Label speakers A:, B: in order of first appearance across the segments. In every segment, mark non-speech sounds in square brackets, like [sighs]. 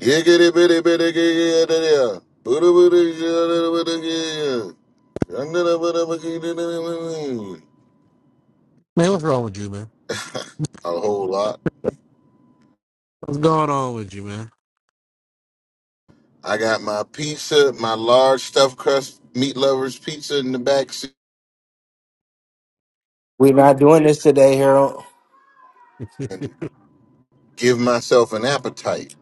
A: Giggity bitty bitty giggity. Booty booty shitty
B: Man, what's wrong with you, man?
A: A whole lot.
B: What's going on with you, man?
A: I got my pizza, my large stuffed crust meat lovers pizza in the back seat
C: We're not doing this today, Harold.
A: and give myself an appetite.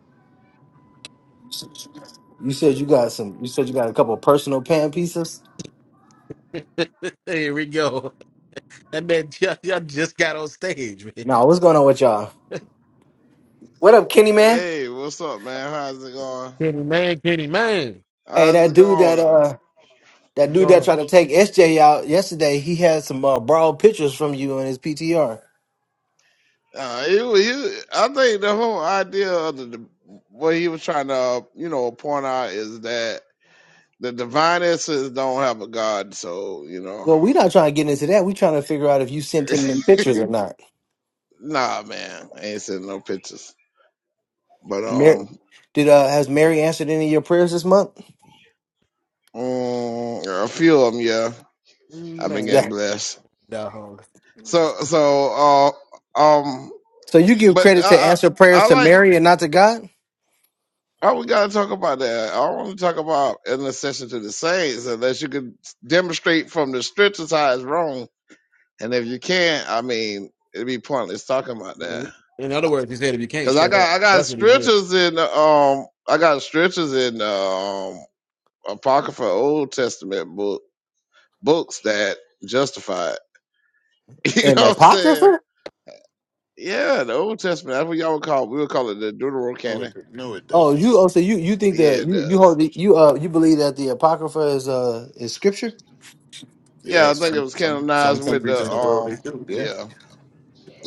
C: You said you got some. You said you got a couple personal pan pieces.
B: Here we go. That man, [laughs] y'all, y'all just got on stage, man.
C: No, what's going on with y'all? What up, Kenny man?
D: Hey, what's up, man? How's it going?
B: Kenny man, Kenny man.
C: Hey,
D: How's
C: that
D: it
C: dude that
D: going?
C: uh that
B: What's
C: dude
B: going
C: that tried to take SJ out yesterday, he had some uh, borrowed pictures from you on his PTR.
D: Uh, he, wa- he, I think the whole idea of the, the what he was trying to, uh, you know, point out is that the divine essence don't have a god. So you know,
C: Well, we not trying to get into that. We trying to figure out if you sent
D: [laughs]
C: him them pictures or not.
D: nah, man, I ain't sending no pictures. But
C: Mary,
D: um,
C: did uh has Mary answered any of your prayers this month? [laughs]
D: mm, a few of them, yeah,
B: on?
D: I've been
C: Yeah.
D: getting
B: Man,
D: blessed.
B: dog.
D: So so uh um,
C: So you give
D: but
C: credit to
D: I I,
C: answer prayers
D: I
C: to
D: like.
C: Mary and not to God?
D: Oh, we gotta talk about that. I don't want to talk about intercession to the saints, unless you can demonstrate from the scriptures how it's wrong. And if you can't, I mean, it'd be pointless talking about that.
B: In other words, he said, if you can't
D: Cause I
B: shut up.
D: got I got
B: That's what he did.
D: scriptures in um I got scriptures in um apocrypha Old Testament book books that justify it. [laughs] You
C: An
D: know what I'm saying?
C: apocrypha?
D: Yeah, the Old Testament. That's what y'all would call. We would call it the
A: No,
D: Deuterocanon.
A: it no it
C: Oh,
A: doesn't.
C: you oh so you you think
D: Yeah,
C: that
D: it
C: you you
D: does.
C: hold the, you uh you believe that the apocrypha is uh is scripture?
D: Yeah,
A: Yeah,
D: I think it
A: some
D: was
A: some some
D: canonized with
A: countries
D: the
A: in the world
D: um
A: they do, yeah.
D: yeah.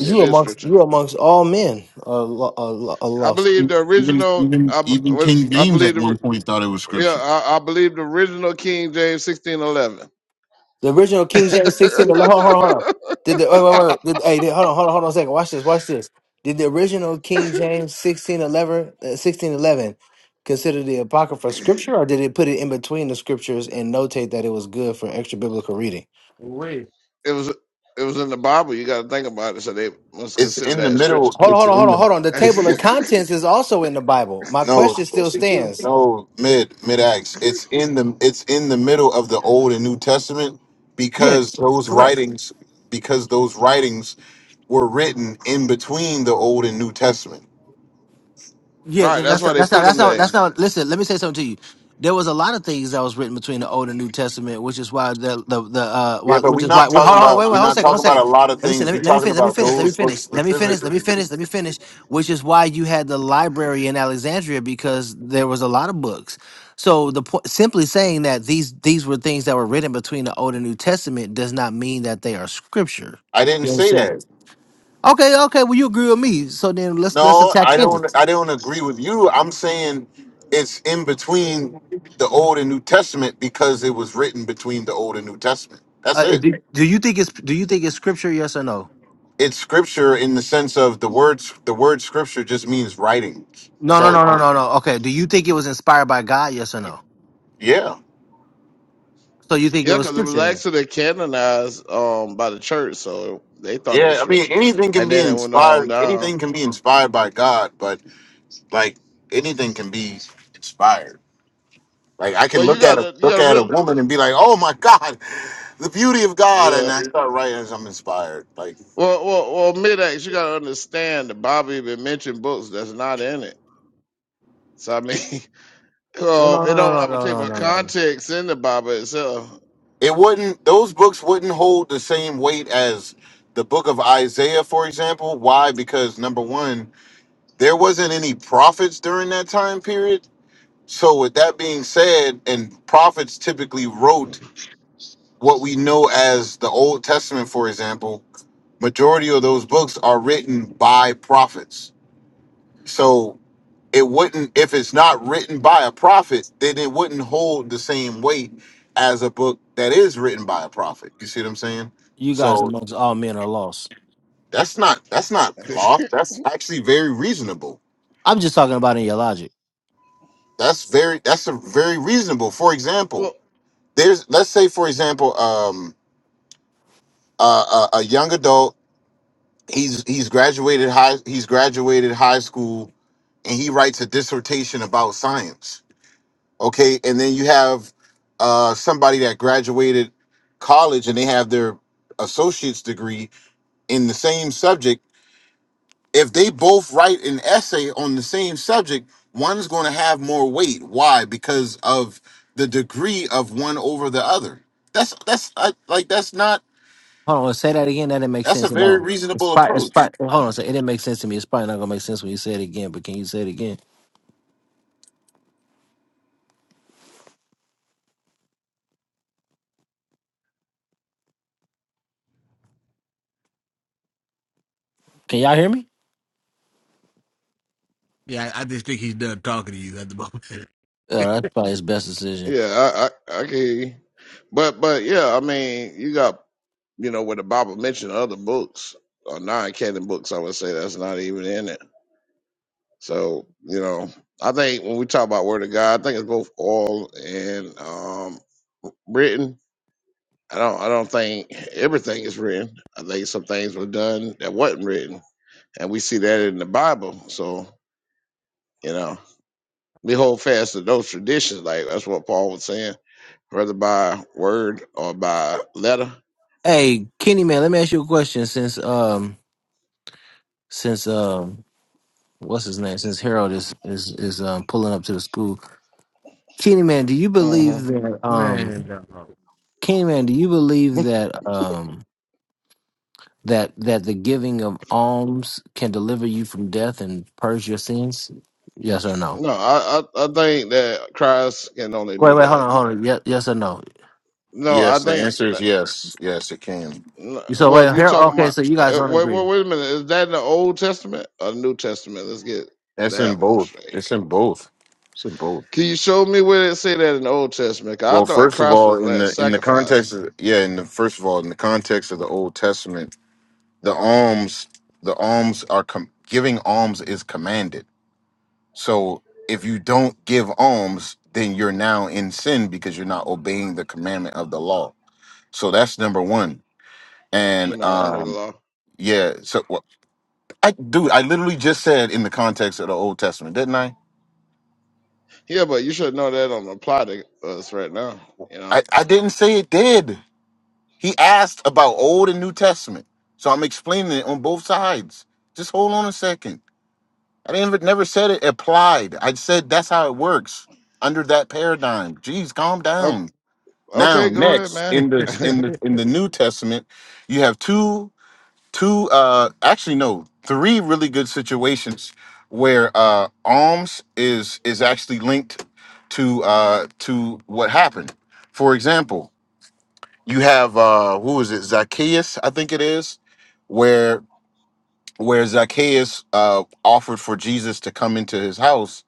D: Yeah, It is
C: amongst
D: scripture.
C: you amongst all men are, lo- are, lo- are
D: I
C: lost.
D: believe
A: Even
D: the
A: even
D: original.
A: even
D: I, b-
A: even King
D: I
A: James at
D: believe the.
A: one point thought it was
D: Yeah,
A: scripture.
D: I, I believe the original King James sixteen eleven.
C: The original
D: [laughs]
C: King
D: it
C: James sixteen. Hold on, hold on, hold on. Did the wait, wait, wait? wait. Did, hey, did, hold on, hold on, hold on a second. Watch this, watch this. Did the original King James sixteen eleven uh, sixteen eleven consider the apocrypha scripture, or did it put it in between the scriptures and notate that it was good for extra biblical reading?
B: Wait.
D: was it was in the Bible. You got to think about it. So they must
A: It's
D: consider
A: in the
D: that scripture.
A: middle.
C: Hold on,
A: It's
C: hold on, hold
A: in
C: on,
A: the.
C: hold on. The
D: [laughs] right.
A: It's
C: table
A: in,
C: of contents is also in the Bible. My
A: No,
C: question still stands.
A: no, mid mid acts. It's in the it's in the middle of the Old and New Testament
C: Yeah,
A: because those
C: correct.
A: writings because those writings were written in between the Old and New Testament.
C: Yeah, th-
D: That's
C: that's
D: why
C: not,
D: they
C: that's not
D: put
C: that's
D: them
C: not
D: there. [laughs]
C: that's not. Listen, let me say something to you. There was a lot of things that was written between the Old and New Testament, which is why the the, the uh,
A: Yeah,
C: why,
A: but
C: which
A: we're
C: is why.
A: not
C: Wait,
A: talking
C: hold on,
A: about
C: wait, wait,
A: we're
C: hold a
A: not
C: second, hold
A: talking
C: a
A: about
C: second.
A: a lot of
C: Let me say,
A: things.
C: let me
A: We're
C: let me
A: talking
C: finish, let me
A: about
C: finish, let me
A: those books
C: finish, let me finish, let
A: specifically.
C: me finish, let me finish. Which is why you had the library in Alexandria because there was a lot of books. So the point, simply saying that these these were things that were written between the Old and New Testament does not mean that they are scripture.
A: I didn't
C: You
A: say
C: understand?
A: that.
C: Okay, okay. Well, you agree with me. So then let's let's
A: No,
C: attack
A: I
C: Kenny.
A: don't I don't agree with you. I'm saying it's in between the Old and New Testament because it was written between the Old and New Testament. That's
C: Uh,
A: it.
C: do, do you think it's do you think it's scripture? Yes or no?
A: it's scripture in the sense of the words the word scripture just means writing
C: No,
A: that's
C: no,
A: all
C: no,
A: it
C: no,
A: means
C: no, no. Okay. Do you think it was inspired by God? Yes or no?
A: yeah
C: So you think it
D: yeah,
C: was
D: because it was
C: scripture then?
D: actually canonized um by the church, so they thought it was
A: yeah i mean
D: scripture.
A: anything can
D: And
A: be
D: then it went on
A: inspired
D: down.
A: anything can be inspired by god but like anything can be inspired like i can
D: Well, you
A: look at a
D: gotta you
A: look
D: gotta
A: at a
D: real.
A: woman and be like oh my god the beauty of god and
D: Yeah,
A: i start writing as i'm inspired like
D: Well, well, well, mid-X, you gotta understand that Bobby even mentioned books that's not in it. So I mean, [laughs]
C: Well,
D: uh,
C: no,
D: it
C: no,
D: don't
C: no, no,
D: have a
C: no,
D: type
C: no,
D: of
C: no, no. no.
D: context in the Bible itself.
A: it wouldn't those books wouldn't hold the same weight as the book of isaiah for example why because number one there wasn't any prophets during that time period So, with that being said, and prophets typically wrote what we know as the Old Testament, for example, majority of those books are written by prophets. So, it wouldn't, if it's not written by a prophet, then it wouldn't hold the same weight as a book that is written by a prophet. You see what I'm saying?
C: You guys
A: So,
C: amongst all men are lost.
A: that's not, that's not
D: [laughs]
A: law. That's actually very reasonable.
C: I'm just talking about in your logic.
A: That's very, that's a very reasonable. For
D: well,
A: example, there's, let's say, for example, um uh, a, a young adult. He's he's graduated high he's graduated high school and he writes a dissertation about science. Okay, and then you have uh, somebody that graduated college and they have their associate's degree in the same subject. If they both write an essay on the same subject, one's going to have more weight. Why? Because of the degree of one over the other. That's that's I, like that's not
C: Hold on, say that again. That didn't make
A: that's a
C: sense at
A: very
C: all. It's
A: reasonable
C: probably, it's
A: approach.
C: probably, hold on, so it didn't make sense to me. It's probably not gonna make sense when you say it again. But can you say it again? Can y'all hear me?
B: Yeah, I, I just think he's done talking to you at the [laughs] moment.
C: Yeah, that's probably his best decision.
D: yeah, I, I, I can hear you. But, but yeah, I mean, you got you know where the Bible mentioned other books or non-canon books. I would say that's not even in it. So you know, I think when we talk about Word of God, I think it's both oral and um, written I don't I don't think everything is written. I think some things were done that wasn't written. And we see that in the Bible. So, you know, we hold fast to those traditions. Like that's what Paul was saying, whether by word or by letter.
C: Hey, Kenny, man, let me ask you a question. Since um, since um what's his name since Harold is is is um pulling up to the school. Kenny man, do you
D: hmm
C: believe that um
B: Man,
C: Kenny man, do you believe that um that that the giving of alms can deliver you from death and purge your sins? Yes or no?
D: No, I, I I think that Christ can only
C: Wait,
D: do
C: wait, hold
D: that.
C: on, hold on. Yes, yes or no?
D: No, I
A: Yes, the
D: think
A: answer is
D: that
A: yes. Yes, it can.
D: no,
C: So
D: well, if
C: wait,
D: you're
C: here.
D: talking
C: Okay,
D: about
C: so you guys
D: uh, uh,
C: don't
D: wait,
C: agree.
D: wait, wait a minute, is that in the Old Testament or New Testament? Let's get
A: That's in
D: that one
A: both.
D: straight.
A: It's in both. It's in both.
D: Can you show me where it say that in the Old Testament? 'Cause
A: Well,
D: I thought
A: first of
D: Christ was
A: all, in
D: last
A: the in the
D: sacrifice.
A: context of yeah, in the first of all, in the context of the Old Testament, the alms, the alms are com- giving alms is commanded. So if you don't give alms, then you're now in sin because you're not obeying the commandment of the law. So that's number one.
D: We're
A: And
D: not under the
A: um,
D: law.
A: yeah, so well, I dude, I literally just said in the context of the Old Testament, didn't I?
D: Yeah, but you should know that don't apply to us right now. You know.
A: I, I didn't say it did. He asked about Old and New Testament. So I'm explaining it on both sides. Just hold on a second. I didn't never said it applied. I said that's how it works under that paradigm. Jeez, calm
D: O-
A: down. Now,
D: Okay, go ahead,
A: next
D: man.
B: dog.
A: in the in
D: [laughs]
A: the
B: [laughs]
A: in the New Testament, you have two two uh actually no, three really good situations where uh alms is is actually linked to uh to what happened. For example, you have uh who is it zacchaeus i think it is where where zacchaeus uh offered for jesus to come into his house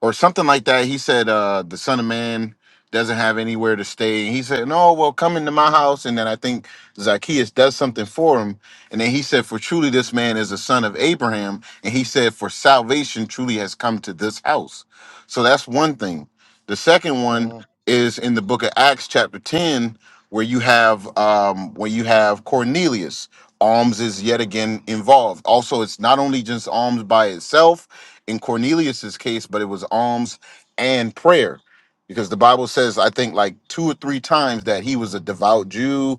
A: or something like that. He said, uh, the son of man doesn't have anywhere to stay. And he said, No, well, come into my house. And then I think Zacchaeus does something for him. And then he said, For truly this man is a son of Abraham. And he said, For salvation truly has come to this house. So that's one thing. The second one
D: Mhm.
A: is in the book of Acts, chapter 10, where you have um where you have Cornelius. Alms is yet again involved. Also, it's not only just alms by itself, in Cornelius's case, but it was alms and prayer. Because the Bible says, I think like two or three times that he was a devout Jew,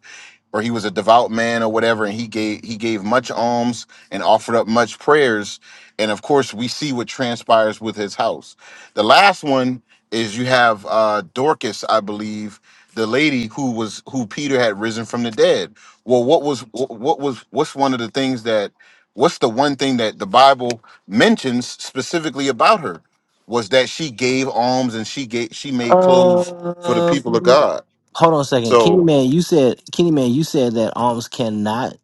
A: or he was a devout man or whatever and he gave he gave much alms and offered up much prayers and of course we see what transpires with his house the last one is you have uh dorcas i believe the lady who was who peter had risen from the dead well what was wh- what was what's one of the things that what's the one thing that the bible mentions specifically about her was that she gave alms and she gave she made clothes for the people of
C: Um,
A: god
C: hold on a second, Kenny
A: so
C: man. You said Kenny man. You said that alms cannot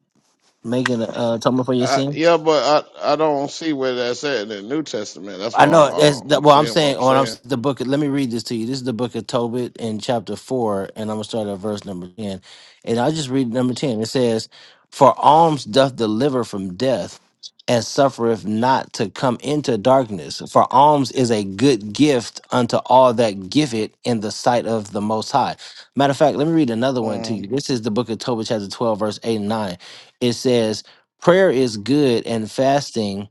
C: make an uh, atonement for your
D: I,
C: sin.
D: yeah, but I I don't see where that's at in the New Testament. That's
C: I
D: why
C: know that's
D: I,
C: that,
D: am
C: well. I'm
D: saying what
C: saying
D: I'm
C: when I'm s-
D: saying.
C: the book. Let me read this to you. This is the book of Tobit in chapter four, and I'm gonna start at verse number ten. And I'll just read number ten. It says, "For alms doth deliver from death, and suffereth not to come into darkness. For alms is a good gift unto all that give it in the sight of the Most High." Matter of fact, let me read another one to
D: Mhm.
C: you. This is the book of Tobit, chapter twelve, verse eight and nine. It says, "Prayer is good, and fasting."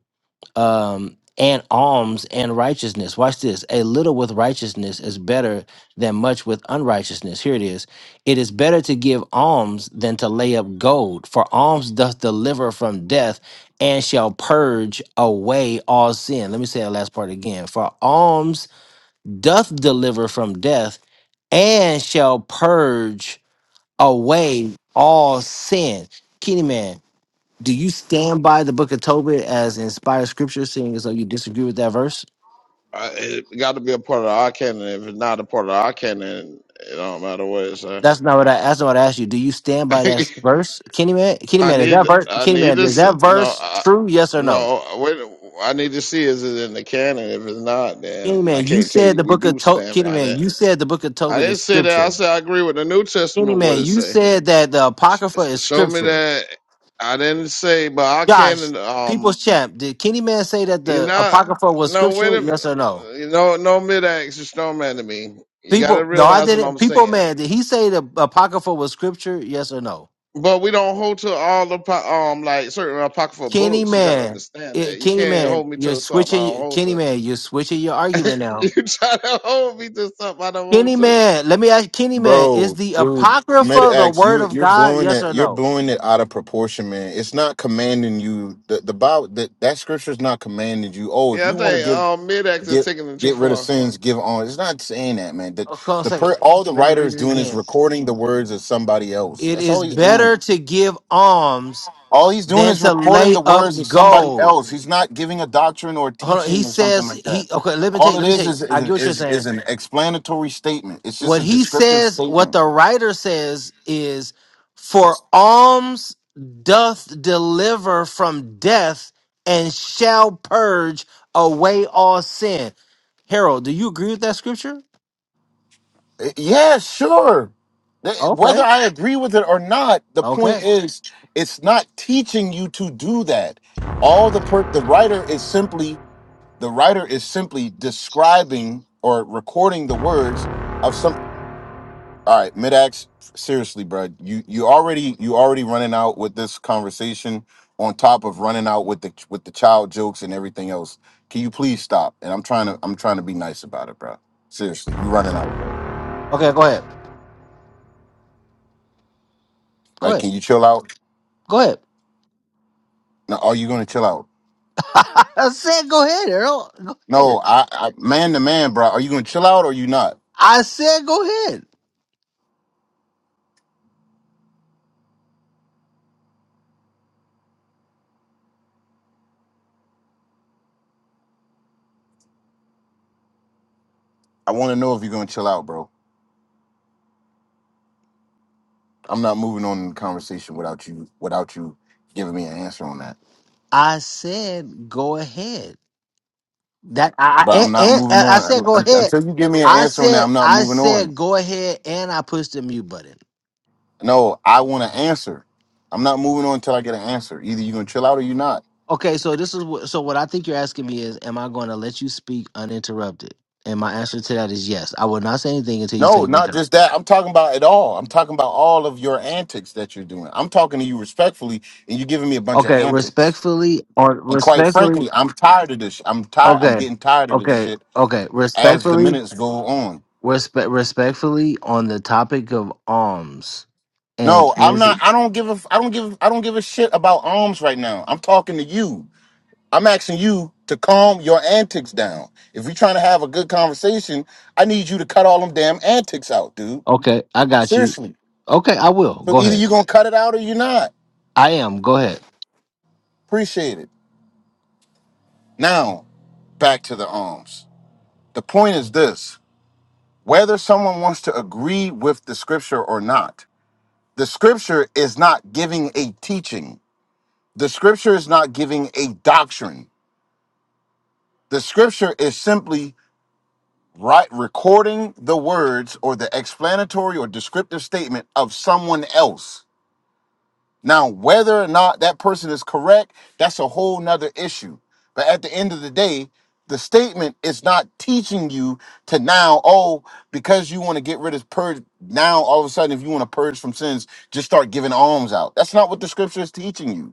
C: um, and alms and righteousness. Watch this. A little with righteousness is better than much with unrighteousness. Here it is. It is better to give alms than to lay up gold, for alms doth deliver from death and shall purge away all sin. Let me say that last part again. For alms doth deliver from death and shall purge away all sin. Kenny man, do you stand by the book of Tobit as inspired scripture, seeing as though you disagree with that verse?
D: I, it got to be a part of our canon. If it's not a part of our canon, it don't matter what it's
C: That's not what I that's not what I asked you. Do you stand by
D: at.
C: that
D: [laughs]
C: verse? Kenny man, Kenny
D: I
C: man, is
D: need
C: that verse
D: I
C: Kenny
D: need to
C: man, is
D: s
C: that
D: no
C: verse
D: I,
C: true? Yes or no?
D: no wait I need to see is it in the canon if it's not then
C: Kenny
D: I
C: man, you
D: can't tell
C: said
D: you
C: the
D: we
C: book of
D: do
C: Tobit
D: stand
C: Kenny
D: by
C: man,
D: that
C: you said the book of
D: I
C: Tobit
D: didn't
C: is
D: say that I
C: scripture.
D: said I agree with the New
C: Kenny
D: Testament what
C: man,
D: it
C: you
D: say
C: said that the Apocrypha
D: S-
C: is
D: show me
C: scripture.
D: that I didn't say but I
C: Josh,
D: can't um
C: people's champ, did Kenny man say that
D: you're
C: the
D: not
C: Apocrypha was
D: no wait
C: scripture?
D: a
C: Yes or no?
D: you know no mid axe is no man to me you got to
C: People no, I
D: realize what
C: didn't.
D: I'm
C: People
D: saying.
C: man, did he say the Apocrypha was scripture? Yes or no?
D: But we don't hold to all the po- um like certain apocryphal
C: Kenny
D: books. You got to
C: man,
D: understand
C: eh,
D: that you
C: Kenny
D: can't
C: man,
D: hold me
C: you're
D: to something I don't
C: switching.
D: hold to.
C: Kenny man, you're switching your
D: [laughs]
C: argument
D: you
C: now.
D: try to hold me to something I don't want
C: Kenny
D: to.
C: man, let me ask Kenny man, is
A: Bro,
C: the
A: dude,
C: apocrypha the
A: Medax,
C: word
A: you
C: of
A: you're
C: God?
A: blowing
C: Yes
A: it
C: or
A: you're
C: no?
A: blowing it out of proportion, man. It's not commanding you the the Bible that that scripture's not commanding you. Oh, if
D: Yeah,
A: you
D: I
A: want to
D: think
A: give
D: um, mid-act is
A: get
D: taking it too
A: get rid of
D: far.
A: sins, give on. It's not saying that, man. That
C: Oh, Hold on a
A: the
C: second.
A: per all the
C: Let me
A: writer
C: read
A: is
C: it
A: doing is
C: again.
A: recording the words of somebody else.
C: It
A: That's all
C: is
A: he's
C: better
A: doing.
C: to give alms
A: All he's doing
C: than
A: is
C: to
A: recording
C: lay
A: the
C: up
A: words of somebody
C: gold.
A: else. He's not giving a doctrine or
C: Hold on. He
A: teaching or something
C: says
A: like that.
C: he okay. Let me
A: All
C: take.
A: it
C: Let me
A: is
C: take.
A: is
C: I
A: is
C: get
A: an,
C: what you're
A: is,
C: saying.
A: is an explanatory statement. It's just
C: what
A: a
C: he
A: descriptive
C: says, what
A: statement.
C: the writer says is, for alms doth deliver from death and shall purge away all sin. Harold, do you agree with that scripture?
A: Yeah, sure. Whether
C: Okay.
A: I agree with it or not, the point
C: Okay.
A: is, it's not teaching you to do that. All the per- the writer is simply the writer is simply describing or recording the words of some. All right, Midax, seriously, bro, you you already you already running out with this conversation on top of running out with the with the child jokes and everything else. Can you please stop? And I'm trying to I'm trying to be nice about it, bro. Seriously, you running out, bro.
C: Okay, go ahead. Go
A: Like,
C: ahead.
A: can you chill out?
C: Go ahead.
A: Now, are you gonna chill out?
C: [laughs] I said go ahead, Harold. Go ahead.
A: No, I, I man to man, bro. Are you gonna chill out or you not?
C: I said go ahead.
A: I want to know if you're gonna chill out, bro. I'm not moving on in the conversation without you, without you giving me an answer on that.
C: I said go ahead. That I, I
A: But I'm
C: and,
A: not
C: and
A: moving
C: uh, I said
A: on
C: go
A: Un-
C: ahead.
A: until you give me an
C: I
A: answer on that.
C: said
A: I'm not
C: I
A: moving on.
C: said go ahead, and I pushed the mute button.
A: No, I want an answer. I'm not moving on until I get an answer. Either you're gonna chill out or you're not.
C: Okay, so this is what, so what I think you're asking me is, am I going to let you speak uninterrupted? And my answer to that is yes. I will not say anything until you
A: No,
C: say you're
A: not
C: done.
A: just that. I'm talking about it all. I'm talking about all of your antics that you're doing. I'm talking to you respectfully, and you're giving me a bunch of
C: Okay,
A: antics.
C: respectfully or
A: And quite
C: respectfully.
A: frankly, I'm tired of this. I'm tired. I'm
C: Okay,
A: getting tired of this
C: okay,
A: shit
C: okay.
A: as the
C: Respectfully,
A: minutes go on.
C: respect, respectfully on the topic of alms and
A: No, I'm not. I don't give a. I don't give. I don't give a shit about arms right now. I'm talking to you. I'm asking you to calm your antics down. If we're trying to have a good conversation, I need you to cut all them damn antics out, dude.
C: okay, I got you.
A: Seriously.
C: Okay, I will
A: So
C: go
A: either
C: ahead.
A: you're gonna cut it out or you're not.
C: I am. Go ahead.
A: Appreciate it. Now back to the arms. The point is this: whether someone wants to agree with the scripture or not, The scripture is not giving a teaching. The scripture is not giving a doctrine. The scripture is simply right recording the words or the explanatory or descriptive statement of someone else. Now, whether or not that person is correct, that's a whole nother issue. But at the end of the day, the statement is not teaching you to now, oh, because you want to get rid of purge, now all of a sudden, if you want to purge from sins, just start giving alms out. That's not what the scripture is teaching you.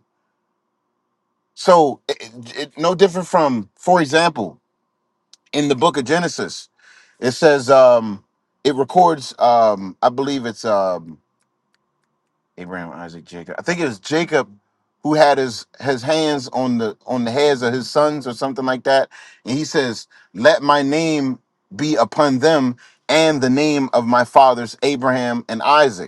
A: So it, it, it- no different from, for example, in the book of Genesis, it says um, it records. Um, I believe it's um, Abraham, Isaac, Jacob. I think it was Jacob who had his his hands on the on the heads of his sons or something like that, and he says, "Let my name be upon them." And the name of my fathers Abraham and Isaac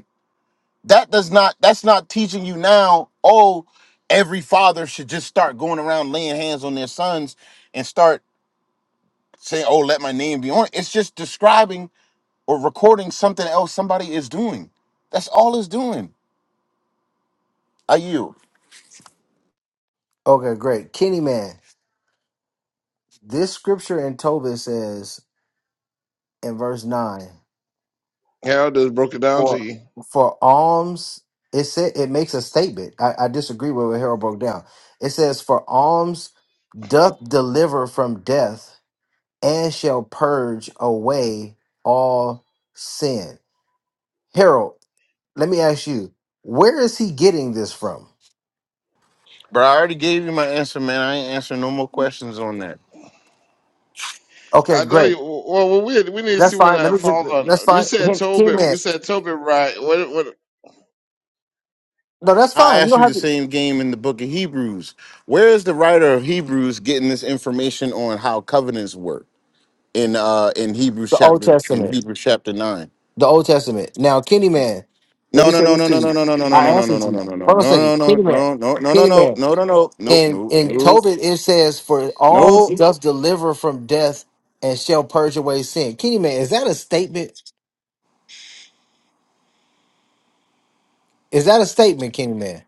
A: that does not that's not teaching you now oh every father should just start going around laying hands on their sons and start saying oh let my name be on it it's just describing or recording something else somebody is doing that's all it's doing are you
C: Okay, great. Kenny man, this scripture in Tobit says in verse nine,
D: Harold just broke it down to
C: for
D: you.
C: for alms, it said it makes a statement. I, I disagree with what Harold broke down. It says, For alms doth deliver from death and shall purge away all sin. Harold, let me ask you, where is he getting this from?
A: but i already gave you my answer man i ain't answering no more questions on that
C: Okay,
D: I know
C: great.
D: you. Well, we we need to
C: That's
D: see where
C: fine. Let
D: that
C: me just
D: falls
C: that's
D: on. You
C: fine.
D: said
C: Hey, Kenny
D: Tobit.
C: man.
D: You said Tobit, right? What? What?
C: No, that's
A: i
C: fine. You
A: asked you
C: don't
A: the
C: have to
A: same game in the book of hebrews where is the writer of hebrews getting this information on how covenants work in uh in hebrews
C: the Old
A: chapter in
C: Testament.
A: hebrews chapter 9
C: The Old Testament. Now, Kenny Man, let me say this to you. I answered you. Hold on a second. Kenny Man. Kenny Man. In in Tobit it says, For alms doth deliver from death and shall purge away sin. Kenny Man, is that a statement? Is that a statement, Kenny Man?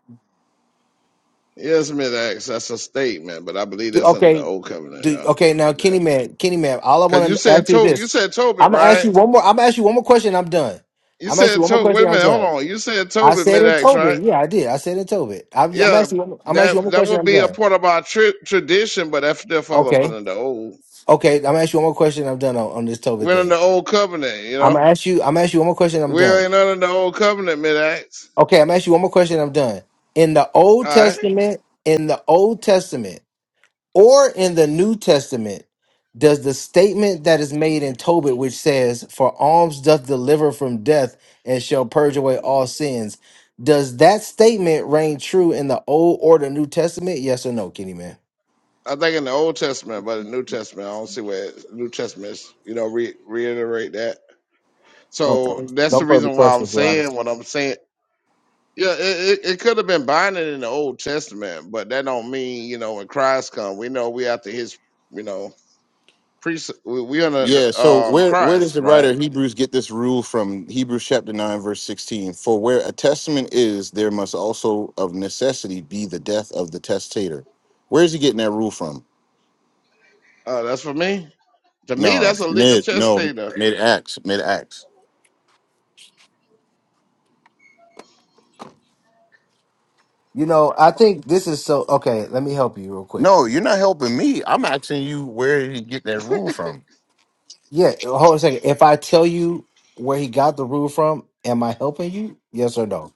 D: Yes, mid-act. That's a statement, but I believe
C: Do-
D: that's under the
C: Okay.
D: old covenant
C: Do,
D: now
C: okay, now
D: with
C: Kenny
D: that.
C: Man, Kenny Man, all I
D: Cause
C: wanna
D: you said
C: ask you is
D: to you
C: this.
D: said Tobit,
C: I'm gonna ask
D: right?
C: you one more I'm gonna ask you one more question, I'm done.
D: You
C: I'm gonna ask you
D: said
C: one more
D: to wait a
C: question, I'm
D: minute, hold
C: done.
D: on. You said
C: I
D: Tobit
C: said in
D: mid-act, right?
C: Tobit, yeah, I did. I said in Tobit. I'm, I'm
D: Yeah,
C: asking. you- one- I'm asking you one
D: that
C: more
D: that
C: question.
D: would
C: I'm
D: be a
C: done.
D: part of our tri- tradition, but that's still fall up
C: Okay.
D: under the old.
C: Okay, I'm gonna ask you one more question. I'm done on, on this Tobit
D: We're in
C: thing.
D: the old covenant, you
C: I'm gonna
D: know.
C: ask you. I'm gonna ask you one more question. I'm
D: We
C: done.
D: ain't under the old covenant, mid acts.
C: Okay, I'm gonna ask you one more question. I'm done. In the Old
D: All right.
C: Testament, in the Old Testament, or in the New Testament, does the statement that is made in Tobit, which says, "For alms doth deliver from death and shall purge away all sins," does that statement reign true in the Old or the New Testament? Yes or no, Kenny man?
D: I think in the Old Testament, but the New Testament, I don't see where it- New Testament is, you know, re- reiterate that. So
C: Okay.
D: that's
C: No
D: the
C: further
D: reason why I'm
C: questions, Your Honor.
D: saying what I'm saying. Yeah, it, it, it could have been binding in the Old Testament, but that don't mean, you know, when Christ come, we know we after his, you know, priest, we, we under the, um, Christ, right? Uh, that's for me. To me, that's a legal testator.
C: You know, I think this is so. Okay, let me help you real quick. Yeah, hold on a second. If I tell you where he got the rule from, am I helping you? Yes or no?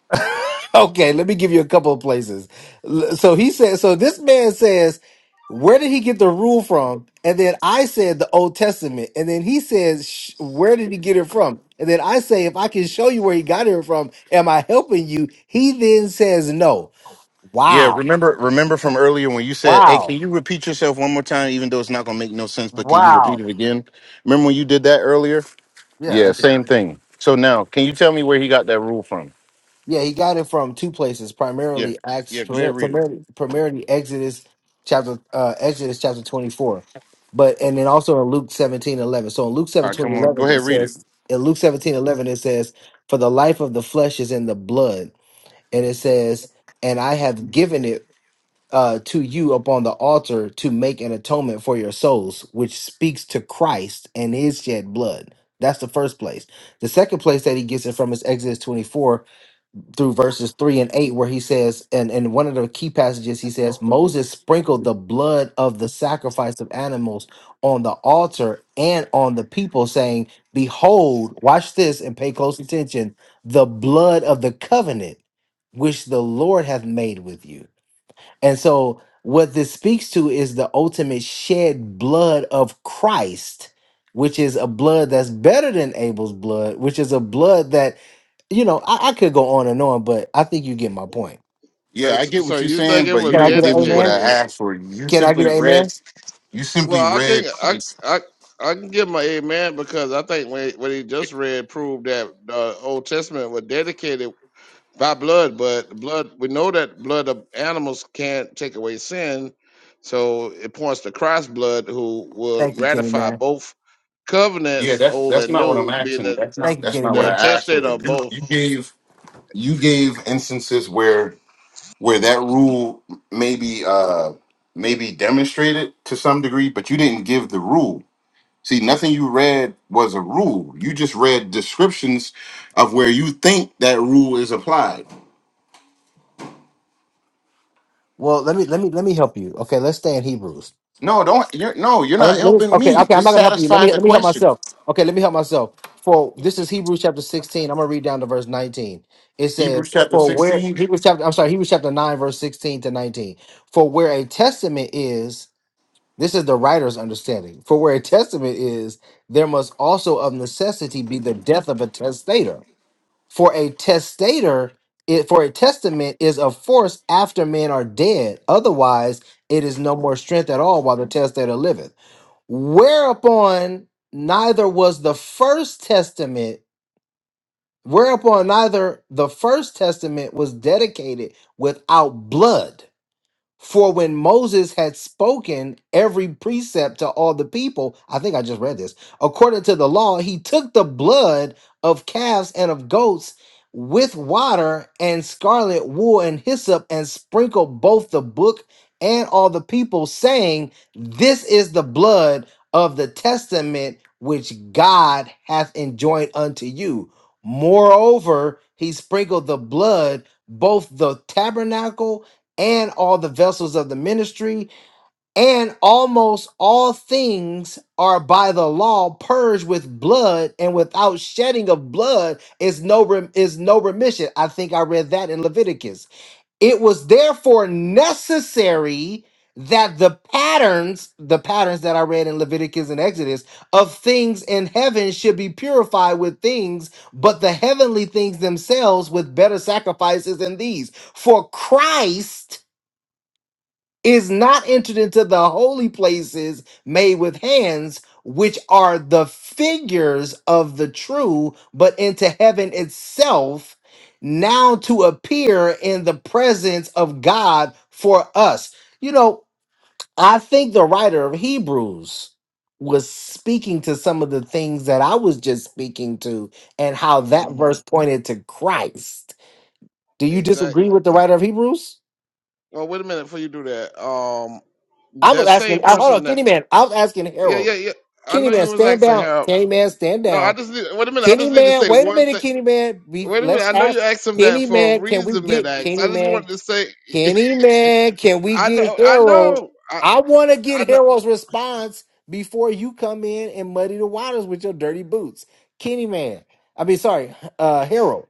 C: [laughs] okay, let me give you a couple of places. L- So he said, so this man says, where did he get the rule from? And then I said the Old Testament. And then he says, "Sh- where did he get it from? And then I say, if I can show you where he got it from, am I helping you? He then says no.
A: Yeah,
C: Wow.
A: remember remember from earlier when you said, "Hey,
C: Wow.
A: can you repeat yourself one more time even though it's not going to make no sense, but can you repeat
C: Wow.
A: it again?" Remember when you did that earlier?
C: Yeah.
A: Yeah, same thing. So now, can you tell me where he got that rule from?
C: Yeah, he got it from two places,
A: Yeah.
C: primarily Acts,
A: Yeah, go ahead
C: primar-
A: read it.
C: primarily, primarily Exodus chapter uh, Exodus chapter twenty four, but and then also in Luke seventeen eleven. So in Luke
A: All right,
C: seventeen
A: come on. Go
C: eleven, it
A: ahead read it.
C: says in Luke seventeen eleven, it says, "For the life of the flesh is in the blood," and it says, "And I have given it uh, to you upon the altar to make an atonement for your souls," which speaks to Christ and His shed blood. That's the first place. The second place that he gets it from is Exodus 24, through verses 3 and 8 where he says and in one of the key passages he says moses sprinkled the blood of the sacrifice of animals on the altar and on the people saying behold watch this and pay close attention the blood of the covenant which the lord hath made with you and so, what this speaks to is the ultimate shed blood of Christ, which is a blood that's better than Abel's blood, which is a blood that, you know, I, I could go on and on, but I think you get my point.
A: Yeah,
D: But,
A: I get
D: so
A: what you're
D: you think
A: saying,
D: it
A: but
D: was
A: you
C: Can I
A: didn't
C: get an
A: give me what I
C: amen?
D: dedicated?
A: asked for. You
C: Can I
D: uh,
C: get
A: simply
C: an amen?
A: read you simply
D: Well, I can
A: read
D: I I I can give my amen because I think when what he just read proved that the Old Testament was dedicated by blood, but blood we know that blood of animals can't take away sin, so it points to Christ's blood, who would
C: Thank you, Kenny
D: ratify
C: man.
D: both
A: Yeah,
D: covenants,
A: that's
D: old
A: that's
D: and
A: not what I'm
D: new, being
A: asking.
D: the
A: That's not
C: Thank you,
A: that's
C: Kenny
A: not what
D: the
C: man.
A: I asked
D: testator
A: for.
D: of
A: You,
D: both.
A: you gave you gave instances where where that rule maybe uh maybe demonstrated to some degree, but you didn't give the rule. See, nothing you read was a rule. You just read descriptions of where you think that rule is applied.
C: Well, let me let me let me help you. Okay, let's stay in Hebrews.
A: No, don't you're no, you're
C: Uh, let
A: not
C: me, let me,
A: helping
C: okay,
A: me.
C: okay, I'm not
A: Just
C: gonna help you. Let
A: satisfy
C: me
A: the
C: let me help
A: question.
C: myself. Okay, let me help myself. For this is Hebrews chapter 16. I'm gonna read down to verse 19. It
A: Hebrews
C: says,
A: chapter
C: For where
A: 16
C: Hebrews chapter, I'm sorry, Hebrews chapter 9, verse 16 to 19. For where a testament is, this is the writer's understanding. For where a testament is, there must also of necessity be the death of a testator. For a testator, it, for a testament is of force after men are dead. Otherwise, it is no more strength at all while the testator liveth whereupon neither was the first testament whereupon neither the first testament was dedicated without blood for when Moses had spoken every precept to all the people, I think I just read this, according to the law, he took the blood of calves and of goats with water and scarlet wool and hyssop and sprinkled both the book and all the people, saying, This is the blood of the testament which God hath enjoined unto you. Moreover, he sprinkled the blood both the tabernacle and all the vessels of the ministry, and almost all things are by the law purged with blood, and without shedding of blood is no rem- is no remission. I think I read that in Leviticus. It was therefore necessary that the patterns, the patterns that I read in Leviticus and Exodus of things in heaven should be purified with things, but the heavenly things themselves with better sacrifices than these. For Christ is not entered into the holy places made with hands, which are the figures of the true, but into heaven itself, now to appear in the presence of God for us. You know, I think the writer of Hebrews was speaking to some of the things that I was just speaking to and how that
D: hmm
C: verse pointed to Christ. Do you disagree
D: Exactly.
C: with the writer of Hebrews?
D: Well, wait a minute before you do that. Um,
C: I was
D: that
C: asking,
D: same
C: I- hold on,
D: person that
C: Kenny Man. I was asking
D: yeah
C: Harold.
D: yeah yeah. I
C: Kenny
D: know
C: man,
D: you was
C: stand
D: asking
C: down.
D: Harold
C: Kenny man, stand
D: No, I
C: down.
D: just need, wait a minute. I
C: Kenny
D: just need to
C: man,
D: say
C: wait a
D: one
C: minute,
D: thing.
C: Kenny man. We
D: Wait a minute.
C: let's
D: I know
C: ask
D: you asked him that
C: Kenny
D: for a
C: man, can we
D: reason, mid
C: get
D: ax I
C: Kenny
D: just
C: man?
D: wanted to say, [laughs]
C: Kenny man, can we
D: I
C: get
D: know, I
C: Harold?
D: know, I,
C: I want to get
D: I know.
C: Harold's response before you come in and muddy the waters with your dirty boots. Kenny man. I mean, sorry, uh Harold.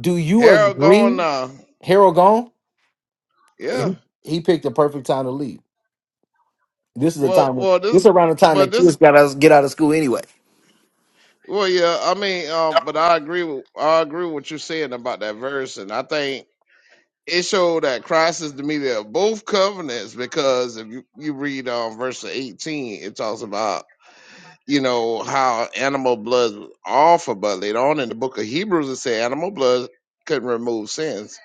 C: Do you
D: Harold going
C: agree?
D: now.
C: Harold gone?
D: Yeah.
C: He, he picked the perfect time to leave. This is the
D: Well,
C: time when
D: well,
C: this
D: this,
C: is around the time
D: but
C: that
D: this,
C: kids got us get out of school anyway.
D: well, yeah. I mean, um, but I agree with, I agree with what you're saying about that verse, and I think it showed that Christ is the mediator of both covenants because if you you read um verse 18, it talks about you know how animal blood was offered, but later on in the book of Hebrews it said animal blood couldn't remove sins.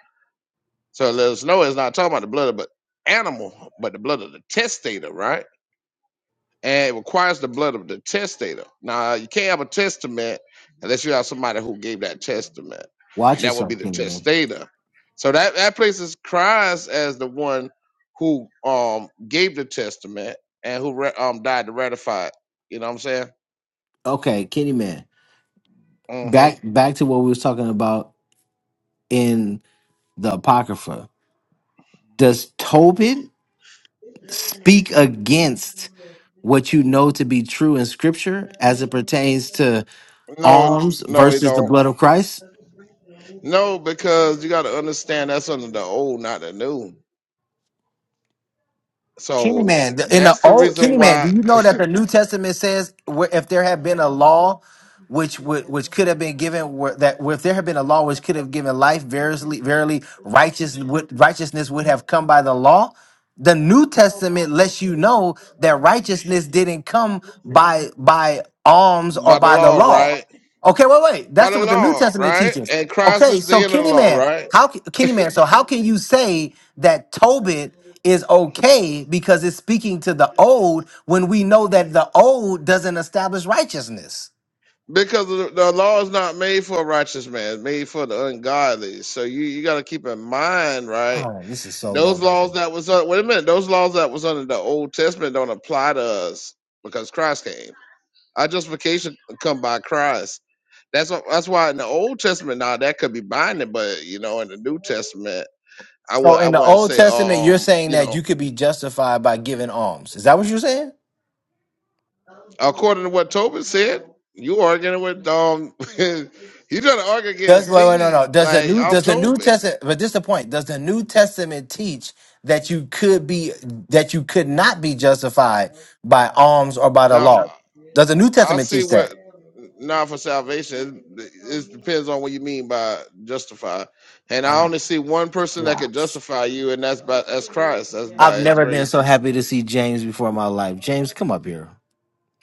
D: So it let us know it's not talking about the blood of but animal, but the blood of the testator, right? And it requires the blood of the testator. Now you can't have a testament unless you have somebody who gave that testament,
C: Watch
D: and that would be
C: yourself,
D: the
C: Kenny Man.
D: testator. So that that places Christ as the one who um gave the testament and who ra- um died to ratify it. You know what I'm saying?
C: Okay, Kenny Man.
D: Mm-hmm.
C: Back back to what we was talking about in the Apocrypha. Does Tobit speak against what you know to be true in Scripture as it pertains to
D: No,
C: alms
D: no, it
C: versus the
D: don't.
C: blood of Christ?
D: No, because you got to understand that's under the old, not the new.
C: Kenny
D: So
C: man, the- in the
D: that's the
C: old
D: reason
C: Kenny man, do
D: why,
C: you know that the New Testament says where if there had been a law which would which could have been given where, that where if there had been a law which could have given life, verily verily righteous would, righteousness would have come by the law. The New Testament lets you know that righteousness didn't come by by
D: [laughs]
C: alms or
D: by the
C: by the
D: law,
C: law.
D: right?
C: Okay, wait, wait.
D: By
C: That's
D: the
C: what the New
D: law,
C: Testament
D: right?
C: teaches.
D: And Christ
C: Okay,
D: is
C: so
D: the end of the
C: Kenny
D: law,
C: man,
D: right?
C: how ca- Kenny man, so how can you say that Tobit is okay because it's speaking to the old when we know that the old doesn't establish righteousness.
D: Because the, the law is not made for a righteous man; it's made for the ungodly. So you you got to keep in mind, right?
C: Oh, this is so low
D: Those laws
C: level.
D: that was uh, wait a minute, those laws that was under the Old Testament don't apply to us because Christ came. Our justification come by Christ That's wh- that's why in the Old Testament now that could be binding, but you know in the New Testament, I would
C: So
D: I
C: in the
D: wouldn't
C: Old
D: say
C: Testament, you're
D: um
C: saying
D: you
C: that
D: know
C: you could be justified by giving alms. Is that what you're saying?
D: according to what Tobin said, you arguing with um [laughs] you trying to argue
C: Does
D: against
C: wait, wait, no,
D: me
C: no. Does the
D: like
C: new
D: I'm
C: does the New
D: Tobin.
C: Testament but this is the point. Does the New Testament teach that you could be that you could not be justified by alms or by the
D: Now
C: law? Does the New
D: I
C: Testament
D: see
C: teach
D: what
C: that?
D: now for salvation it, it depends on what you mean by justify, and I
C: Oh,
D: only see one person that
C: God.
D: could justify you, and that's by that's Christ, that's by
C: I've
D: His
C: never been
D: grace.
C: so happy to see James before in my life. James, come up here.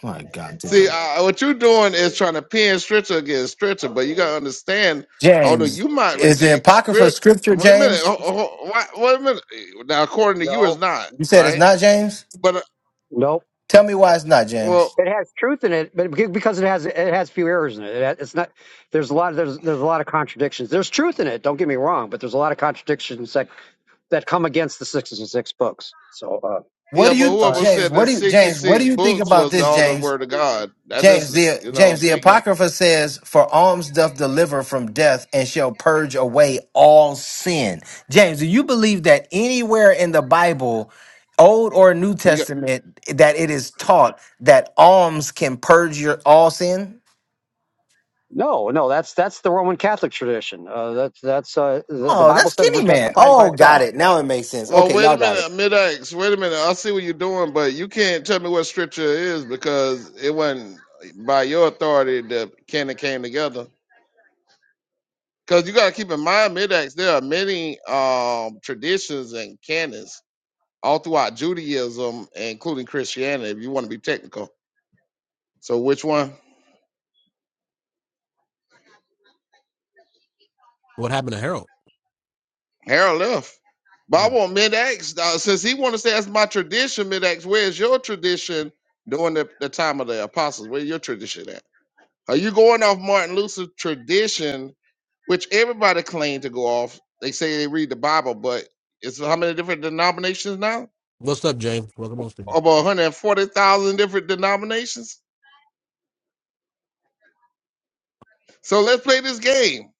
C: My God,
D: See,
C: today.
D: uh, what you're doing is trying to pin Stritcher against Stritcher, but you gotta understand, hold on,
C: James,
D: you might
C: is the
D: reject
C: Apocrypha
D: Strit.
C: scripture,
D: Wait a minute,
C: James?
D: ho- ho- why- wait a minute. Now, according to you, it's
E: No,
D: not
C: You said it's
D: right,
C: not James?
D: but uh,
E: no.
C: Tell me why it's not
D: well,
C: James.
E: It has truth in it, but beca- because it has it has few errors in it. It ha- It's not. There's a lot. Of, there's there's a lot of contradictions. There's truth in it. Don't get me wrong, but there's a lot of contradictions that that come against the sixty-six books. So. Uh,
C: What
D: yeah,
C: do
D: but
C: you,
E: uh,
D: whoever
C: James,
D: said
C: what
D: the
C: do you, James, what do
D: 66
C: you think
D: books
C: about
D: was
C: this,
D: all the
C: James?
D: word of God, that
C: James
D: is,
C: the
D: you know,
C: James the
D: opinion.
C: Apocrypha says, "For alms doth deliver from death, and shall purge away all sin." James, do you believe that anywhere in the Bible, Old or New
D: You got,
C: Testament, that it is taught that alms can purge your all sin?
E: no, no, that's that's the Roman Catholic tradition. Uh, that's that's uh, the, the
C: Oh,
E: Bible
C: that's
E: says we're
C: Kenny man.
E: justified by
C: Oh,
E: faith.
C: got it. Now it makes sense.
D: well,
C: Okay,
D: wait a
C: y'all got it.
D: minute, mid X, wait a minute, I see what you're doing, but you can't tell me what Stritcher is because it wasn't by your authority that canon came together. Because you got to keep in mind, Midax, there are many um, traditions and canons all throughout Judaism, including Christianity, if you want to be technical. So which one?
B: What happened to Harold?
D: Harold left. But I
B: oh.
D: want Midax, uh, since he want to say that's my tradition, Midax, where's your tradition during the, the time of the apostles? Where's your tradition at? Are you going off Martin Luther's tradition, which everybody claimed to go off? They say they read the Bible, but it's how many different denominations now?
B: What's up, James? Welcome on stage.
D: about 140,000 different denominations. So let's play this game.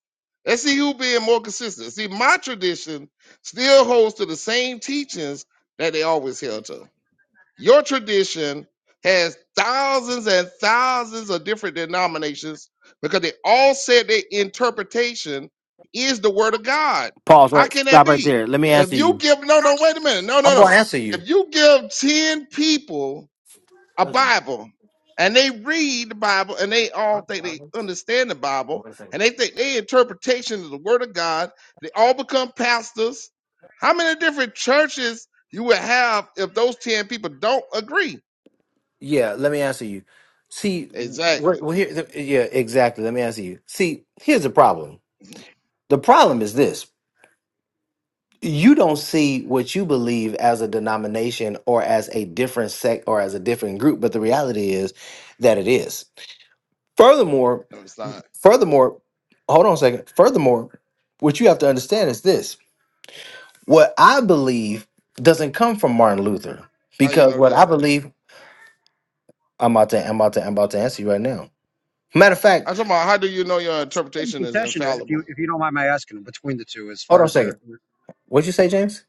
D: Let's see who being more consistent. See, my tradition still holds to the same teachings that they always held to. Your tradition has thousands and thousands of different denominations because they all said their interpretation is the word of God.
C: Pause.
D: How
C: Right.
D: can that
C: Stop right
D: be?
C: there. Let me
D: If
C: answer
D: you
C: you.
D: give, no, no, wait a minute. No, no,
C: I'm
D: no.
C: gonna answer you.
D: If you give 10 people a Bible and they read the Bible and they all think they understand the Bible and they think their interpretation of the Word of God. They all become pastors. How many different churches you would have if those 10 people don't agree?
C: Yeah, let me answer you. See, we're,
D: Exactly.
C: we're here. th- Yeah, exactly. Let me answer you. See, here's the problem. The problem is this: you don't see what you believe as a denomination or as a different sect or as a different group, but the reality is that it is. Furthermore,
D: No, it's not.
C: furthermore, hold on a second. Furthermore, what you have to understand is this: what I believe doesn't come from Martin Luther,
D: How you
C: because
D: know
C: what
D: that?
C: I believe, I'm about to, I'm about to, I'm about to answer you right now. Matter of fact,
D: I'm talking about how do you know your
E: What's the same
D: interpretation is
E: confession, if you
D: infallible?
E: if you don't mind my asking, between the two, as
C: hold
E: far
C: on a
E: as
C: second.
E: your
C: What'd you say, James?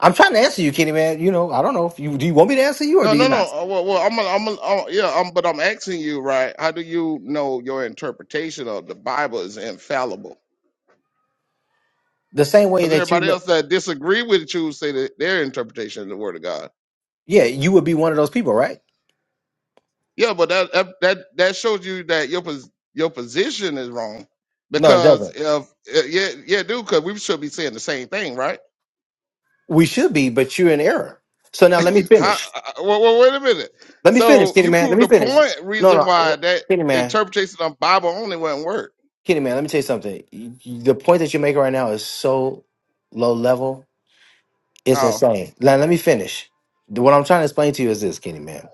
C: I'm trying to answer you, Kenny man. You know, I don't know if you do you want me to answer you or
D: No,
C: do you
D: no,
C: not?
D: no. uh, Well, well I'm, i I'm, a, oh, yeah, um, but I'm asking you, right? How do you know your interpretation of the Bible is infallible?
C: The same way
D: Because
C: that you
D: everybody
C: know
D: else that disagree with you say that their interpretation of the word of God.
C: yeah, you would be one of those people, right?
D: Yeah, but that that that, that shows you that your pos- your position is wrong.
C: No, it
D: Because
C: doesn't.
D: if eh, yeah yeah dude, because we should be saying the same thing, right?
C: We should be, but you're in error. So now let me
D: [laughs] How,
C: finish.
D: uh, well, well, wait a minute.
C: Let me finish,
D: So
C: Kenny
D: you
C: man. Let
D: proved
C: me
D: the
C: finish.
D: point
C: No,
D: reason
C: no,
D: why
C: w-
D: that
C: Kenny man,
D: interpretation of Bible only wouldn't work.
C: Kenny man. Let me tell you something. You- you- The point that you're making right now is so low level. It's
D: Oh,
C: insane. Now let me finish. What I'm trying to explain to you is this, Kenny man.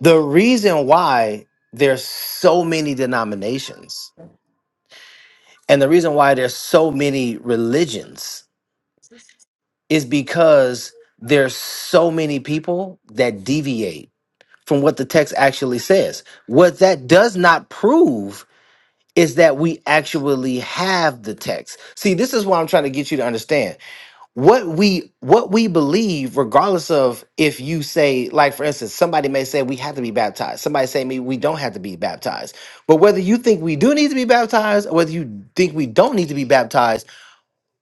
C: The reason why there's so many denominations And the reason why there's so many religions is because there's so many people that deviate from what the text actually says. What that does not prove is that we actually have the text. See, this is what I'm trying to get you to understand. What we what we believe regardless of if you say like for instance somebody may say we have to be baptized. Somebody say me we don't have to be baptized. But whether you think we do need to be baptized or whether you think we don't need to be baptized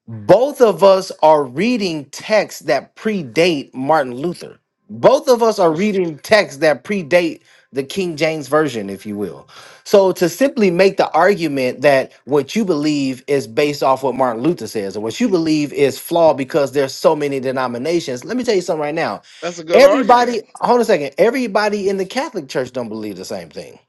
C: both of us are reading texts that predate Martin Luther. Both of us are
D: we sh-
C: reading texts that predate the King James Version, if you will. So to simply make the argument that what you believe is based off what Martin Luther says, or what you believe is flawed because there's so many denominations, let me tell you something right now.
D: that's a good argument.
C: Everybody, hold on a second. Everybody in the Catholic Church don't believe the same thing.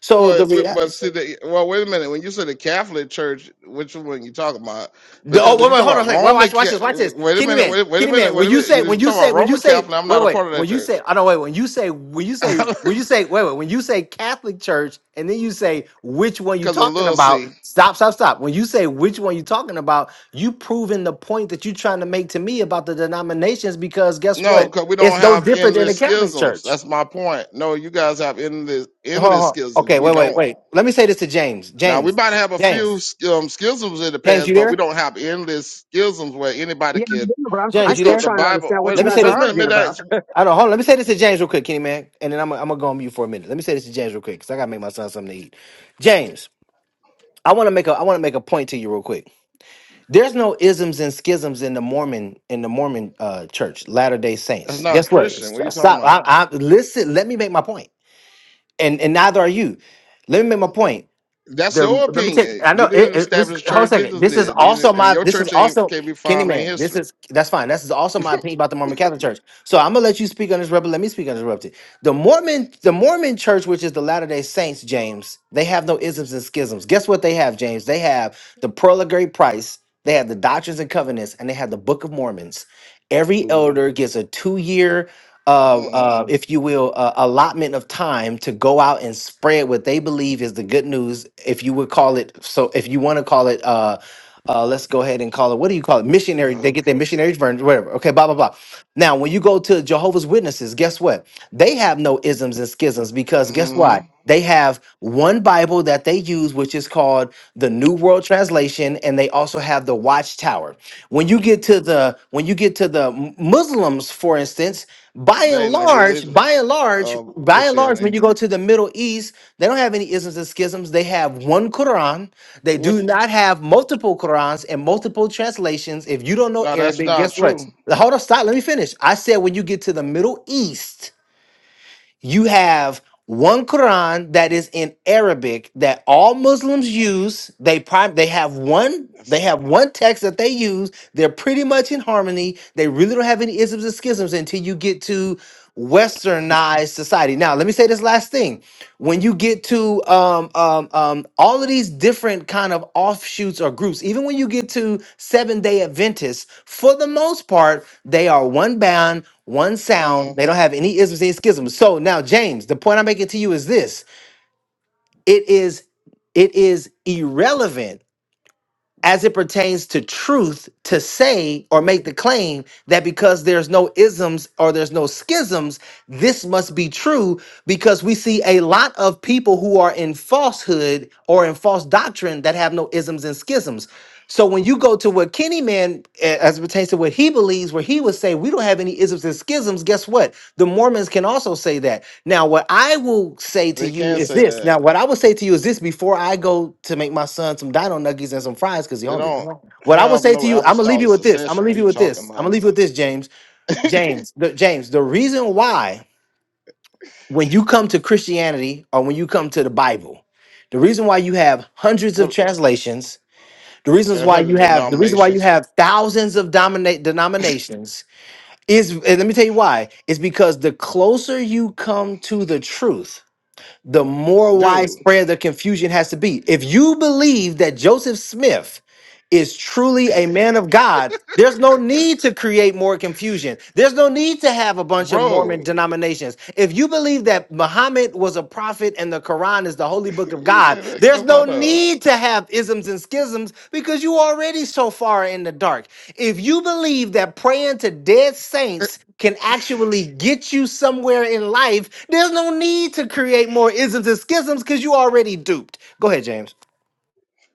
C: So
D: Well,
C: the
D: but but
C: reality.
D: see, the, well, wait a minute. When you say the Catholic Church, which one you talking about?
C: The, oh
D: Because if
C: wait,
D: you
C: wait,
D: talk
C: hold on a
D: about
C: second. Wait,
D: Roman,
C: watch, watch this, watch
D: Ca-
C: this.
D: wait a
C: Kenny
D: minute,
C: man,
D: wait, wait a
C: Kenny
D: minute,
C: man,
D: wait
C: when
D: a
C: you
D: minute. If
C: say,
D: you
C: when you
D: talk
C: say,
D: about
C: when you
D: Roman
C: say,
D: Catholic, I'm
C: wait,
D: not a
C: wait,
D: part of that
C: when you say,
D: church
C: I don't wait, when you say, when you say,
D: [laughs]
C: when you say, wait, wait, when you say Catholic Church, and then you say which one you
D: because of
C: talking
D: little
C: about.
D: C.
C: Stop, stop, stop. When you say which one you talking about, you proving the point that you trying to make to me about the denominations because guess
D: No,
C: what?
D: because we don't
C: It's no
D: have
C: different than the
D: endless
C: Catholic
D: schisms.
C: Church.
D: That's my point. No, you guys have endless
C: Hold on,
D: endless
C: hold on.
D: schisms.
C: Okay,
D: We
C: wait, wait,
D: don't.
C: wait. Let me say this to James.
D: Now we
C: James,
D: might have a
C: James,
D: few um, schisms in the
C: James,
D: past,
C: you
D: but we
C: there?
D: don't have endless schisms where anybody
E: yeah, I
D: can
E: do, but I'm, I'm
C: James,
D: pick
C: you
E: still
D: up the
C: there?
E: trying to
D: Bible.
E: understand what
C: Let
D: Wait,
E: you
C: me
D: wait,
C: say
E: guys
D: wait a
C: this.
E: are
D: minute,
E: arguing
D: mid
E: about. [laughs]
D: That's
C: I don't hold on. Let me say this to James real quick, Kenny man, and then I'm I'm gonna go on mute for a minute. Let me say this to James real quick because I gotta make my son something to eat. James, I want to make a I want to make a point to you real quick. There's no isms and schisms in the Mormon in the Mormon uh, church, Latter Day Saints.
D: not a
C: Guess what?
D: Christian. What are
C: St-
D: you talking
C: Stop.
D: about?
C: I, I, listen. Let me make my point, and and neither are you. Let me make my point.
D: That's
C: There,
D: your
C: let me take.
D: opinion.
C: I
D: You
C: know it,
D: didn't
C: it- this.
D: establish a
C: Hold a
D: church.
C: second.
D: Jesus
C: This is
D: did, They
C: also
D: didn't- and
C: my.
D: your
C: This is
D: church ain't
C: also
D: can't be
C: Kenny
D: found in
C: man. This
D: history.
C: is that's fine. This is also my opinion about the Mormon Catholic Church. So I'm gonna let you speak uninterrupted. Let me speak uninterrupted. The Mormon, the Mormon Church, which is the Latter Day Saints, James, they have no isms and schisms. Guess what they have, James? They have the Pearl of Great Price. They have the Doctrines and Covenants, and they have the Book of Mormons. Every
E: Mhm.
C: elder gets a two-year uh,
D: Mm.
C: uh, if you will, uh, allotment of time to go out and spread what they believe is the good news. If you would call it, so if you want to call it, uh, uh, let's go ahead and call it. What do you call it? Missionary. They get
D: Okay.
C: their missionary version, whatever. Okay, blah blah blah. Now, when you go to Jehovah's Witnesses, guess what? They have no isms and schisms because guess
D: Mm-hmm.
C: what? They have one Bible that they use, which is called the New World Translation, and they also have the Watchtower when you get to the when you get to the M- muslims for instance by
D: There
C: and
D: ain't no
C: large,
D: religion
C: by and large,
D: of
C: by and large, when
D: Christianity.
C: you go to the Middle East, they don't have any isms and schisms. They have one Quran. They
D: Which
C: do not have multiple Qurans and multiple translations. If you don't know
D: no, that's
C: Arabic,
D: not
C: guess what?
D: true.
C: Hold on, stop. Let me finish. I said when you get to the Middle East, you have one Quran that is in Arabic that all Muslims use. They prime they have one
D: That's
C: they
D: not.
C: have one text that they use. They're pretty much in harmony. They really don't have any isms and schisms until you get to westernized society. Now, let me say this last thing. When you get to um, um, um, all of these different kind of offshoots or groups, even when you get to Seven Day Adventists, for the most part, they are one band, one sound. They
D: Mm.
C: don't have any isms, any schisms. So now, James, the point I'm making to you is this: it is it is irrelevant as it pertains to truth to say or make the claim that because there's no isms or there's no schisms, this must be true because we see a lot of people who are in falsehood or in false doctrine that have no isms and schisms. So when you go to what Kenny Man, eh, as it pertains to what he believes, where he would say we don't have any isms and schisms, guess what? The Mormons can also say that. Now, what I will say to
D: They
C: you
D: can
C: is
D: say
C: this.
D: that.
C: Now, what I will say to you is this before I go to make my son some dino nuggies and some fries because he's
D: They
C: hungry. Come
D: don't
C: on. What I will
D: have
C: say to
D: no
C: you, I'm gonna leave you
D: apostolic
C: with this. I'm gonna
D: succession. What
C: leave
D: you
C: you with
D: talking
C: this. I'm gonna
D: about?
C: leave you with this, James.
D: [laughs]
C: James, the, James, the reason why when you come to Christianity or when you come to the Bible, the reason why you have hundreds of
D: what
C: translations, the reasons
D: and
C: why
D: what
C: you
D: the
C: have the reason why you
D: denominations
C: have thousands of dominate denominations is and let me tell you why, is because the closer you come to the truth the more
D: do,
C: widespread the confusion has to be. If you believe that Joseph Smith is truly a man of God, there's no need to create more confusion. There's no need to have a bunch of
D: bro?
C: Mormon denominations. If you believe that Muhammad was a prophet and the Quran is the holy book of
D: Say
C: God,
D: that
C: there's
D: come
C: no
D: out of.
C: need to have isms and schisms because you already so far in the dark. If you believe that praying to dead saints can actually get you somewhere in life, there's no need to create more isms and schisms because you already duped. Go ahead, James.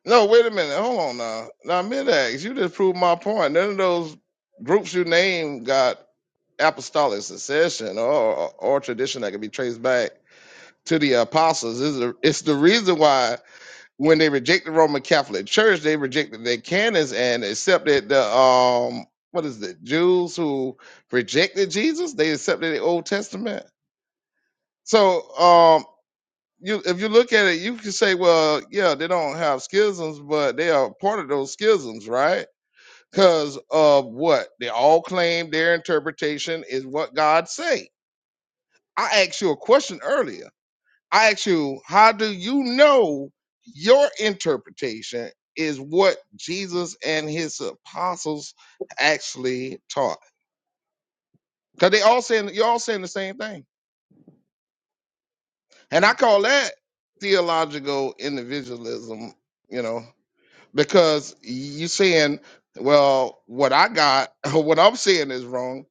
D: No, wait a minute. Hold on now. Now, Midax, you just proved my point. None of those groups you named got apostolic succession or, or, or tradition that can be traced back to the apostles. It's the, it's the reason why when they reject the Roman Catholic Church, they rejected their canons and accepted the um what is it Jews who rejected Jesus. They accepted the Old Testament. So um. you if you look at it, you can say, well, yeah, they don't have schisms, but they are part of those schisms, right? Because of what they all claim their interpretation is what God say. I asked you a question earlier. I asked you, how do you know your interpretation is what Jesus and his apostles actually taught? Because they all saying you're all saying the same thing. And I call that theological individualism, you know. because you saying, well, what I got, [laughs] what I'm saying is wrong,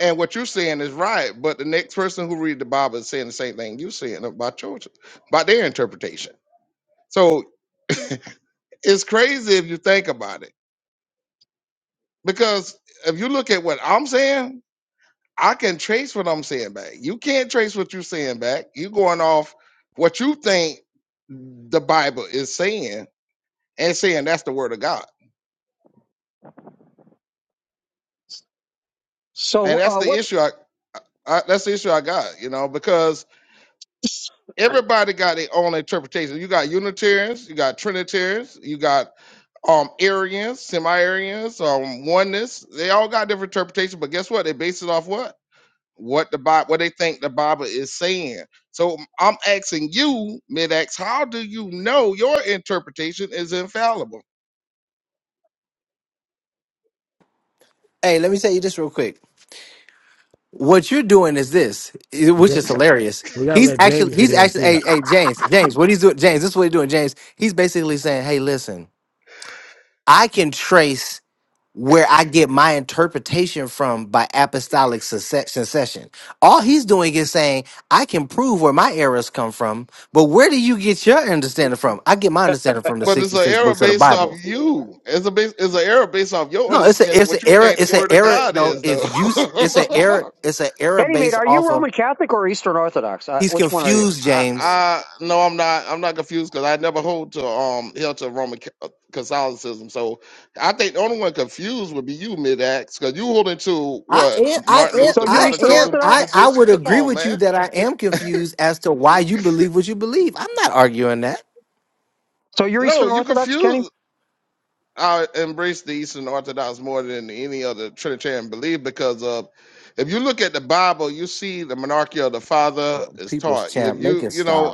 D: and what you're saying is right. But the next person who read the Bible is saying the same thing you're saying about your, about their interpretation. So [laughs] it's crazy if you think about it, because if you look at what I'm saying, I can trace what I'm saying back. You can't trace what you're saying back. You're going off what you think the Bible is saying and saying that's the word of God.
E: So,
D: And that's
E: uh,
D: the
E: what?
D: issue. I, that's the issue I got, you know, because everybody got their own interpretation. You got Unitarians, you got Trinitarians, you got um Arians, semi-Arians, um oneness. They all got different interpretations, but guess what? They base it off what? What the Bible, what they think the Bible is saying. So I'm asking you, Mid-X, how do you know your interpretation is infallible?
C: Hey, let me tell you this real quick. What you're doing is this, i- which
B: yeah.
C: is hilarious.
B: We gotta
C: He's
B: let
C: actually,
B: James get
C: he's
B: in
C: actually,
B: too.
C: hey, hey, James, James, what he's doing, James, this is what he's doing, James. He's basically saying, hey, listen, I can trace. where I get my interpretation from by apostolic succe- succession. All he's doing is saying, I can prove where my errors come from, but where do you get your understanding from? I get my understanding from the
D: But it's an
C: 66
D: error
C: books of the
D: based off
C: Bible.
D: you. It's a base, it's an error based off your
C: No, it's a
D: understanding
C: it's an
D: what you
C: error,
D: think the
C: it's an
D: Word of
C: error, you
D: God
C: know,
D: is, though.
C: if you s- it's an
D: [laughs]
C: error, it's an error
E: Kenny, mate,
C: based
E: are you
C: off of
E: Roman Catholic or Eastern Orthodox? Uh,
C: he's
E: which one are you?
C: confused,
D: I,
C: James.
D: I no, I'm not. I'm not confused because I never hold to um held to Roman Ca- uh, Catholicism. So I think the only one confused would be you, mid acts, because you holding to
C: I
D: what
C: am, I
D: Martin
C: am,
E: So
D: Luther
E: you're
C: I
E: Eastern
C: am,
D: Protestantism
C: I,
E: Orthodox?
C: I
D: tradition.
C: would
D: Come
C: agree
D: on,
C: with you
D: man.
C: that I am confused as to why you believe what you believe. I'm not arguing that.
E: So you're
D: No,
E: Eastern
D: you
E: Orthodox, Kenny?
D: confuse. I embrace the Eastern Orthodox more than any other Trinitarian belief because of if you look at the Bible, you see the monarchy of the Father is
C: People's
D: taught. If
C: champ, make
D: you
C: it
D: you
C: stop.
D: know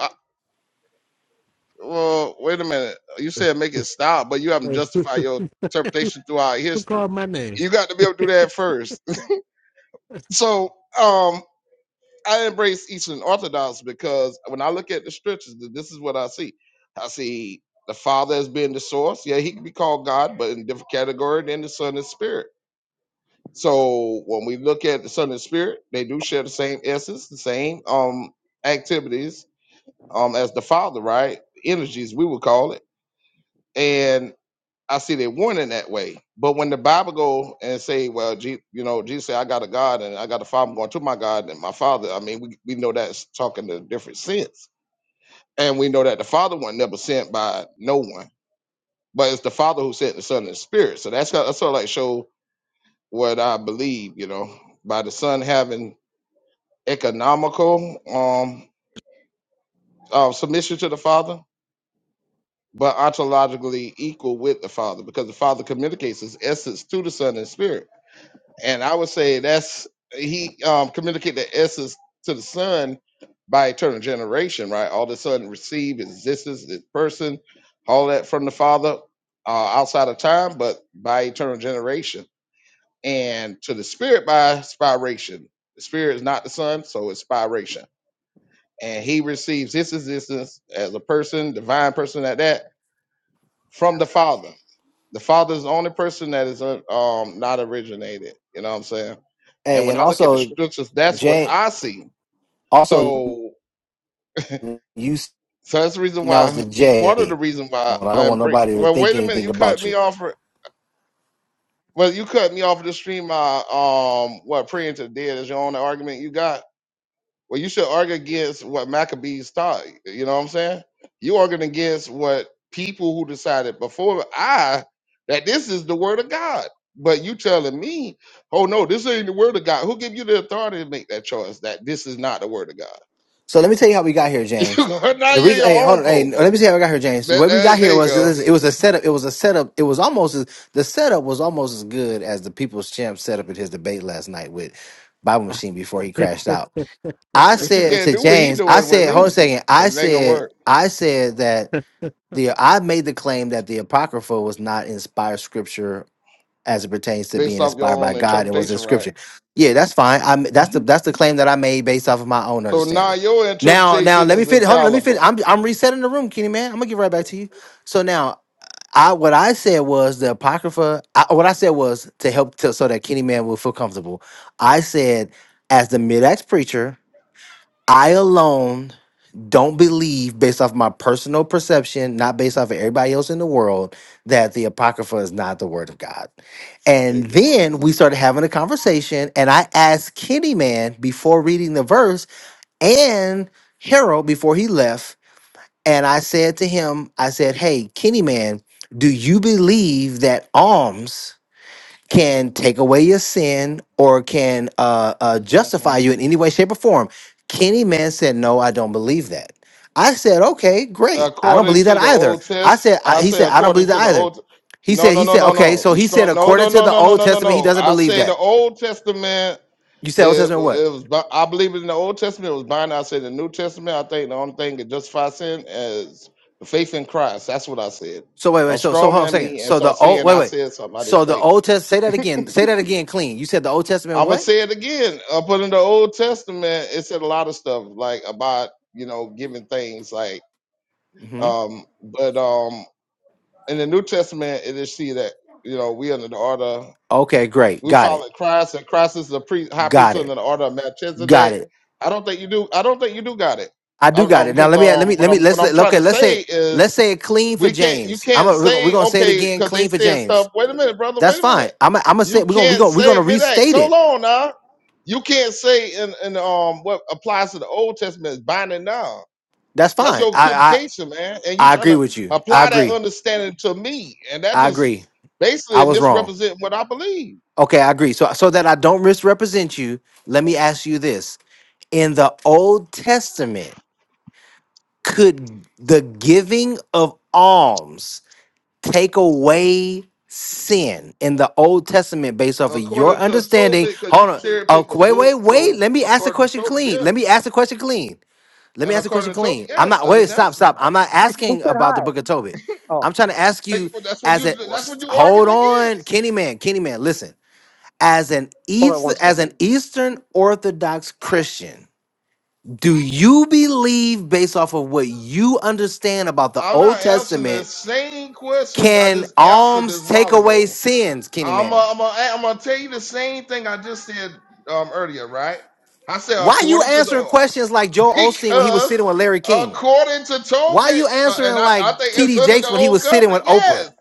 D: Well, wait a minute. You said make it
B: [laughs]
D: stop, but you haven't
B: Hey,
D: justified
B: Who
D: your interpretation throughout history.
B: called my name?
D: You got to be able to do that first. [laughs] So, um, I embrace Eastern Orthodox because when I look at the scriptures, th- this is what I see. I see the Father as being the source. Yeah, he can be called God, but in a different category than the Son and Spirit. So when we look at the Son and Spirit, they do share the same essence, the same um activities um as the Father, right? Energies, we would call it. and I see they warning that way. But when the Bible go and say, well, Je- you know, Jesus said, I got a God and I got a father I'm going to my God and my father, I mean, we, we know that's talking a different sense. And we know that the father one never sent by no one, but it's the father who sent the son and the spirit. So that's, got- that's sort of like show what I believe, you know, by the son having economical um, uh, submission to the father, but ontologically equal with the father because the father communicates his essence to the son and spirit and I would say that's he um communicated the essence to the son by eternal generation, right? All the Son sudden his existence, his person, all that from the Father uh, outside of time, but by eternal generation. And to the Spirit by spiration. The Spirit is not the Son, so it's spiration. And he receives his existence as a person, divine person at that, from the Father. The Father is the only person that is uh, um, not originated. You know what I'm saying? And
C: Hey,
D: when
C: and
D: I look at the
C: also
D: scriptures, that's what
C: Jay.
D: I see.
C: Also,
D: So,
C: you
D: so that's the reason
C: announced
D: why.
C: the
D: Part of the
C: J.
D: reason why
C: Well, I don't want
D: I'm break.
C: nobody to
D: Well,
C: think
D: wait a minute.
C: anything
D: You cut
C: about
D: me
C: you.
D: off. For, well, you cut me off of the stream. My um, what praying to the dead is your only argument you got. Well, you should argue against what Maccabees taught. You know what I'm saying? You arguing against what people who decided before I that this is the word of God. But you telling me, oh no, this ain't the word of God. Who give you the authority to make that choice that this is not the word of God?
C: So let me tell you how we got here,
D: [laughs]
C: James.
D: now
C: The
D: you're
C: reason, hey,
D: your
C: hold
D: own
C: on, hey,
D: pope.
C: let me tell you how we got here, James.
D: That,
C: What we
D: uh,
C: got
D: there
C: here
D: you
C: was
D: go.
C: it was a setup. It was a setup. It was almost as, the setup was almost as good as the People's Champ setup at his debate last night with Bible
B: [laughs]
C: Machine before he crashed out. I
D: But you
C: said
D: can't
C: to
D: do what he
C: James, I
D: doing with
C: said, hold on a
D: me
C: second. I
D: because it ain't gonna
C: said,
D: work
C: I said that the I made the claim that the Apocrypha was not inspired scripture as it pertains to
D: based
C: being
D: off your
C: inspired by
D: own
C: God and was in
D: interpretation, right?
C: scripture. Yeah, that's fine. I'm that's the that's the claim that I made based off of my own
D: So now
C: understanding.
D: your
C: Now, now
D: interpretation
C: let me
D: is
C: fit hold on, let me fit.
D: infallible.
C: I'm I'm resetting the room, Kenny man. I'm gonna get right back to you. So now I what I said was the Apocrypha, I, what I said was to help to, so that Kenny man will feel comfortable. I said, as the mid-ex preacher, I alone don't believe based off my personal perception, not based off of everybody else in the world, that the Apocrypha is not the word of God. And
D: Subject of
C: then
D: argument.
C: we started having a conversation, and I asked Kenny Man before reading the verse and Harold before he left, and I said to him, I said, Hey, Kenny Man, do you believe that alms? can take away your sin or can uh, uh,
D: Mm-hmm.
C: justify you in any way, shape, or form. Kenny Man said, No, I don't believe that. I said, Okay, great. I don't
D: according
C: believe
D: to
C: that
D: the
C: either.
D: Old
C: I
D: Test.
C: said, I,
D: I
C: He
D: say
C: said, I don't
D: according
C: believe
D: to the
C: that either.
D: Old.
C: He
D: No,
C: said,
D: no,
C: He
D: no,
C: said,
D: no,
C: Okay,
D: no.
C: so
D: You
C: he said,
D: strong? No,
C: according
D: no,
C: to
D: no,
C: the
D: no, no,
C: Old
D: no, no,
C: Testament, he
D: no.
C: doesn't
D: I
C: believe
D: say the
C: that.
D: Old Testament.
C: You said Old
D: It,
C: Testament what?
D: it was. bi- I believe in the Old Testament it was binding. I say the New Testament. I think the only thing that justifies sin is the faith in Christ. That's what I said.
C: So wait,
D: A
C: wait, so so
D: strong
C: hold on a
D: man
C: second.
D: me, and
C: So
D: so I
C: the old
D: saying
C: wait,
D: I
C: wait.
D: said something I didn't
C: So the
D: say.
C: Old Testament, say that again. Say that again, clean. You said the Old Testament
D: I'm gonna
C: what?
D: say it again. Up in the Old Testament, it said a lot of stuff like about you know giving things like
C: hmm
D: um but um in the New Testament, it is she that you know we under the order.
C: Okay, great.
D: We
C: Got
D: follow
C: it.
D: Christ, and Christ is the pre, high priest
C: Got it.
D: under the order of
C: Got
D: Melchizedek.
C: it.
D: I don't think you do. I don't think you do got it.
C: I do got it. Now
D: Because
C: let me let
D: um,
C: me
D: what
C: let me
D: I'm what
C: let's
D: I'm trying
C: okay.
D: to
C: Let's say
D: say is
C: let's say it clean for
D: we can't. You
C: James. I'm
D: can't
C: a, we're gonna we're
D: say
C: gonna say it
D: okay
C: again.
D: because they
C: Clean for
D: said
C: James.
D: stuff. Wait a minute, brother.
C: That's
D: Wait a
C: fine.
D: minute.
C: I'm i I'm gonna say
D: You
C: we're gonna we're
D: can't
C: gonna we're
D: say
C: gonna
D: mid-act.
C: restate
D: Hold
C: it.
D: on now. You can't say in, in um what applies to the Old Testament is binding now.
C: That's
D: That's
C: fine.
D: your
C: I I
D: equivocation, man. And you're
C: I
D: trying
C: agree
D: to
C: with you. I
D: apply that
C: agree.
D: understanding to me. And that
C: I
D: just
C: agree. I
D: basically
C: was wrong.
D: misrepresent what I believe.
C: Okay, I agree. So so that I don't misrepresent you, let me ask you this: In the Old Testament, could the giving of alms? take away sin in the Old Testament based off of your
D: According to
C: understanding.
D: Tobit, because you
C: Hold on.
D: cherry
C: Oh,
D: picked the
C: wait, wait,
D: book,
C: wait.
D: so
C: Let me ask the
D: according to
C: question
D: Tobit,
C: clean.
D: yes.
C: Let me ask the question clean. Let
D: And
C: me ask the question
D: according to Tobit,
C: clean. I'm
D: yes,
C: not
D: I just
C: wait, stop,
D: answered you.
C: stop. I'm not
E: Who
C: asking
E: said
C: about the
E: hi?
C: book of Tobit.
E: Oh,
C: I'm trying to ask
D: Like,
C: you
D: That's what
C: as
D: you
C: a
D: that's what you arguing
C: hold on,
D: against.
C: Kenny man, Kenny man, listen. As an
E: hold on
C: East,
E: one
C: as
E: second.
C: an Eastern Orthodox Christian, do you believe based off of what you understand about the
D: I'm not
C: Old
D: answering
C: Testament
D: the same question I
C: can
D: just answered
C: alms
D: this
C: take
D: while
C: away
D: ago.
C: sins, Kenny
D: I'm
C: Man?
D: i I'm i am I'm gonna tell you the same thing I just said um earlier, right? I said
C: Why you
D: according to
C: answering
D: the
C: questions like
D: [laughs]
C: Joel Osteen when he was
D: because
C: sitting with Larry King?
D: according to
C: Why
D: Tobit,
C: you
D: uh,
C: answering
D: and I, I
C: like
D: think it's
C: TD
D: under the
C: Jakes when he
D: old
C: was sitting
D: covenant,
C: with Oprah?
D: yes.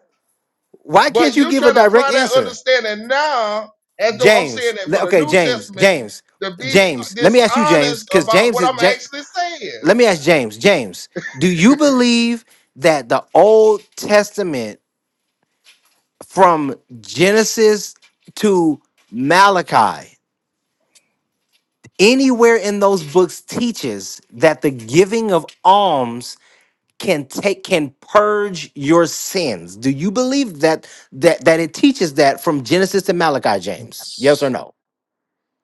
C: Why can't
D: But
C: you
D: you
C: give a
D: trying to
C: direct
D: apply that
C: answer?
D: understanding now, as though I'm saying
C: James.
D: that
C: le-
D: for the
C: Okay,
D: New
C: James.
D: Testament
C: James.
D: to be
C: James. Let me ask you, James,
D: dishonest
C: because
D: about
C: James
D: what
C: is
D: I'm
C: Ja-
D: actually saying.
C: let me ask James. James, do you believe that the Old Testament from Genesis to Malachi Anywhere in those books teaches that the giving of alms can take can purge your sins. Do you believe that that that it teaches that from Genesis to Malachi, James? Yes or
F: Since
C: no?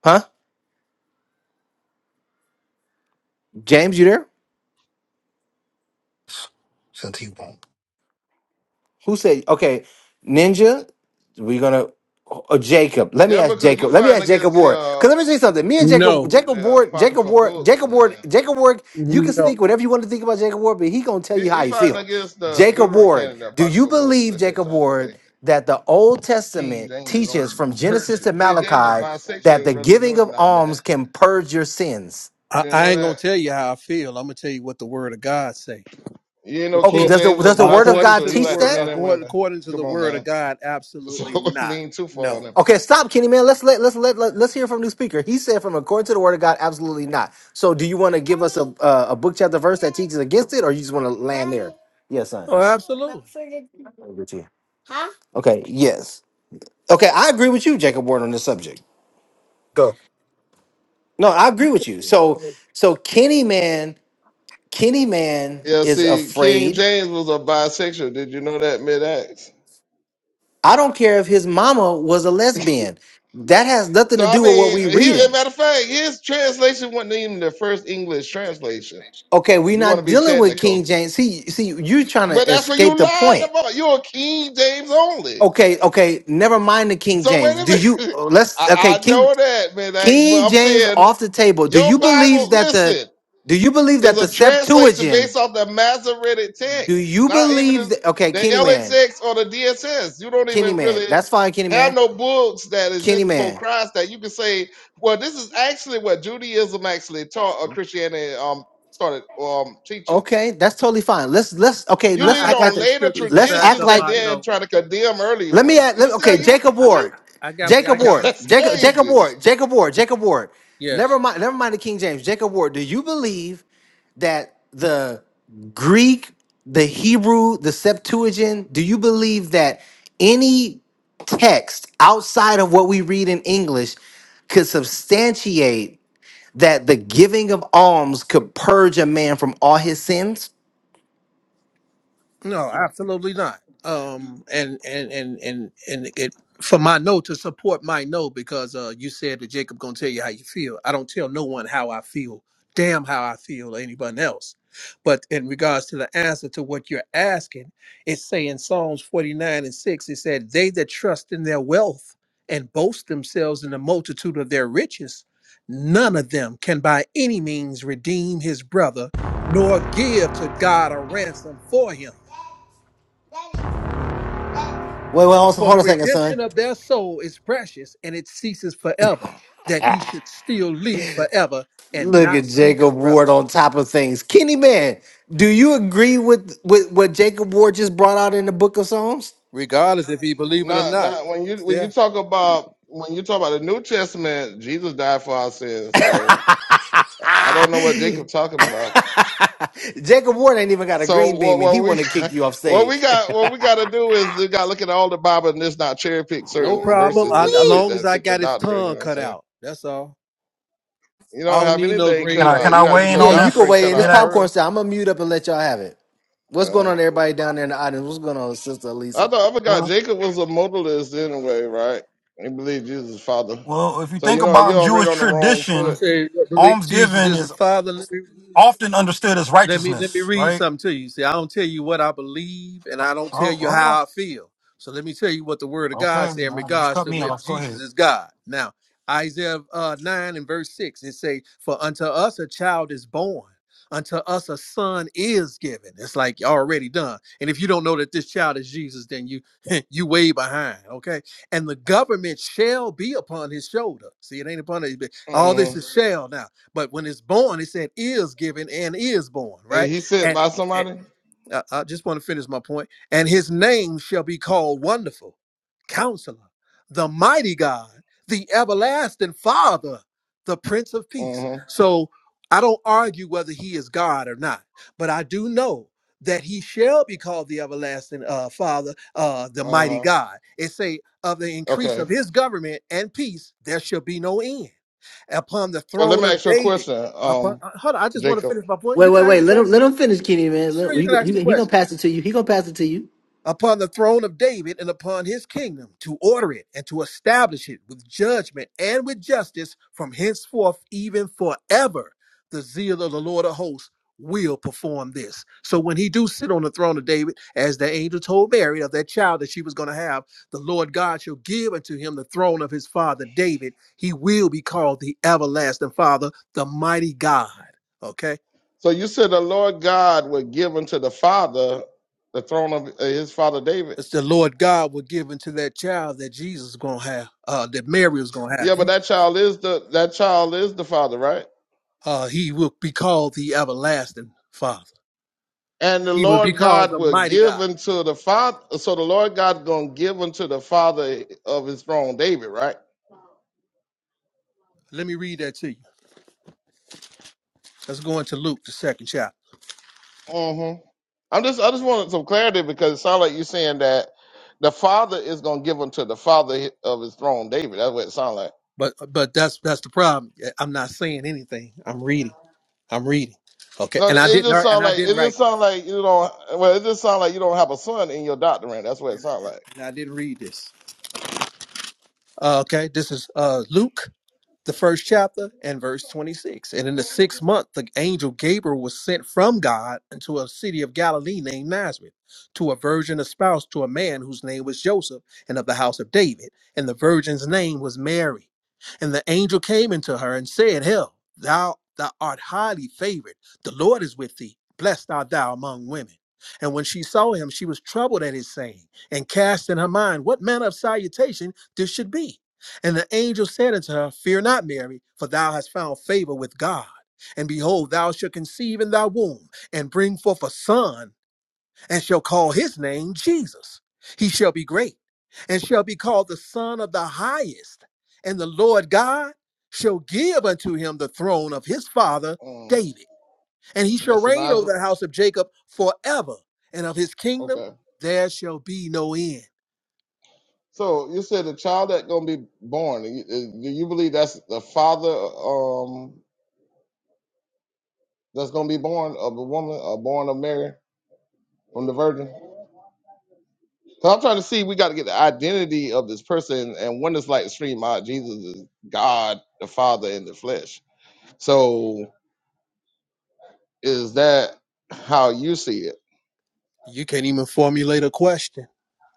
C: Huh? James, you there?
F: he won't
C: Who said okay, Ninja? We're gonna or Jacob. Let me
D: Yeah,
C: ask
D: because you
C: Jacob. Let me
D: fighting
C: ask Jacob
D: against the
C: Ward.
D: uh,
C: Cause let me say something.
D: the,
C: Me and Jacob,
G: No,
C: Jacob
D: the
C: Ward, Jacob
D: apocryphal
C: Ward,
D: books,
C: Jacob Ward,
D: man.
C: Jacob Ward. You can
G: no.
C: think whatever you want to think about Jacob Ward, but he gonna tell
D: He,
C: you
D: he
C: how he
D: fighting
C: feels.
D: against the
C: Jacob Ward,
D: Deuterocanon, the
C: do you
D: apocryphal books,
C: believe
D: and they're
C: Jacob
D: trying to say
C: Ward that the Old
D: King
C: Testament
D: James is only [laughs]
C: teaches
D: the
C: from Genesis
D: virgin.
C: to
D: King James was
C: Malachi that
D: bisexual,
C: the
D: whether you know
C: giving
D: it or
C: of
D: not. I
C: alms
D: that
C: can purge your sins?
G: I,
D: you didn't
G: I
D: know
G: ain't gonna
D: that.
G: tell you how I feel. I'm gonna tell you what the Word of God say.
D: You didn't
G: The
D: know
C: Okay,
D: King
G: book,
C: does the
D: James was
C: does the Word of
G: according
C: God
D: bisexual.
G: to
D: He
G: the
C: teach
D: liked the
G: Word,
C: that?
D: men and
G: according,
D: women.
G: according to the
D: Come on,
G: Word of
D: man. [laughs]
G: God,
D: So
G: absolutely not.
D: lean too far on
G: No.
D: him.
C: Okay, stop, Kenny man. Let's let let's let, let let's hear from the speaker. He said, "From according to the word of God, absolutely not." So, do you want to give us a uh, a book chapter verse that teaches against it, or you just want to land there? Yes, son.
G: Oh, absolutely.
C: Over to you. Okay. Yes. Okay, I agree with you, Jacob Ward, on this subject.
F: Go.
C: No, I agree with you. So, so Kenny man, Kenny man
D: Yeah,
C: is
D: see, King
C: afraid.
D: James was a bisexual. Did you know that mid acts?
C: I don't care if his mama was a lesbian. That has nothing
D: So
C: to
D: I
C: do with what
D: mean,
C: we
D: he as a
C: reading.
D: matter of fact, his translation wasn't even the first English translation.
C: Okay, we're
D: You want to
C: not
D: be
C: dealing with King
D: technical.
C: James. See, see, you're trying to
D: But that's what you
C: escape the
D: lying
C: point.
D: about. You're a King James only.
C: Okay, okay. Never mind the King
D: So wait
C: James. Do
D: a
C: you
D: minute.
C: uh,
D: [laughs] I,
C: let's okay,
D: I
C: King
D: know that, man. Thanks, But
C: King
D: I'm
C: James
D: saying
C: off the table. Do you
D: your Bible,
C: believe that the
D: listen,
C: do you believe
D: is
C: that
D: a
C: the
D: translation based
C: Septuagint?
D: off the Masoretic
C: Do
D: text,
C: you
D: not even
C: believe
D: the
C: that okay,
D: the
C: Kenny Man.
D: LXX or the DSS. You don't
C: Kenny
D: even
C: Man.
D: really
C: That's fine, Kenny
D: have
C: Man.
D: no books that
C: Kenny
D: exist before
C: Man.
D: Christ that you can say, well, this is actually what Judaism actually taught or Christianity um started um teaching.
C: Okay, that's totally fine. Let's let's okay,
D: You
C: let's
G: I,
D: lean
G: I
C: act like
D: on
G: got
C: the
G: the
D: later
G: scriptures to
C: let's
G: back
C: act
D: traditions
G: up
D: and
C: like
G: my
D: then
G: no.
D: try to condemn early
C: Let me
D: ones.
C: add.
D: You
C: Let,
D: see how
C: okay,
D: you
C: Jacob
G: I, I,
C: Ward,
G: I got, I
C: Jacob
G: got
D: [laughs]
C: Ward,
G: my
D: that's
G: yeah,
C: Jacob, Jacob
D: crazy.
C: Ward, Jacob Ward, Jacob Ward.
G: yeah.
C: Never mind. Never mind the King James. Jacob Ward. Do you believe that the Greek, the Hebrew, the Septuagint? Do you believe that any text outside of what we read in English could substantiate that the giving of alms could purge a man from all his sins?
G: No, absolutely not. Um, and and and and and it for my no to support my no because uh, you said that Jacob gonna tell you how you feel. I don't tell no one how I feel. Damn, how I feel or anyone else. But in regards to the answer to what you're asking, it's saying Psalms 49 and 6, it said, They that trust in their wealth and boast themselves in the multitude of their riches, none of them can by any means redeem his brother, nor give to God a ransom for him.
C: Wait, wait, hold
G: For
C: on
G: the
C: a second, son.
G: redemption of their soul is precious, and it ceases forever, that he should still live forever and
C: Look
G: not
C: at
G: see
C: Jacob Ward
G: corruption.
C: on top of things. Kenny man, do you agree with, with what Jacob Ward just brought out in the book of Psalms?
G: regardless if he believe it or
D: Not
G: not.
D: not when
G: It's
D: you when you
G: there.
D: talk about when you talk about the New Testament, Jesus died for our sins.
C: [laughs]
D: So I don't know what Jacob talking about.
C: Jacob Ward ain't even got a
D: So
C: green
D: what
C: beam and he
D: what we
C: wanna
D: [laughs]
C: kick
D: got,
C: you off
D: what we
C: stage.
D: got what we got to do is we got to look at all the Bible and just not cherry pick
C: [laughs]
G: No
D: certain
G: problem.
D: verses
G: I,
D: just to
G: as
C: Ooh-wee.
D: fit
G: long as
D: that
G: I
D: fit your
G: got his
D: doctrine. You know
G: tongue
D: what I'm
G: cut
D: saying?
G: out, that's all.
D: You
G: I
D: don't
G: don't
D: have
G: need no
D: anything
F: Can
D: cut
G: green
F: I?
D: out. You
G: bean.
D: got to get your
C: Yeah, you can
D: doctrine
C: weigh
D: cut
C: in. It's
F: Mid
D: out
C: popcorn
F: axe.
D: first.
C: style. I'm gonna mute up and let y'all have it. What's going
D: Yeah.
C: on, everybody down there in the audience? What's going on, Sister
D: I
C: Elisa?
D: thought I forgot Jacob was a modalist anyway, right? He believed Jesus' father.
F: Well, if you
D: So you
F: think
D: know you're
F: about
D: already
F: Jewish
D: on the wrong
G: You
F: tradition,
D: foot.
G: say believe Jesus
F: almsgiving
G: is the
F: is
G: Father.
F: often
G: Let me let me
F: righteousness,
G: read
F: right?
G: something to you. See, I don't tell you what I believe, and I don't tell
F: Oh,
G: you
F: hold
G: how I feel. So let me tell you what the Word of
F: on.
G: God say in regards to if Jesus is God. Now, Isaiah uh, nine and verse six, it say, "For unto us a child is born." Unto us a son is given. It's like already done. And if you don't know that this child is Jesus, then you [laughs] you way behind. Okay. And the government shall be upon his shoulder. See, it ain't upon it. All
D: Mm-hmm.
G: this is shall now. But when it's born, it said is given and is born,
D: Hey,
G: right?
D: he said
G: And,
D: by
G: and
D: somebody?
G: I, I just want to finish my point. And his name shall be called Wonderful, Counselor, the Mighty God, the Everlasting Father, the Prince of Peace.
D: Mm-hmm.
G: So I don't argue whether he is God or not, but I do know that he shall be called the everlasting uh, father uh, the mighty
D: Uh-huh.
G: god it say of the increase
D: Okay.
G: of his government and peace there shall be no end upon the
D: Well, let me
G: throne of
D: ask you a
G: David.
D: question,
G: Upon,
D: um,
G: uh, hold on, I just want to
D: Jacob.
G: finish my point.
C: Wait,
G: You can
C: wait,
G: ask
C: wait.
G: the
C: Let him
G: question.
C: let him finish, Kenny man. Let
G: Sure,
C: him,
G: you
C: you,
G: can
C: go-
G: ask
C: you,
G: the
C: he gonna
G: question
C: pass it to you. He gonna pass it to you.
G: upon the throne of David and upon his kingdom to order it and to establish it with judgment and with justice from henceforth even forever. The zeal of the Lord of hosts will perform this. So when he do sit on the throne of David, as the angel told Mary of that child that she was going to have, the Lord God shall give unto him the throne of his father David. He will be called the everlasting father, the mighty God. Okay
D: So you said the Lord God would give unto the father the throne of uh, his father David.
G: It's the Lord God will give into that child that Jesus is going to have, uh, that Mary is going to
D: Yeah, but
G: have.
D: that child is the that child is the father, right?
G: Uh, he will be called the everlasting Father.
D: And the
G: He will be
D: Lord
G: called
D: God
G: the
D: will
G: mighty
D: give
G: God.
D: unto the father. So the Lord God gonna give unto the father of his throne, David, right?
G: Let me read that to you. Let's go into Luke, the second chapter.
D: Mm-hmm. I'm just I just wanted some clarity because it sounds like you're saying that the father is gonna give him to the father of his throne, David. That's what it sounds like.
G: But but that's that's the problem. Yeah, I'm not saying anything. I'm reading. I'm reading. Okay.
D: No,
G: And I
D: it
G: didn't
D: just sounds
G: and I
D: like it
G: didn't write
D: just sounds
G: this.
D: like you don't. Well, it just sounds like you don't have a son in your doctrine. That's what it
G: And,
D: sounds
G: and,
D: like.
G: and I didn't read this. Uh, okay. This is uh, Luke the first chapter and verse 26. And in the sixth month, the angel Gabriel was sent from God into a city of Galilee named Nazareth to a virgin espoused to a man whose name was Joseph and of the house of David. And the virgin's name was Mary. And the angel came into her and said, "Hail, thou, thou art highly favored. The Lord is with thee. Blessed art thou among women. And when she saw him, she was troubled at his saying and cast in her mind what manner of salutation this should be. And the angel said unto her, Fear not, Mary, for thou hast found favor with God. And behold, thou shalt conceive in thy womb, and bring forth a son, and shall call his name Jesus. He shall be great, and shall be called the Son of the Highest. And the Lord God shall give unto him the throne of his father
D: Mm,
G: David. And he shall
D: that's a
G: reign
D: nice.
G: over the house of Jacob forever, and of his kingdom
D: Okay.
G: there shall be no end.
D: So you said the child that gonna be born. you- uh, Do you believe that's the father um that's gonna be born of a woman or born of Mary from the Virgin? So I'm trying to see. We got to get the identity of this person, and one is like extreme odd. Jesus is God, the Father in the flesh. So is that how you see it?
G: You can't even formulate a question.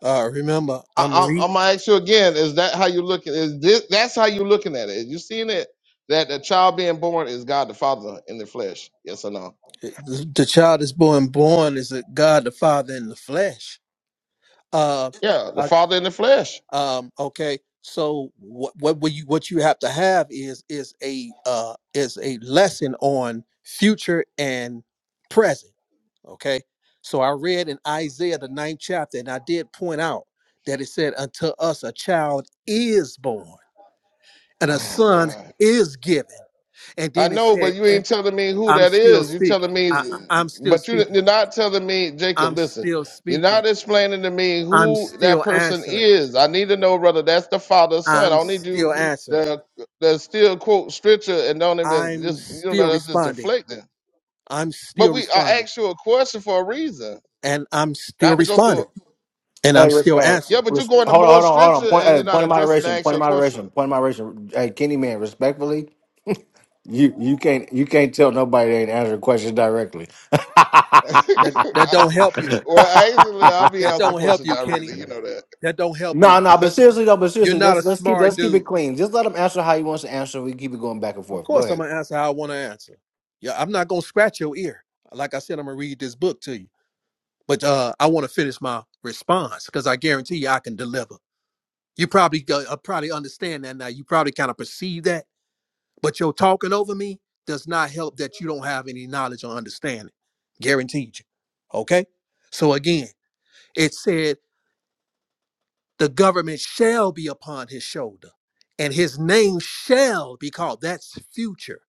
G: Uh, remember,
D: I,
G: I'm reading.
D: I, I'm gonna ask you again. Is that how you looking? Is this that's how you looking at it? you seeing it that the child being born is God, the Father in the flesh? Yes or no?
G: the, the child is born born is a God the Father in the flesh. Uh,
D: Yeah, the
G: I-
D: Father in the flesh.
G: um, okay. So what what will you what you have to have is is a uh, is a lesson on future and present. Okay. So I read in Isaiah the ninth chapter, and I did point out that it said, "Unto us a child is born, and a
D: Oh
G: son
D: God.
G: is given." And
D: I
G: then it
D: know,
G: said,
D: but you ain't
G: "And
D: telling me who
G: I'm
D: that
G: still
D: is. You telling
G: speaking.
D: me,
G: I, I- I'm still
D: but you,
G: speaking."
D: you're not telling me, Jacob.
G: I'm
D: Listen,
G: still
D: you're
G: speaking.
D: not explaining to me
G: I'm
D: who that
G: still
D: person
G: answering.
D: is. I need to know whether that's the father or son. I
G: I'm
D: don't need you
G: still answering.
D: to, to still quote scripture and don't even
G: I'm
D: just you
G: still
D: know that's just
G: responding.
D: deflecting.
G: I'm
D: But
G: still
D: we I
G: responding.
D: asked you a question for a reason,
G: And I'm still
D: not to go through.
G: responding.
D: it.
G: And I'm
C: Hey,
G: still
C: respect.
D: Yeah,
G: answering.
D: but you're
C: Res-
D: going to
C: hold on,
D: more
C: hold on, hold on.
D: scripture
C: Point,
D: and
C: hey,
D: you're not
C: point of
D: addressing the
C: moderation. Point
D: actual
C: of
D: question.
C: moderation. Point of moderation. Hey, Kenny, man, respectfully, you you can't you can't tell nobody they ain't answering questions directly. [laughs]
D: [laughs]
G: That that don't help you.
D: well, actually, I'll be
G: That
D: asking
G: don't help
D: questions
G: you,
D: directly.
G: Kenny.
D: You know that.
G: That don't help
C: No,
G: you.
C: no, but seriously though, but
G: You're
C: seriously,
G: not
C: let's
G: a
C: let's keep
G: smart
C: let's keep it
G: dude.
C: clean. Just let him answer how he wants to answer. We keep it going back and
G: Of
C: forth. Go
G: course I'm
C: ahead.
G: gonna answer how I wanna answer. Yeah, I'm not gonna scratch your ear. Like I said, I'm gonna read this book to you. But uh I wanna finish my response because I guarantee you I can deliver. You probably go, uh, probably understand that now. You probably kind of perceive that, but your talking over me does not help that you don't have any knowledge or understanding. Guaranteed you. Okay. So again, it said the government shall be upon his shoulder, and his name shall be called. That's future.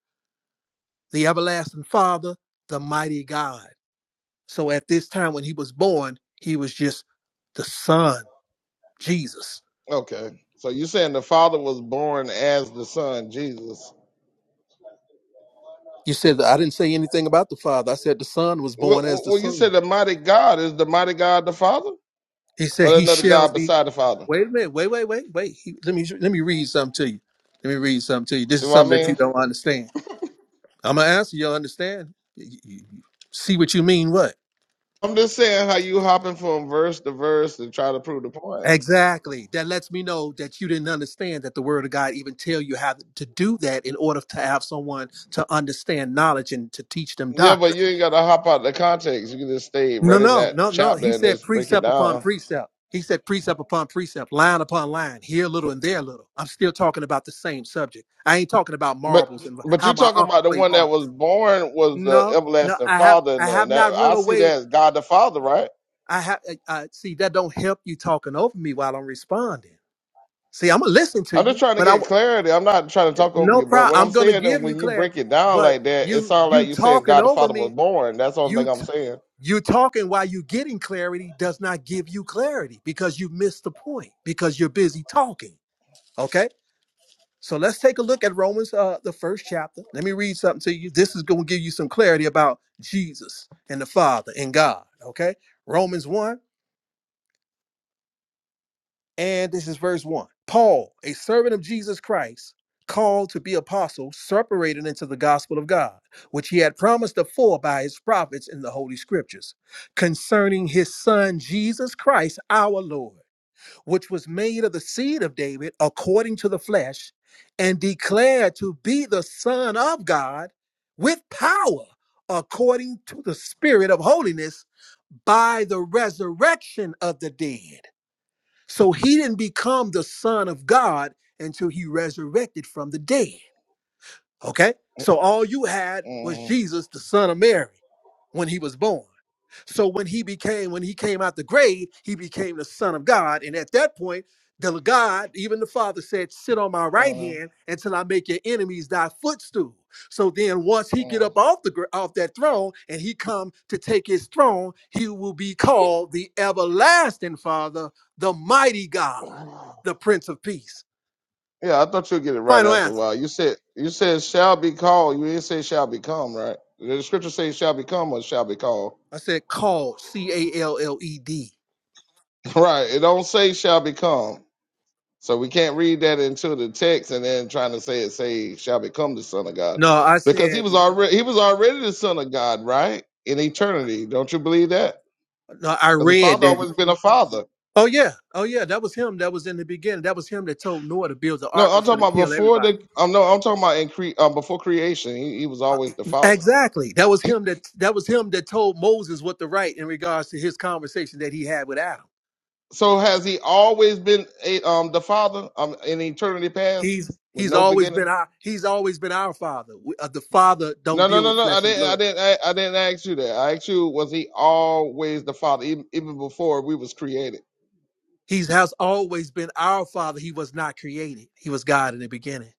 G: The everlasting Father, the mighty God. So at this time when he was born, he was just the Son, Jesus.
D: Okay. So you saying the Father was born as the Son, Jesus.
G: You said that I didn't say anything about the Father. I said the Son was
D: Well,
G: born as
D: well,
G: the
D: well, you
G: Son.
D: said the mighty God is the mighty God the Father?
G: He said,
D: Or
G: "He
D: another
G: shall
D: God
G: be."
D: beside the Father?
G: Wait a minute. Wait, wait, wait, wait. He, let me let me read something to you. Let me read something to you. This
D: See
G: is
D: what I
G: something that you
D: mean?
G: don't understand. I'm gonna answer. You'll understand. You- you- you see what you mean? What?
D: I'm just saying how you hopping from verse to verse to try to prove the point.
G: Exactly. That lets me know that you didn't understand that the Word of God even tell you how to do that in order to have someone to understand knowledge and to teach them
D: Yeah, but
G: doctrine.
D: you ain't got to hop out of the context. You can just stay
G: No,
D: right in
G: no,
D: that
G: no, no.
D: chapter
G: He
D: and
G: said
D: just break it
G: precept upon
D: down.
G: precept. He said precept upon precept, line upon line, here a little and there a little. I'm still talking about the same subject. I ain't talking about
D: But
G: marbles and
D: but
G: how
D: you're
G: my
D: talking
G: uncle
D: about the
G: played
D: one that was
G: marbles.
D: born was the
G: No, no,
D: everlasting
G: I have,
D: Father,
G: I
D: and
G: have
D: that,
G: not run
D: I see
G: away.
D: that as God the Father, right?
G: I have, I, I- see that don't help you talking over me while I'm responding. See, I'm gonna listen to
D: I'm just
G: you,
D: trying to
G: but I
D: get clarity. I'm not trying to talk over
G: no
D: you, but what
G: problem.
D: I'm
G: I'm gonna
D: saying is
G: give you
D: when you
G: clarity,
D: break it down
G: but
D: like that, it
G: you,
D: sounds
G: you
D: like you're saying
G: talking
D: God the
G: over
D: Father was
G: me.
D: born. That's the only
G: You
D: thing I'm saying.
G: you talking while you getting clarity does not give you clarity because you missed the point because you're busy talking okay so let's take a look at romans uh the first chapter let me read something to you this is going to give you some clarity about jesus and the father and god okay romans 1 And this is verse 1. Paul, a servant of Jesus Christ, called to be apostle, separated into the gospel of God, which he had promised afore by his prophets in the Holy Scriptures, concerning his son Jesus Christ, our Lord, which was made of the seed of David according to the flesh, and declared to be the Son of God with power according to the Spirit of holiness by the resurrection of the dead so he didn't become the son of God until he resurrected from the dead. Okay? So all you had was
D: mm
G: Jesus, the son of Mary, when he was born. So when he became, when he came out the grave, he became the son of God. And at that point, the God, even the Father said, sit on my right
D: mm
G: hand until I make your enemies thy footstool. So then once he get up off the gr- off that throne and he come to take his throne, he will be called the everlasting father, the mighty God
D: mm.
G: the Prince of Peace.
D: Yeah, I thought you'd get it right
G: Final
D: after a
G: answer.
D: while. You said you said shall be called. You didn't say shall become, right? The scripture says shall become or shall be called.
G: I said called, C A L L E D.
D: [laughs] Right. It don't say shall become. So we can't read that into the text and then trying to say it say shall become the son of God.
G: No, I
D: Because he
G: said,
D: was already he was already the son of God, right? In eternity. Don't you believe that?
G: no, I
D: Because the
G: read
D: father
G: that.
D: always been a father.
G: Oh, yeah. Oh, yeah. That was him that was in the beginning. That was him that told Noah to build the
D: No,
G: ark. I'm
D: I'm talking
G: going to
D: about
G: kill
D: before
G: everybody.
D: the um no, I'm talking about in cre- um, before creation, he, he was always the father.
G: Exactly. That was him that that was him that told Moses what to write in regards to his conversation that he had with Adam.
D: So has he always been a, um the father um in eternity past
G: He's
D: with
G: he's
D: no
G: always
D: beginning?
G: been our he's always been our father. We, uh, the father
D: No,
G: don't
D: no,
G: deal
D: no,
G: with
D: no. I
G: flesh and
D: didn't. I
G: blood.
D: didn't. I, I didn't ask you that. I asked you, was he always the father, even, even before we was created?
G: He's has always been our father. He was not created. He was God in the beginning.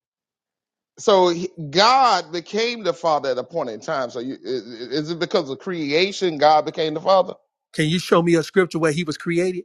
D: so he- God became the Father at a point in time. So you, i- i- is it because of creation God became the Father?
G: Can you show me a scripture where he was created?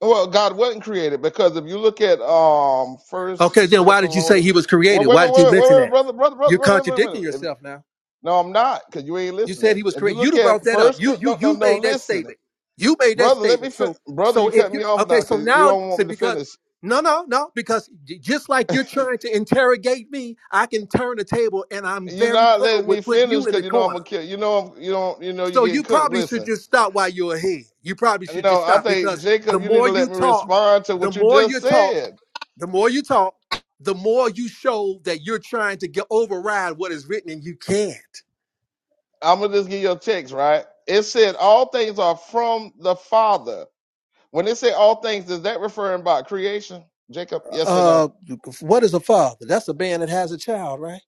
D: Well, God wasn't created because if you look at um First
G: Okay, then why did you say
D: Thessalonians,
G: he was
D: wait,
G: created?
D: wait,
G: Why
D: wait,
G: did you
D: wait, wait,
G: mention
D: wait,
G: that?
D: brother, brother, brother,
G: You're
D: wait, wait, wait, wait.
G: contradicting
D: If,
G: yourself now.
D: no, I'm not, because you ain't
G: You
D: listening.
G: said he was
D: If you
G: created.
D: look
G: You brought
D: at
G: that up.
D: First,
G: You
D: Cor-
G: you
D: no, no,
G: you
D: no,
G: made that
D: listening,
G: statement. You made that
D: brother, let me,
G: statement.
D: fin-
G: So
D: brother,
G: so
D: you
G: if
D: cut
G: you
D: me off
G: okay,
D: now
G: so
D: because you
G: now
D: don't want
G: so
D: me to
G: because
D: finish.
G: no no no because j- just like you're trying to interrogate me, I can turn the table and I'm
D: You're
G: very
D: not
G: clever
D: letting me
G: with putting
D: finish
G: you in
D: because
G: the
D: you know I'm gonna
G: corner.
D: kill. You know, I'm, you don't, you know, you're
G: So
D: getting
G: you
D: cooked.
G: probably
D: Listen.
G: should just stop while you're ahead. You probably should
D: No,
G: just
D: I
G: stop
D: think
G: because the
D: Jacob, you need
G: more
D: to let
G: you
D: me
G: talk,
D: respond to
G: the
D: what you
G: more you
D: just
G: talk.
D: said.
G: The more you talk, the more you show that you're trying to get override what is written and you can't.
D: I'm gonna just give you a text, right? It said all things are from the Father. When it said all things, is that referring about creation, Jacob? Yes or no?
G: Uh, what is a father? That's a man that has a child, right?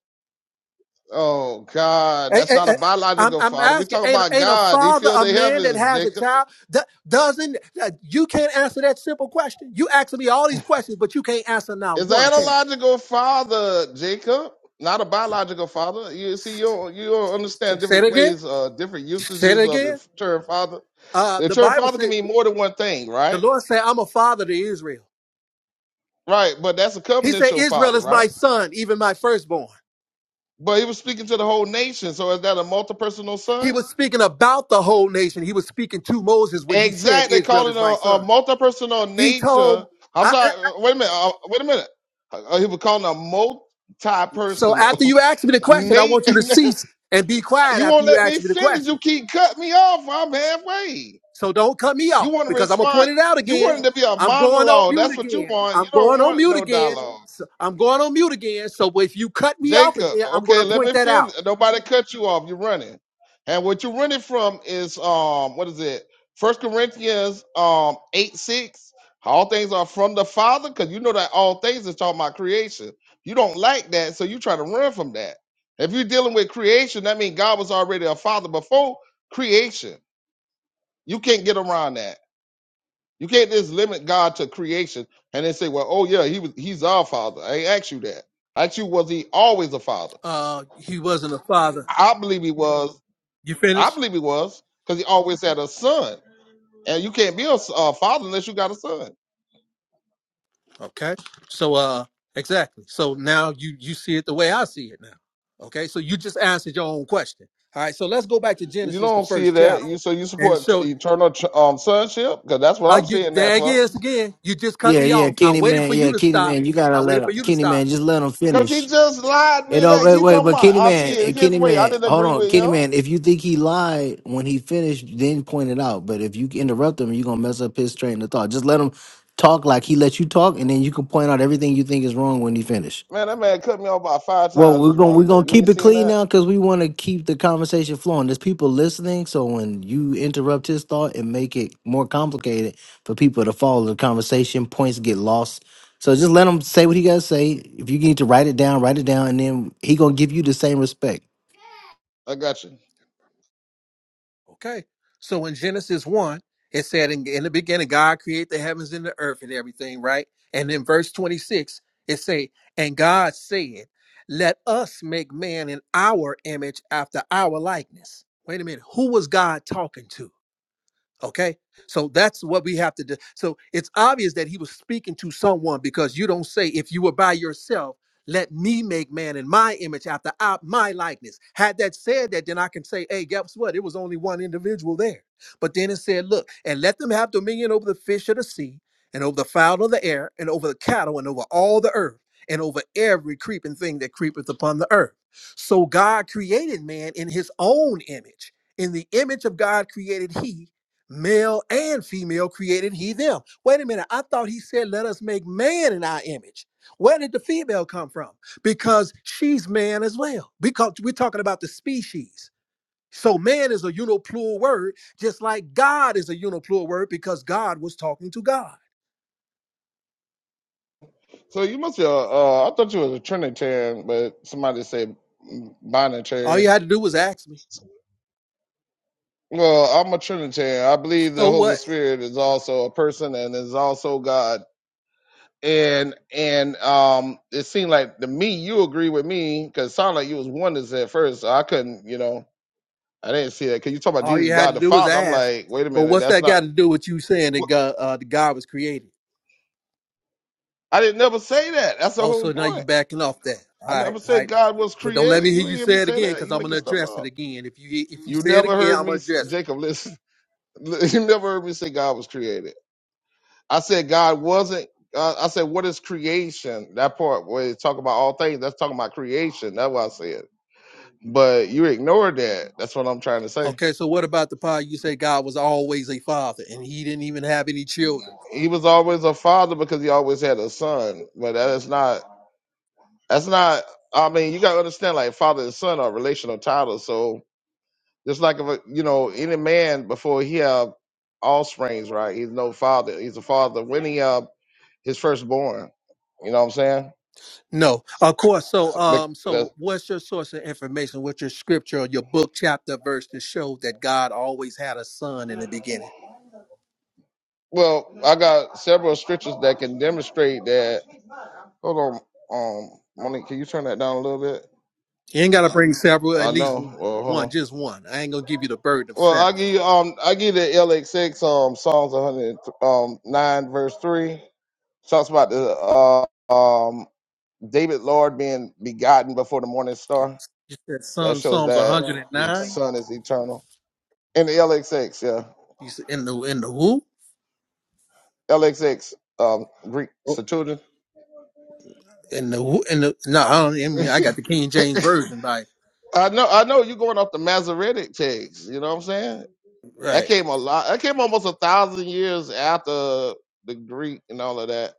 D: Oh God,
G: Hey,
D: that's
G: hey,
D: not
G: hey,
D: a
G: I'm,
D: biological
G: I'm
D: father. We're
G: asking,
D: talking
G: ain't, a-
D: about
G: ain't a
D: God. He
G: father
D: filled
G: a
D: the
G: man that
D: heavens,
G: has a
D: Jacob.
G: child? Do- doesn't uh, you can't answer that simple question? You asking me all these questions, but you can't answer not
D: It's an
G: one. Can
D: analogical father, Jacob. Not a biological father. You see, you don't, you don't
G: you?
D: understand
G: Say it
D: different
G: again.
D: ways, uh, different
G: Say it
D: usages of the
G: again.
D: term father.
G: Uh,
D: The
G: the
D: term
G: Bible
D: father can
G: said
D: mean more than one thing, right?
G: the Lord said, "I'm a father to Israel."
D: Right, but that's a
G: He
D: covenant
G: said,
D: your
G: "Israel
D: father,
G: is
D: right?
G: my son, even my firstborn."
D: But he was speaking to the whole nation. So is that a multi-personal
G: He
D: son?
G: was speaking about the whole nation. He was speaking to Moses when he said,
D: Exactly. They
G: Israel
D: call it a,
G: is my
D: a
G: son.
D: multi-personal
G: He
D: nature.
G: told,
D: I'm
G: I,
D: sorry.
G: I-
D: uh, Wait a minute. Uh, wait a minute. Uh, he was calling a
G: so after
D: multi-personal.
G: you ask me the
D: [laughs]
G: question, I
D: Nate,
G: want you
D: [laughs]
G: to cease and be quiet
D: you
G: after
D: won't
G: you
D: let me
G: ask me the
D: finish.
G: question.
D: You keep cutting me off. I'm halfway.
G: So don't cut me
D: You
G: off
D: want to
G: because I'm going to
D: respond.
G: point it out
D: You
G: again.
D: want it to be a
G: I'm going on
D: monologue.
G: mute
D: That's what you
G: again.
D: want. You
G: I'm
D: don't
G: going on
D: want
G: mute
D: no
G: again.
D: dialogue.
G: So- I'm going on mute again. So if you cut me off
D: Jacob,
G: again, I'm going
D: okay,
G: to
D: let
G: point
D: me
G: that
D: finish.
G: out.
D: Nobody cut you off. You're running. And what you're running from is um what is it? First Corinthians um eight six. All things are from the Father, because you know that all things is talking about creation. You don't like that, so you try to run from that. If you're dealing with creation, that means God was already a father before creation. You can't get around that. You can't just limit God to creation and then say, Well, oh yeah, he was he's our father. I ain't asked you that. I asked you, was he always a father?
G: Uh, he wasn't a father.
D: I believe he was.
G: You
D: I
G: finished?
D: believe he was because he always had a son, and you can't be a s- a father unless you got a son.
G: Okay. So uh exactly. So now you you see it the way I see it now. Okay. So you just answered your own question. All right. So let's go back to
D: You
G: Genesis the
D: don't see
G: first
D: that. You
G: chapter.
D: so you
G: And
D: support
G: so
D: t- eternal tr- um, sonship because that's what
G: uh
D: I'm
G: you
D: seeing that
G: there it
D: for.
G: is again. You just cut
C: Yeah,
G: me
C: yeah,
G: off. I
C: Kenny
G: waited
C: man,
G: for you
C: yeah,
G: to
C: Kenny
G: stop.
C: man, you gotta
G: I
C: let
G: waited
C: him.
G: for you to
C: Kenny
G: stop.
C: man, just let him
D: Because he
C: finish.
D: just lied
C: You
D: mid
C: know,
D: X.
C: wait,
D: He
C: wait,
D: talking
C: but
D: about
C: Kenny
D: I see
C: Man,
D: it
C: eh,
D: his
C: Kenny
D: way. I
C: Man,
D: didn't
C: hold
D: agree
C: on,
D: with
C: Kenny
D: him.
C: Man. If you think he lied when he finished, then point it out. But if you interrupt him, you're gonna mess up his train of thought. Just let him talk like he let you talk, and then you can point out everything you think is wrong when he finished.
D: Man, that man cut me off about five
C: Well,
D: times
C: we're
D: this
C: gonna
D: while
C: we're
D: ago.
C: gonna
D: You
C: keep
D: ain't
C: it
D: seen
C: clean
D: that?
C: now because we want to keep the conversation flowing. There's people listening, so when you interrupt his thought and make it more complicated for people to follow the conversation, points get lost. So just let him say what he gotta say. If you need to write it down, write it down, and then he gonna give you the same respect.
D: I got you.
G: Okay. So in Genesis 1, it said, in, in the beginning, God created the heavens and the earth and everything, right? And in verse 26, it say, and God said, let us make man in our image after our likeness. Wait a minute. Who was God talking to? Okay. So that's what we have to do. So it's obvious that he was speaking to someone because you don't say, if you were by yourself, let me make man in my image after I, my likeness. Had that said that, then I can say, hey, guess what? It was only one individual there. But then it said, look, and let them have dominion over the fish of the sea and over the fowl of the air and over the cattle and over all the earth and over every creeping thing that creepeth upon the earth. So God created man in his own image. In the image of God created he male and female created he them. Wait a minute, I thought he said, let us make man in our image. Where did the female come from? Because she's man as well. Because we're talking about the species. So man is a uniplural word, just like God is a uniplural word because God was talking to God.
D: So you must be a. Uh, I thought you was a Trinitarian, but somebody said mm,
G: All
D: binitarian.
G: you had to do was ask me.
D: Well, I'm a Trinitarian. I believe the
G: So
D: Holy
G: what?
D: Spirit is also a person and is also God. And and um, it seemed like to me you agree with me because it sounded like you was oneness at first. So I couldn't, you know, I didn't see that. Cause you talk about
G: All
D: Jesus,
G: you had
D: God
G: to
D: the
G: do was
D: Father. I'm
G: ask.
D: like, wait a
G: But
D: minute,
G: what's
D: that's
G: that got
D: not.
G: to do with you saying that
D: What?
G: God, uh, that God was created?
D: I didn't never say that. That's the
G: Oh,
D: whole
G: so now you
D: point.
G: backing off that. All
D: I
G: right,
D: never
G: all
D: said
G: right.
D: God was
G: But don't let
D: created.
G: me hear
D: You
G: you
D: ain't hear
G: say
D: me
G: it
D: say
G: again
D: that.
G: because
D: You
G: I'm
D: making
G: gonna
D: stuff
G: address it
D: up.
G: again. If you if you
D: You
G: say it
D: never
G: again,
D: heard
G: I'm
D: me,
G: gonna
D: s-
G: address it.
D: Jacob. Listen, [laughs] you never heard me say God was created. I said God wasn't. Uh, I said, what is creation? That part where it's talking about all things, that's talking about creation. That's what I said. But you ignored that. That's what I'm trying to say.
G: Okay, so what about the part you say God was always a father and he didn't even have any children?
D: He was always a father because he always had a son. But that is not. That's not. I mean, you gotta understand, like father and son are relational titles. So just like if a, you know any man before he have offsprings, right? He's no father. He's a father when he have his firstborn. You know what I'm
G: No. Of course. So
D: saying?
G: um
D: So,
G: so what's your source of information? What's your scripture or your book, chapter, verse to show that God always had a son in the beginning?
D: Well, I got several scriptures that can demonstrate that. Hold on, um, Monique, can you turn that down a little bit?
G: You ain't gotta bring several, at
D: I
G: least
D: know. Well, hold
G: one,
D: on.
G: just one. I ain't gonna give you the burden of
D: Well, I
G: seven.
D: give you um, I give you the LXX um Psalms 100 um nine verse three talks about the uh, um David Lord being begotten before the morning star.
G: You said
D: That
G: Psalm-
D: shows
G: Psalms
D: that the
G: 109.
D: Son is eternal. In the LXX, yeah,
G: He said, in the in the who?
D: LXX um Greek Septuagint.
G: In the who? In the no, I don't. I mean, I got the King James
D: [laughs]
G: version. Like,
D: I know, I know you're going off the Masoretic text. You know what I'm saying? That
G: right?
D: came a lot. That came almost a thousand years after the Greek and all of that.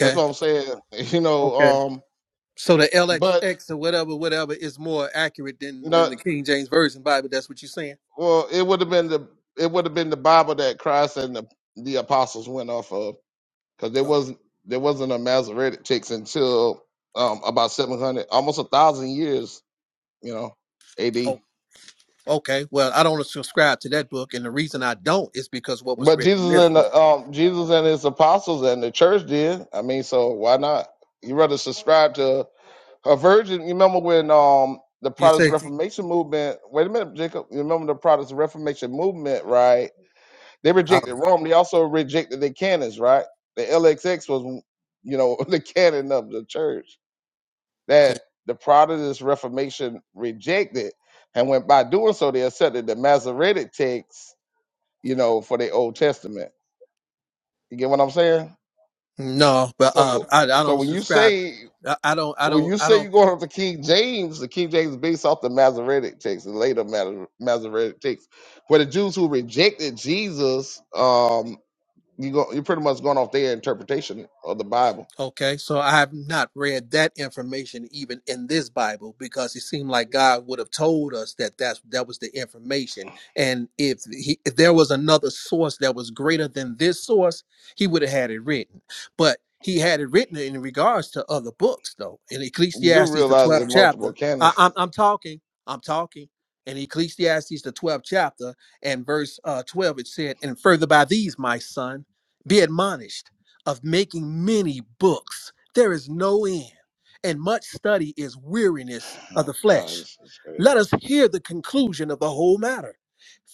D: That's what I'm saying. [laughs] You know,
G: okay.
D: um,
G: So the
D: but
G: LXX or whatever, whatever is more accurate
D: you
G: than
D: know,
G: than the King James version Bible. That's what you're saying.
D: well, it would have been the it would have been the Bible that Christ and the, the apostles went off of because there
G: Oh,
D: wasn't there wasn't a Masoretic text until um, about 700, almost a thousand years. You know, AD.
G: oh, okay. Well, I don't subscribe to that book, and the reason I don't is because what was
D: But
G: written in
D: Jesus
G: this
D: and
G: book.
D: the, um, Jesus and his apostles and the church did. I mean, so why not? You rather subscribe to a virgin? You remember when um the
G: You say
D: Protestant Reformation movement? Wait a minute, Jacob. You remember the Protestant Reformation movement, right? They
G: I don't-
D: rejected
G: think-
D: Rome. They also rejected the canons, right? The LXX was, you know, [laughs] the canon of the church that the Protestant Reformation rejected, and when by doing so they accepted the Masoretic texts, you know, for the Old Testament you get what I'm saying?
G: no, but uh,
D: So
G: I I
D: so
G: don't
D: when you
G: subscribe.
D: say
G: I I don't. I
D: when
G: don't.
D: you
G: I
D: say
G: don't.
D: you're going up to King James, the King James is based off the Masoretic text, the later Mas- Masoretic text, where the Jews who rejected Jesus, um, you go, you're pretty much going off their interpretation of the Bible.
G: Okay, so I have not read that information even in this Bible because it seemed like God would have told us that that's, that was the information. And if he, if there was another source that was greater than this source, he would have had it written. But he had it written in regards to other books, though. In
D: You do
G: Ecclesiastes, the
D: realize that
G: 12th
D: multiple
G: chapter, I,
D: canons.
G: I'm, I'm talking, I'm talking. In Ecclesiastes, the 12th chapter and verse uh, 12, it said, And further by these, my son, be admonished of making many books. There is no end, and much study is weariness of
D: Oh
G: the
D: God,
G: flesh.
D: this is crazy.
G: Let us hear the conclusion of the whole matter.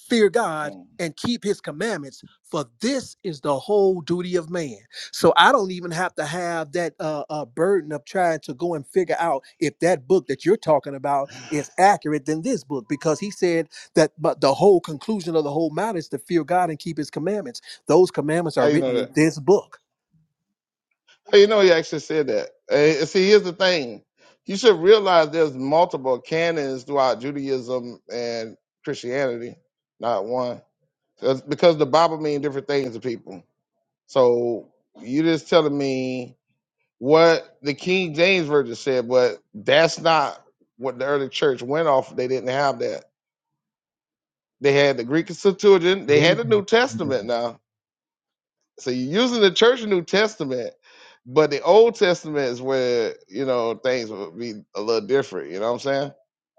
G: Fear God
D: Mm.
G: and keep his commandments, for this is the whole duty of man. So I don't even have to have that uh, uh, burden of trying to go and figure out if that book that you're talking about is accurate than this book, because he said that but the whole conclusion of the whole matter is to fear God and keep his commandments. Those commandments are
D: How you know
G: written
D: that?
G: in this book.
D: Hey, You know, he actually said that. Eh, see, here's the thing: you should realize there's multiple canons throughout Judaism and Christianity, not one, 'Cause- because the Bible means different things to people. So you just telling me what the King James version said, but that's not what the early church went off. They didn't have that. They had the Greek Septuagint.
H: They
D: They
H: didn't
D: had the
H: go
D: New
H: to the
D: Testament. now. So you're using the church New Testament, but the Old Testament is where you know things would be a little different. You know what I'm saying?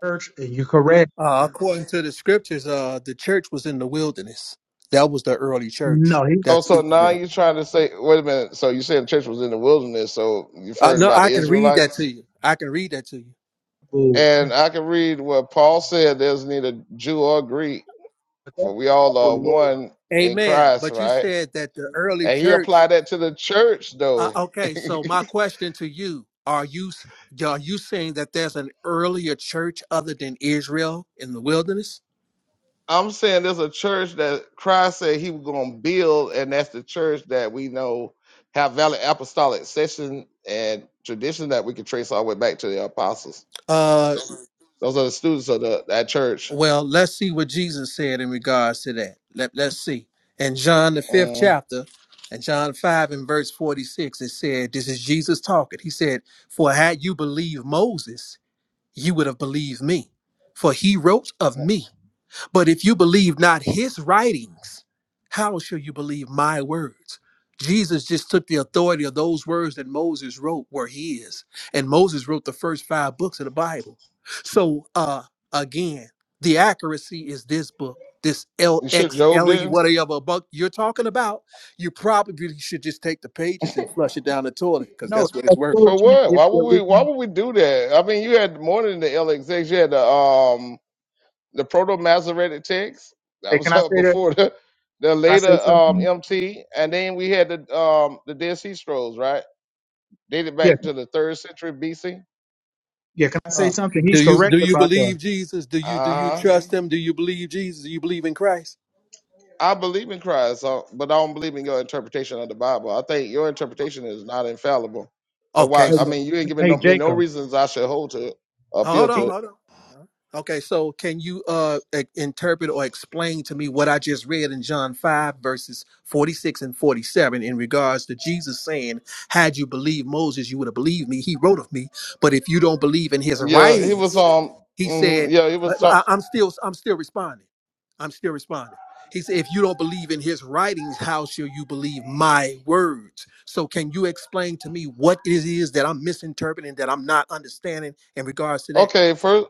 H: church, and you're correct.
G: Uh, according to the scriptures, uh, the church was in the wilderness. That was the early church.
H: No, he
D: Oh,
G: That's
D: so now
G: Israel.
D: you're trying to say, wait a minute. So you said the church was in the wilderness. So you're
G: Uh,
D: referring
G: no,
D: about the
G: I can read that to
D: Israelites?
G: you. I can read that to you.
H: boo.
D: And I can read what Paul said. There's neither Jew or Greek,
H: But that's
D: for we all
H: Bible
D: are
H: lore.
D: one in
G: Amen.
D: Christ,
G: But you
D: right?
G: said that the early
D: And he
G: church.
D: applied that to the church,
G: Uh,
D: though.
G: okay,
D: [laughs]
G: so my question to you: Are you are you saying that there's an earlier church other than Israel in the wilderness?
D: I'm saying there's a church that Christ said he was going to build, and that's the church that we know have valid apostolic session and tradition that we can trace all the way back to the apostles.
G: Uh,
D: Those are the students of the, that church.
G: Well, let's see what Jesus said in regards to that. Let, let's see. In John, the fifth
D: Um,
G: chapter, and John 5 and verse 46, it said, This is Jesus talking. He said, For had you believed Moses, you would have believed me, for he wrote of me. But if you believe not his writings, how shall you believe my words? Jesus just took the authority of those words that Moses wrote were his. And Moses wrote the first five books of the Bible. So uh again, the accuracy is this book, this
D: you should Job
G: LXLE,
D: then
G: whatever book you're talking about. You probably should just take the pages and flush it down the toilet, because
H: No,
G: that's what it's
H: that's
G: worth.
D: for
H: foolishness
D: what?
H: if
D: Why
H: you're
D: would we? Why would we do that? I mean, you had more than the LXX. You had the um the proto Masoretic text that
H: Hey, can
D: was [laughs]
H: I say
D: uh,
H: that?
D: before the the
H: Can I
D: later
H: say
D: um
H: something?
D: MT, and then we had the um the Dead Sea Scrolls, right? dated
H: Yeah,
D: back to the third century BC.
H: yeah. Can I say
G: Uh,
H: something?
G: do
H: He's
G: you
H: correct
G: do you
H: about that.
G: believe Jesus? Do you do you
D: Uh huh.
G: trust him? Do you believe Jesus? Do you believe in Christ?
D: I believe in Christ, so, but I don't believe in your interpretation of the Bible. I think your interpretation is not infallible. So why?
G: Okay,
H: Hey,
D: I
G: so
D: mean, you ain't giving
H: hey,
D: no, me no
H: Jacob.
D: reasons I should hold to it, appeal
G: Hold
D: to
G: on,
H: He,
D: it.
G: hold on. Okay, so can you uh e- interpret or explain to me what I just read in John 5 verses 46 and 47 in regards to Jesus saying, "Had you believed Moses, you would have believed me. He wrote of me, but if you don't believe in his
D: Yeah, he was
G: writings,
D: um.
G: he
D: mhm,
G: said,
D: yeah, he
G: I,
D: was talk.
G: I- I'm still I'm still responding. I'm still responding. He said, if you don't believe in his writings, how shall you believe my words? So can you explain to me what it is that I'm misinterpreting that I'm not understanding in regards to that?
D: Okay, first.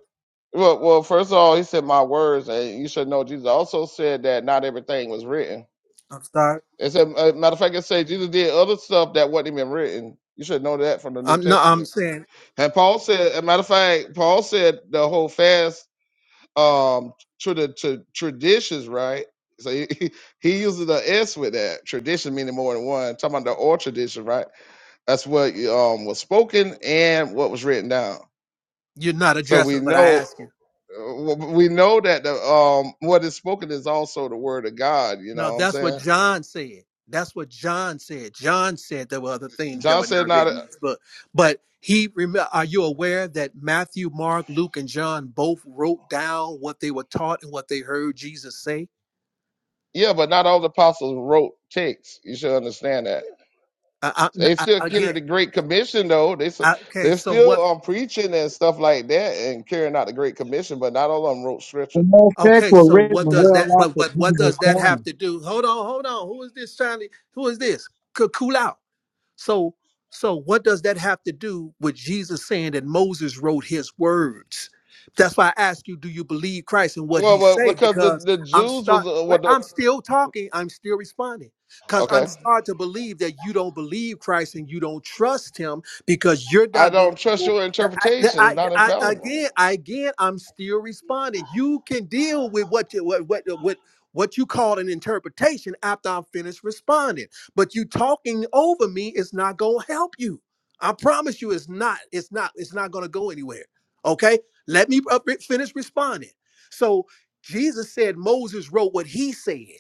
D: Well, well, first of all, he said my words, and you should know Jesus also said that not everything was written.
G: I'm sorry.
D: It said, uh, matter of fact, it said Jesus did other stuff that wasn't even written. You should know that from the New
G: I'm no. I'm
D: Testament.
G: saying
D: And Paul said, as a matter of fact, Paul said the whole fast um to the to traditions, right? So he, [laughs] he he uses the S with that tradition, meaning more than one. Talking about the oral tradition, right? That's what um was spoken and what was written down.
G: you're not
D: So we
G: addressing what I asked you.
D: know uh, we know that the um what is spoken is also the word of God. You
G: No,
D: know what I'm
G: that's what
D: saying?
G: John said. That's what John said. John said there were other things that
D: John
G: were
D: said
G: not
D: not
G: written in this book, but he. Remember, are you aware that Matthew, Mark, Luke, and John both wrote down what they were taught and what they heard Jesus say?
D: yeah, but not all the apostles wrote texts. You should understand that
G: I,
D: They
G: I,
D: still
G: I,
D: carry
G: again,
D: the Great Commission, though. They s-
G: I, okay.
D: they're
G: So
D: still
G: what?
D: um preaching and stuff like that, and carrying out the Great Commission. But not all of them wrote
H: the
D: scripture.
H: Mosaic
G: Okay,
H: were
G: so
H: written
G: what does
H: well
G: that? But
H: after
G: but what
H: Jesus
G: does that
H: Christ.
G: have to do? Hold on, hold on. Who is this trying to? Who is this? Could cool out. So, so what does that have to do with Jesus saying that Moses wrote his words? That's why I ask you, do you believe Christ and what
D: Well,
G: he
D: well,
G: say?
D: because the,
G: Because
D: the
G: I'm
D: Jews was
G: start
D: uh,
G: well,
D: what the
G: I'm still talking, I'm still responding. Because I'm
D: okay.
G: starting to believe that you don't believe Christ and you don't trust him because you're
D: I
G: not gonna
D: don't trust
G: do
D: your
G: that- I,
D: interpretation. It's
G: I,
D: not
G: I-
D: infallible.
G: again, I- again, I'm still responding. You can deal with what you what what what what you call an interpretation after I'm finished responding. But you talking over me is not going to help you. I promise you it's not. It's not. It's not going to go anywhere. Okay? Let me up- finish responding. So Jesus said Moses wrote what he said.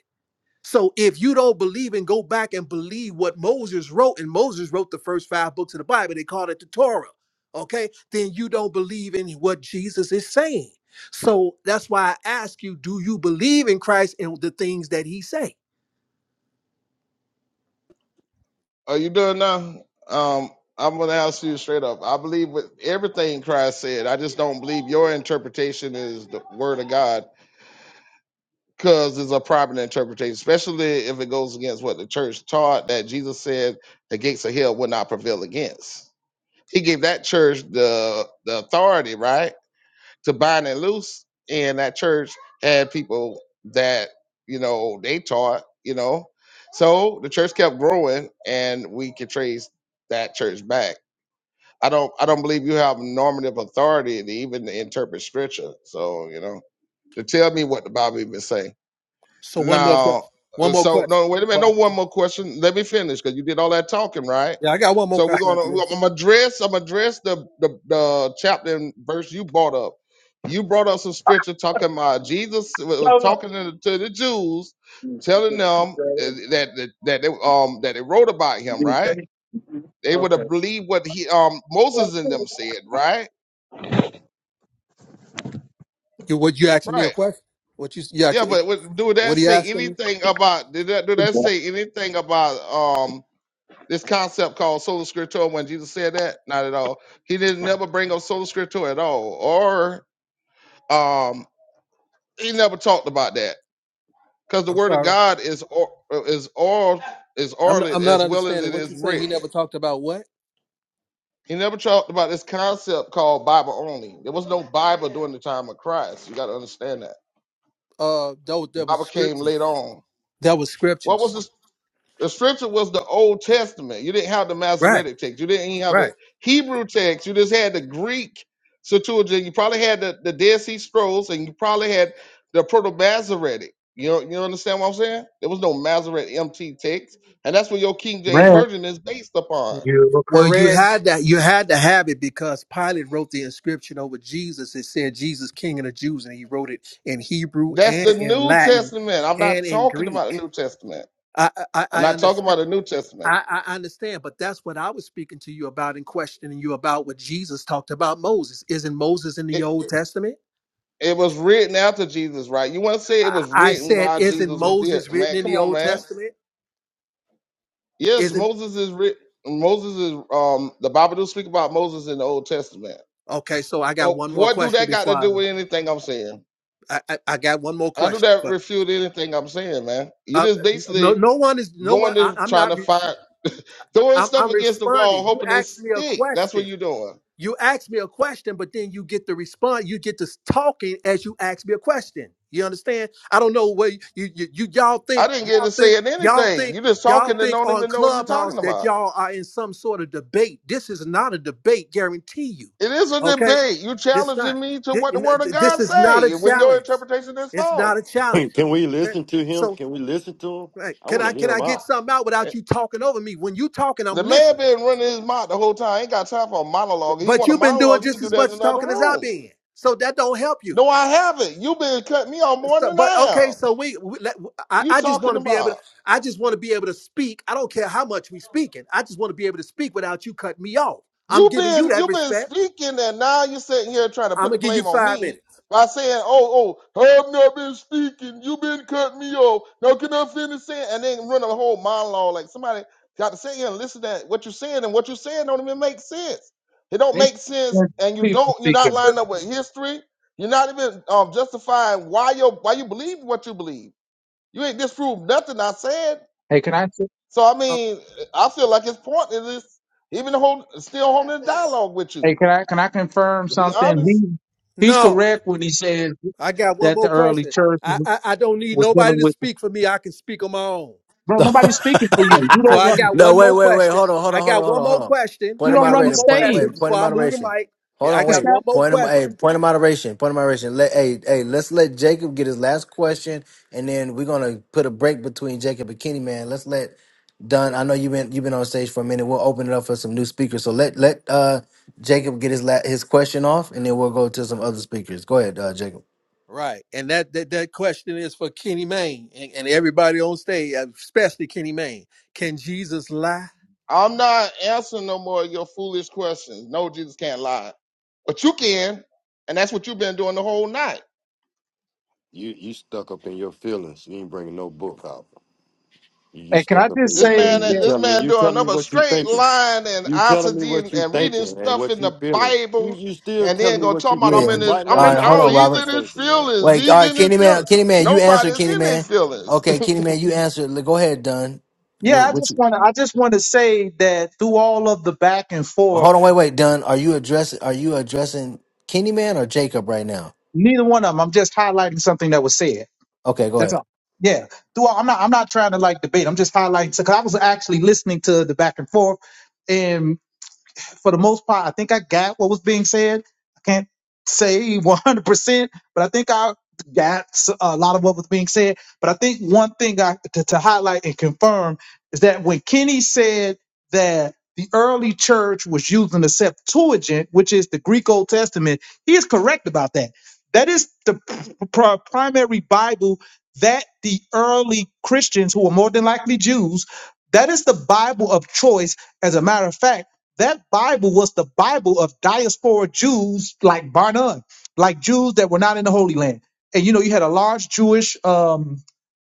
G: So if you don't believe and go back and believe what Moses wrote, and Moses wrote the first five books of the Bible, they called it the Torah. Okay, then you don't believe in what Jesus is saying. So that's why I ask you, do you believe in Christ and the things that he say?
D: Are you doing now? Um, I'm gonna ask you straight up. I believe with everything Christ said. I just don't believe your interpretation is the word of God. because it's a proper interpretation, especially if it goes against what the church taught that Jesus said the gates of hell would not prevail against. He gave that church the the authority, right, to bind and loose, and that church had people that you know they taught, you know. So the church kept growing, and we could trace that church back. I don't, I don't believe you have normative authority to even interpret scripture. So you know, to tell me what the Bible even say.
G: So one more
D: Now,
G: question. One
D: uh,
G: more
D: so
G: question.
D: no, wait a minute. No,
G: Well,
D: one more question. Let me finish because you did all that talking, right?
G: yeah, I got one more
D: So we're
G: question after
D: gonna. we're-
G: this.
D: I'm gonna address. I'm gonna address the, the the chapter and verse you brought up. You brought up some scripture talking about Jesus wa- was
I: No, no.
D: talking to, the to the Jews, telling them uh, that that that they, um that they wrote about him, right? They would have
I: Okay.
D: believed what he um Moses and them said, right?
G: You what you asking me a
D: Right.
G: question? What you you
D: Yeah,
G: asked?
D: but what- do that
G: What are you
D: say
G: asking me?
D: anything about? Did that do that say anything about um? This concept called sola scriptura, when Jesus said that, not at all. He didn't never bring up sola scriptura at all, or um, he never talked about that because the
G: I'm
D: word of
G: sorry.
D: God is or, is oral is
G: I'm not,
D: orally
G: I'm not
D: as well as
G: understanding
D: it
G: what
D: is
G: you say. He
D: written.
G: never talked about what?
D: He never talked about this concept called Bible only. There was no Bible during the time of Christ. You got to understand that.
G: Uh, that was,
D: The
G: that was
D: Bible came later
G: scriptures.
D: on.
G: That was
D: What was
G: scriptures.
D: the The scripture was the Old Testament. You didn't have the
G: Right.
D: Masoretic text. You didn't have
G: Right.
D: the Hebrew text. You just had the Greek Septuagint. You probably had the, the Dead Sea Scrolls, and you probably had the Proto Masoretic. You know, you understand what I'm saying? There was no Masoretic MT text, and that's what your King James
H: Brad,
D: Version is based upon.
H: you were
G: Well, you
H: correct.
G: had that. You had to have it because Pilate wrote the inscription over Jesus. It said Jesus, King of the Jews, and he wrote it in Hebrew
D: That's the
G: and in
D: New
G: Latin
D: Testament. I'm not
G: and in
D: talking about the
G: Greek.
D: New Testament.
G: I I,
D: I'm
G: I
D: not talking about
G: understand.
D: the New Testament.
G: I, I understand, but that's what I was speaking to you about and questioning you about what Jesus talked about Moses. Isn't Moses in the
D: It
G: Old Testament?
D: it was written after Jesus, right? You want to say it
G: I
D: was written
G: said,
D: while
G: isn't
D: Jesus was there?
G: Moses written
D: Man,
G: in
D: come
G: the
D: on,
G: Old
D: man
G: Testament?
D: Yes,
G: Isn't
D: Moses is writ- Moses is um the Bible do speak about Moses in the Old Testament.
G: okay? So I got
D: But
G: one more
D: what do
G: question
D: that got
G: before
D: to
G: I.
D: do with anything I'm saying?
G: I, I, I got one more
D: How do
G: question,
D: that
G: but
D: refute anything I'm saying, man? You
G: uh,
D: just
G: no,
D: basically
G: no one is no one.
D: going
G: I,
D: to
G: I'm
D: trying
G: not.
D: to
G: re-
D: find throwing
G: I'm,
D: stuff
G: I'm
D: against the wall,
G: responding. You
D: hoping it
G: asked me a
D: stick. That's
G: question.
D: what you're doing.
G: you ask me a question, but then you get the response. You get to s- talking as you ask me a question. You understand? I don't know where you you, you y'all
D: I
G: think
D: didn't get
G: y'all
D: to
G: think
D: saying
G: y'all
D: anything.
G: think
D: You just
G: y'all
D: talking and
G: think
D: don't
G: on
D: even know what you're
G: Clubhouse
D: talking
G: that
D: about.
G: y'all are in some sort of debate. This is not a debate, guarantee you.
D: It is a
G: Okay,
D: debate. You
G: this not.
D: challenging me to
G: Thi-
D: what
G: you
D: the
G: know,
D: word of
G: th- This
D: God
G: is not a
D: say when your
G: challenge.
D: interpretation is
G: It's not
D: false.
G: a
J: [laughs] Can
G: challenge.
J: can we
G: Okay,
J: listen to him?
G: so
J: Can we listen to him?
G: right,
J: I
G: can
J: want
G: I
J: to hear
G: can
J: him
G: I get
J: out.
G: something out without you talking over me? When you talking, I'm
D: The man
G: listening.
D: been running his mouth the whole time. Ain't got time for a monologue. If He
G: But
D: want a
G: you've been
D: monologue.
G: doing
D: He can
G: just
D: do
G: as
D: that in
G: much
D: another
G: talking as I've
D: room.
G: been, so that don't help you.
D: No, I haven't. You been cutting me off more
G: So,
D: than I
G: but okay,
D: have.
G: so we, we let, I,
D: You
G: I just
D: talking
G: want to be able
D: about?
G: to, I just want to be able to speak. I don't care how much we speaking. I just want to be able to speak without you cutting me off. I'm
D: You've
G: giving you
D: been
G: that
D: you've been
G: respect.
D: speaking, and now you're sitting here trying to
G: I'm
D: put the
G: gonna give you
D: blame on
G: five
D: me
G: minutes.
D: by saying, "Oh, oh, I've not been speaking. You've been cutting me off. Now can I finish saying?" And then run a whole monologue like somebody got to sit here and listen to what you're saying, and what you're saying don't even make sense. It don't
H: They
D: make sense,
H: speak-
D: and you
H: people
D: don't. You're
H: speaking.
D: not lined up with history. You're not even um, justifying why you why you believe what you believe. You ain't disproved nothing I said.
H: Hey, can I? say-
D: So I
G: Uh,
D: mean, I feel like his point is this, even hold, still holding a dialogue with
H: Hey,
D: you.
H: can I? Can I confirm
D: To be
H: something?
D: honest,
H: He, he's
G: no,
H: correct when he says
G: I got one
H: that the
G: more
H: early
G: question.
H: church
G: I, I I don't need
H: was
G: nobody
H: dealing
G: to
H: with.
G: speak for me. I can speak on my own.
C: [laughs]
H: Bro, nobody's speaking for
G: Okay,
H: you. You
G: so
H: don't
G: I
H: run.
G: got
C: no,
G: one
C: wait,
G: more
C: wait, wait.
G: question.
C: Hold on, hold
G: I
C: on, hold on,
G: got
C: hold
G: one
C: on, hold
G: more
C: on.
G: question.
H: You
C: Point
G: I
C: of
H: don't
G: got
H: run the
G: one
C: moderation.
G: more
C: Point. Of,
H: stage.
G: question
C: wait. Point
G: before
C: of
G: I move the
C: moderation.
G: mic.
C: Hold
G: I
C: on.
H: The
G: got
C: Wait.
H: staff-
G: one more
C: Point of.
G: question.
C: Hey. Point of moderation. Point of moderation. Let. Hey. Hey. Let's let Jacob get his last question, and then we're gonna put a break between Jacob and Kenny. Man, let's let. Done. I know you've been you've been on stage for a minute. We'll open it up for some new speakers. So let let uh Jacob get his la- his question off, and then we'll go to some other speakers. Go ahead, uh, Jacob.
G: Right. And that, that that question is for Kenny Mayne and, and everybody on stage, especially Kenny Mayne. Can Jesus lie?
D: I'm not answering no more of your foolish questions. No, Jesus can't lie, but you can, and that's what you've been doing the whole night.
J: You you stuck up in your feelings. You ain't bringing no book out. You, you
H: Hey, can I
J: stuck up in
H: just
D: This
J: your
H: say
D: man,
J: feelings. You
H: that?
D: this
J: tell me.
D: man
J: You
D: doing
J: telling me
D: another
J: what you
D: straight
J: thinking.
D: line and
J: You telling me
D: ICD
J: what
D: and,
J: you
D: and reading
J: thinking and
D: stuff
J: what
D: in the
J: you feeling. You
D: Bible,
J: you still
D: and
J: telling
D: then
J: me
D: gonna
J: what
D: talk
J: you
D: about
C: Yeah.
D: I'm
J: thinking.
D: in his,
J: Right now,
D: I'm
C: All
J: you
C: right.
D: in,
C: Hold
J: telling
D: oh,
J: me
C: on,
J: what
D: he's
C: Robert.
J: you
D: in his
J: thinking, man.
D: feelings,
C: Like, all
D: he's
C: right,
D: in his
C: Kenny
D: feelings.
C: Man, Kenny Man, you answer,
D: Nobody's
C: Kenny
D: in their
C: Man.
D: feelings.
C: Okay, Kenny Man, you answer. Like, Go ahead, Dunn.
H: Yeah,
C: What,
H: I
C: what
H: just
C: you,
H: want to. I just want to say that through all of the back and forth,
C: hold on, wait, wait, Dunn. Are you addressing? Are you addressing Kenny Man or Jacob right now?
H: neither one of them. I'm just highlighting something that was said.
C: Okay, go
H: That's
C: ahead.
H: all. Yeah. Through all, I'm not. I'm not trying to like debate. I'm just highlighting because I was actually listening to the back and forth, for the most part, I think I got what was being said. I can't say [laughs] 100%, but I think I got s- a lot of what was being said. But I think one thing I, to, to highlight and confirm is that when Kenny said that the early church was using the Septuagint, which is the Greek Old Testament, he is correct about that. That is the pr- pr- primary Bible that the early Christians, who are more than likely Jews, that is the Bible of choice. As a matter of fact, that Bible was the Bible of diaspora Jews like Barnum, like Jews that were not in the Holy Land. And you know, you had a large Jewish um,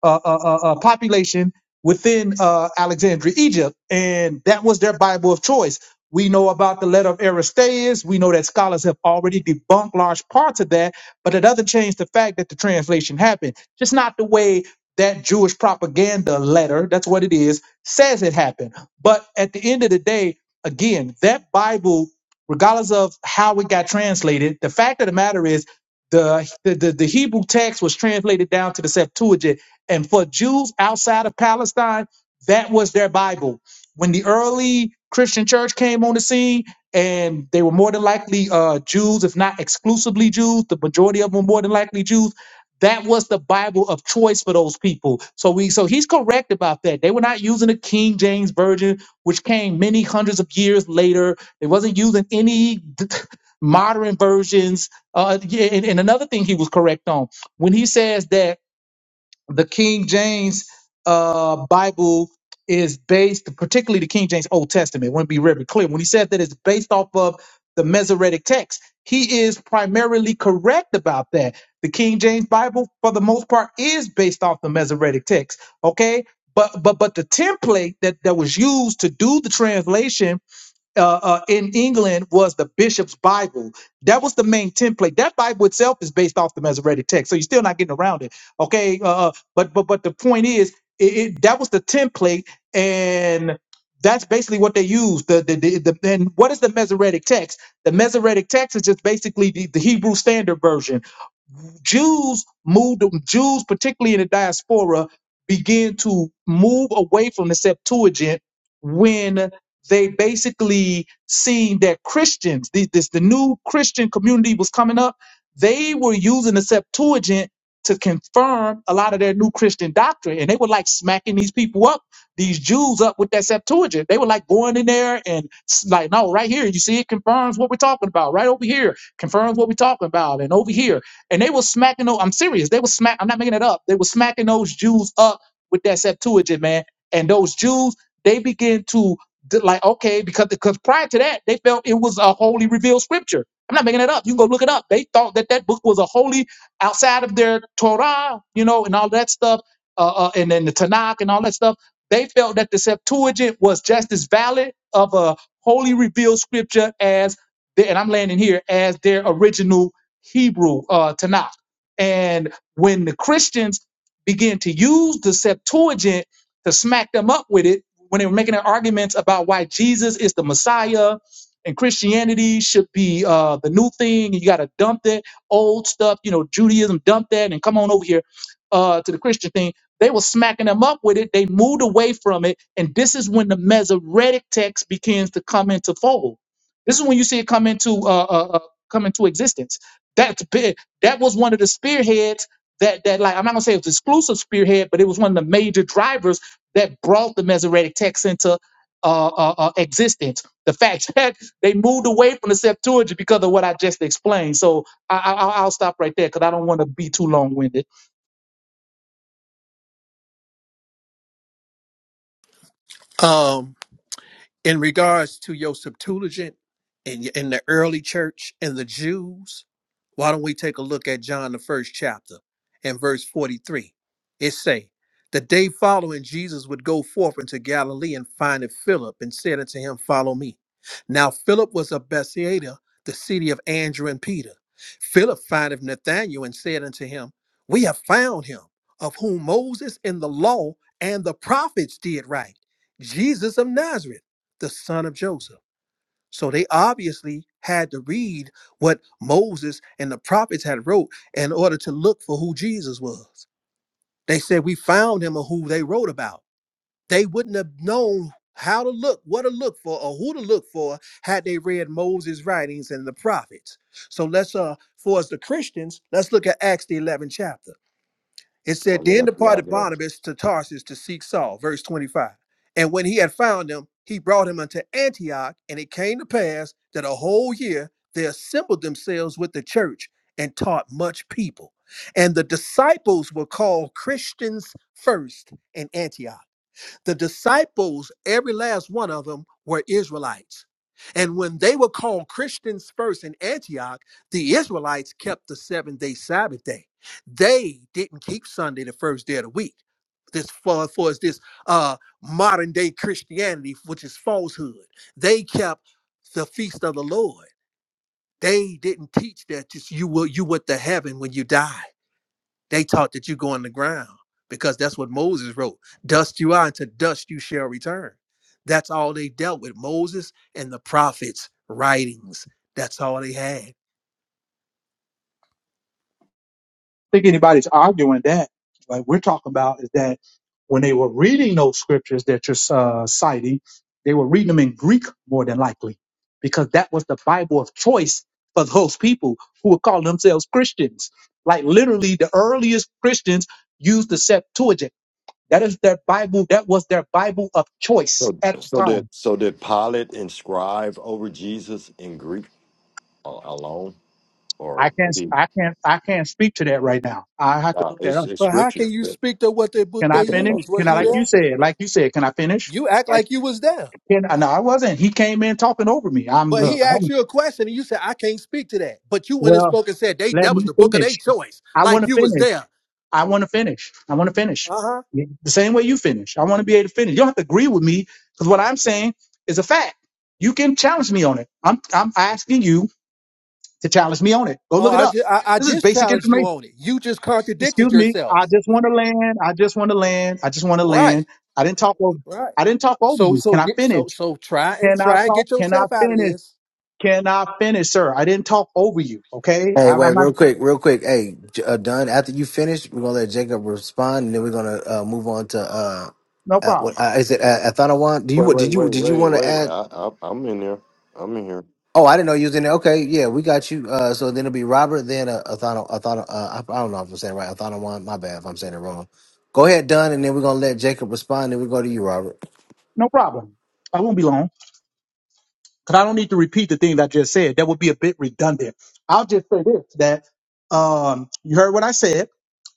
H: uh, uh, uh, uh, population within uh, Alexandria, Egypt, and that was their Bible of choice. We know about the letter of Aristaeus. We know that scholars have already debunked large parts of that, but it doesn't change the fact that the translation happened. Just not the way that Jewish propaganda letter, that's what it is, says it happened. But at the end of the day, again, that Bible, regardless of how it got translated, the fact of the matter is the the, the, Hebrew text was translated down to the Septuagint. And for Jews outside of Palestine, that was their Bible. When the early Christian church came on the scene, and they were more than likely uh, Jews, if not exclusively Jews, the majority of them were more than likely Jews. That was the Bible of choice for those people. So we, so he's correct about that. They were not using the King James version which came many hundreds of years later. It wasn't used in any [laughs] modern versions. Uh, yeah, and, and another thing he was correct on when he says that the King James uh, Bible is based, particularly the King James Old Testament, want to be very clear. When he said that it's based off of the Masoretic text, he is primarily correct about that. The King James Bible, for the most part, is based off the Masoretic text. Okay, but but but the template that that was used to do the translation uh, uh, in England was the bishop's Bible. That was the main template. That Bible itself is based off the Masoretic text, so you're still not getting around it. Okay, uh, uh, but but but the point is, it, it, that was the template, and that's basically what they used. The, the, the, the and what is the Masoretic text? The Masoretic text is just basically the, the Hebrew Standard Version. Jews moved, Jews, particularly in the diaspora, began to move away from the Septuagint when they basically seen that Christians, the, this the new Christian community was coming up. They were using the Septuagint to confirm a lot of their new Christian doctrine, and they were like smacking these people up, these Jews up with that Septuagint. They were like going in there and s- like, no, right here, you see, it confirms what we're talking about. Right over here, confirms what we're talking about, and over here. And they were smacking those, I'm serious, they were smack, I'm not making it up. They were smacking those Jews up with that Septuagint, man. And those Jews, they began to d- like, okay, because because prior to that, they felt it was a holy revealed scripture. I'm not making it up. You can go look it up. They thought that that book was a holy outside of their Torah, you know, and all that stuff, uh, uh, and then the Tanakh and all that stuff. They felt that the Septuagint was just as valid of a holy revealed scripture as, the, and I'm landing here as their original Hebrew uh, Tanakh. And when the Christians began to use the Septuagint to smack them up with it, when they were making their arguments about why Jesus is the Messiah and Christianity should be uh, the new thing, and you got to dump that old stuff, you know, Judaism, dump that, and come on over here uh, to the Christian thing. They were smacking them up with it. They moved away from it, and this is when the Masoretic text begins to come into fold. This is when you see it come into uh, uh, uh, come into existence that's big. That was one of the spearheads that that like I'm not gonna say it was exclusive spearhead, but it was one of the major drivers that brought the Masoretic text into uh, uh, uh, existence. The fact [laughs] that they moved away from the Septuagint because of what I just explained. So I, I, I'll I'll stop right there because I don't want to be too long winded.
G: Um in regards to your Septuagint and in the early church and the Jews, why don't we take a look at John the first chapter and verse 43. It say, The day following Jesus would go forth into Galilee and findeth Philip and said unto him, Follow me. Now Philip was of Bethsaida, the city of Andrew and Peter. Philip findeth Nathanael and said unto him, We have found him, of whom Moses in the law and the prophets did write, Jesus of Nazareth the son of Joseph. So they obviously had to read what Moses and the prophets had wrote in order to look for who Jesus was. They said we found him or who they wrote about. They wouldn't have known how to look, what to look for, or who to look for had they read Moses' writings and the prophets. So let's uh for us the Christians, let's look at Acts the 11th chapter. It said,
J: From the
G: Then
J: FBI,
G: departed
J: man.
G: Barnabas to Tarsus to seek Saul, verse 25. And when he had found him, he brought him unto Antioch. And it came to pass that a whole year they assembled themselves with the church and taught much people. And the disciples were called Christians first in Antioch. The disciples, every last one of them, were Israelites. And when they were called Christians first in Antioch, the Israelites kept the seven day Sabbath day. They didn't keep Sunday, the first day of the week. This far, far as this uh, modern day Christianity, which is falsehood. They kept the feast of the Lord. They didn't teach that just you will you went to heaven when you died. They taught that you go on the ground because that's what Moses wrote. Dust you are, and to dust you shall return. That's all they dealt with. Moses and the prophets' writings. That's all they had.
H: think anybody's arguing that. Like we're talking about is that when they were reading those scriptures that you're uh, citing, they were reading them in Greek more than likely, because that was the Bible of choice for those people who would call themselves Christians. Like literally, the earliest Christians used the Septuagint. That is their Bible. That was their Bible of choice
J: So
H: at
J: so
H: the
J: did
H: time.
J: so did Pilate inscribe over Jesus in Greek a- alone, or
H: I can't.
J: he,
H: I can't. I can't speak to that right now. I have to
J: uh,
H: look that
J: it's,
H: up.
J: it's
G: But how can
J: scriptures.
G: you speak to what the
H: Can
G: book they
H: I finish?
G: used?
H: Can
G: Was
H: I,
J: [laughs]
G: you
H: like
G: there?
H: you said, like you said, can I finish?
G: You act like you was there.
H: And and I wasn't. He came in talking over me. I'm
G: But
H: look.
G: he asked
H: I'm,
G: you a question and you said, I can't speak to that. But you went and
H: well,
G: spoke and said they
H: let
G: that
H: me
G: was the book of their
H: finish.
G: choice,
H: I want
G: like
H: to
G: you was
H: finish.
G: there.
H: I want to finish. I want to finish.
G: Uh-huh.
H: Yeah, The same way you finish. I want to be able to finish. You don't have to agree with me because what I'm saying is a fact. You can challenge me on it. I'm I'm asking you to challenge me on it. Go
G: Oh,
H: look it
G: I
H: up.
G: just I, I
H: This is
G: just
H: basic
G: challenged you
H: information.
G: on it. You just
H: Excuse
G: contradicted
H: me. I
G: yourself.
H: just want to land. I just want to land. I just want to
G: Right.
H: land. I didn't talk over.
G: Right.
H: I didn't talk over
G: So
H: you.
G: so
H: Can I
G: get so
H: finish?
G: so try and
H: Can I
G: try and
H: talk?
G: get
H: Can I
G: yourself out of
H: finish?
G: this.
H: Can I finish, sir? I didn't talk over you. Okay. I,
C: Hey,
H: I'm
C: wait,
H: not,
C: real quick, real quick. Hey, J- uh, Dunn. After you finish, we're gonna let Jacob respond, and then we're gonna uh, move on to uh,
H: no
C: uh,
H: problem.
C: what uh, is it? Uh, Athanawan? Do
J: Wait,
C: you
J: wait,
C: did
J: wait,
C: you did you
J: wait,
C: want to
J: wait.
C: add?
J: I, I, I'm in here. I'm in here.
C: Oh, I didn't know you was in there. Okay, yeah, we got you. Uh, so then it'll be Robert, then a Athana, Athana. Uh, I, I don't know if I'm saying it right. Athana one. My bad if I'm saying it wrong. Go ahead, Dunn, and then we're gonna let Jacob respond. Then we go to you, Robert.
H: No problem. I won't be long because I don't need to repeat the thing that I just said. That would be a bit redundant. I'll just say this that um, you heard what I said.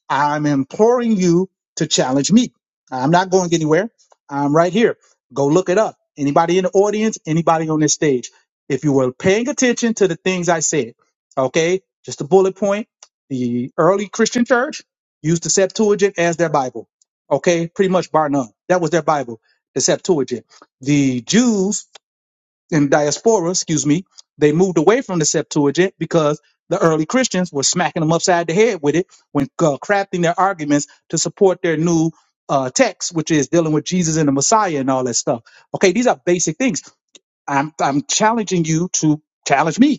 H: I'm imploring you to challenge me. I'm not going anywhere. I'm right here. Go look it up. Anybody in the audience, anybody on this stage, if you were paying attention to the things I said, okay, just a bullet point. The early Christian church used the Septuagint as their Bible, okay, pretty much bar none. That was their Bible, the Septuagint. The Jews in diaspora, excuse me, they moved away from the Septuagint because the early Christians were smacking them upside the head with it when uh, crafting their arguments to support their new uh, text, which is dealing with Jesus and the Messiah and all that stuff. Okay, these are basic things. I'm I'm challenging you to challenge me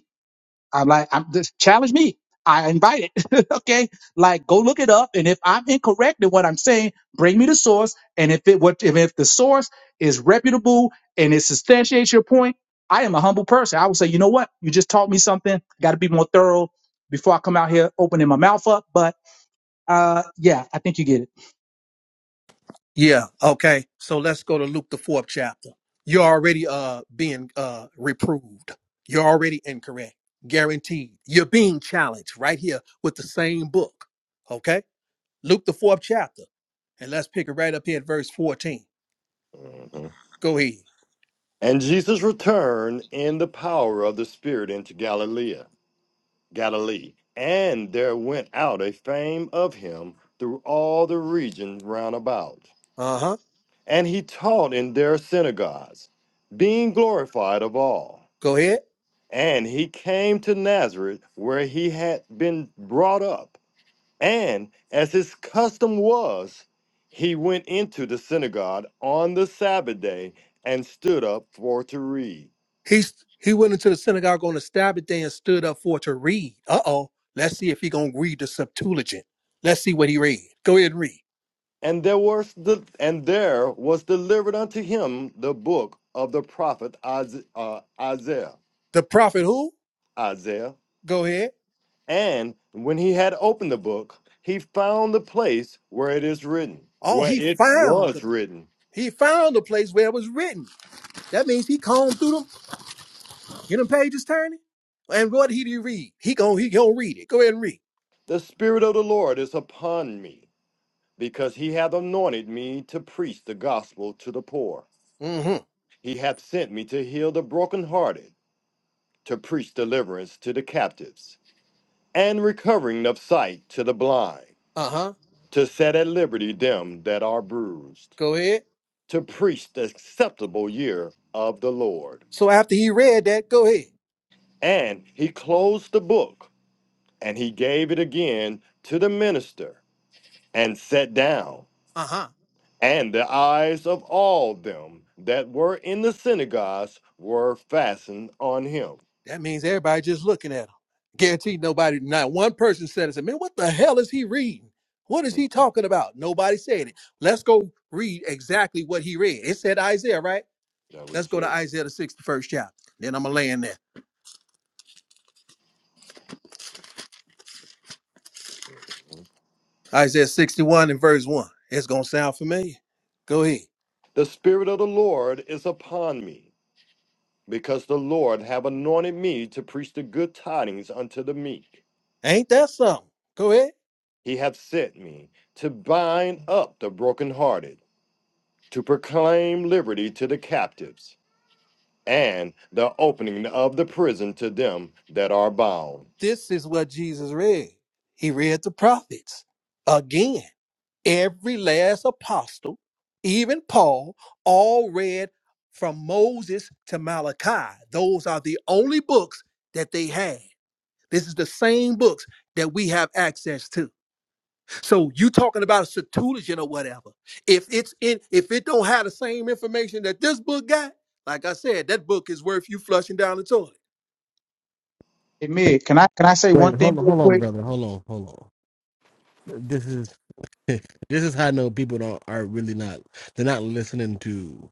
H: I'm like, I'm just challenge me. I invite it. [laughs] okay. Like go look it up. And if I'm incorrect in what I'm saying, bring me the source. And if it what if, if the source is reputable and it substantiates your point, I am a humble person. I will say, you know what? You just taught me something. Gotta be more thorough before I come out here opening my mouth up. But uh yeah, I think you get it.
G: Yeah. Okay. So let's go to Luke the fourth chapter. You're already uh being uh reproved. You're already incorrect. Guaranteed. You're being challenged right here with the same book. Okay? Luke the fourth chapter. And let's pick it right up here at verse 14.
J: hmm
G: Go ahead.
J: And Jesus returned in the power of the Spirit into Galilee, Galilee, and there went out a fame of him through all the region round about.
G: Uh-huh.
J: And he taught in their synagogues, being glorified of all.
G: Go ahead.
J: And he came to Nazareth, where he had been brought up. And as his custom was, he went into the synagogue on the Sabbath day and stood up for to read.
G: He's he went into the synagogue on the Sabbath day and stood up for to read. Uh oh. Let's see if he gonna read the Septuagint. Let's see what he read. Go ahead and read.
J: And there was the, and there was delivered unto him the book of the prophet Isa- uh, Isaiah.
G: The prophet who?
J: Isaiah.
G: Go ahead.
J: And when he had opened the book, he found the place where it is written,
G: Oh,
J: where
G: he
J: it
G: found
J: was
G: the
J: written,
G: he found the place where it was written. That means he combed through them, get them pages turning. And what did he read? He gon' he gonna read it. Go ahead and read.
J: "The Spirit of the Lord is upon me." because he hath anointed me to preach the gospel to the poor.
G: Mm-hmm.
J: He hath sent me to heal the brokenhearted, to preach deliverance to the captives, and recovering of sight to the blind,
G: Uh-huh.
J: to set at liberty them that are bruised,
G: Go ahead.
J: to preach the acceptable year of the Lord.
G: So after he read that, go ahead.
J: And he closed the book, and he gave it again to the minister, and sat down.
G: Uh huh.
J: And the eyes of all them that were in the synagogues were fastened on him.
G: That means everybody just looking at him. Guaranteed nobody, not one person said it. Said, man, what the hell is he reading? What is
J: Hmm,
G: he talking about? Nobody said it. Let's go read exactly what he read. It said Isaiah, right?
J: That we
G: Let's go
J: said.
G: to Isaiah the 61st chapter. Then I'm going to lay in there. Isaiah 61 and verse 1. It's going to sound familiar. Go ahead.
J: The Spirit of the Lord is upon me, because the Lord have anointed me to preach the good tidings unto the meek.
G: Ain't that something? Go ahead.
J: He hath sent me to bind up the brokenhearted, to proclaim liberty to the captives, and the opening of the prison to them that are bound
G: This is what Jesus read. He read the prophets again. Every last apostle, even Paul, all read from Moses to Malachi. Those are the only books that they had. This is the same books that we have access to. So you talking about a Septuagint or whatever. If it's in, if it don't have the same information that this book got, like I said, that book is worth you flushing down the toilet.
H: Hey Mig, can I can I say
B: Wait,
H: one thing
B: hold on,
H: real
B: hold on,
H: quick?
B: brother. Hold on, hold on. This is [laughs] this is how I know people don't are really not they're not listening to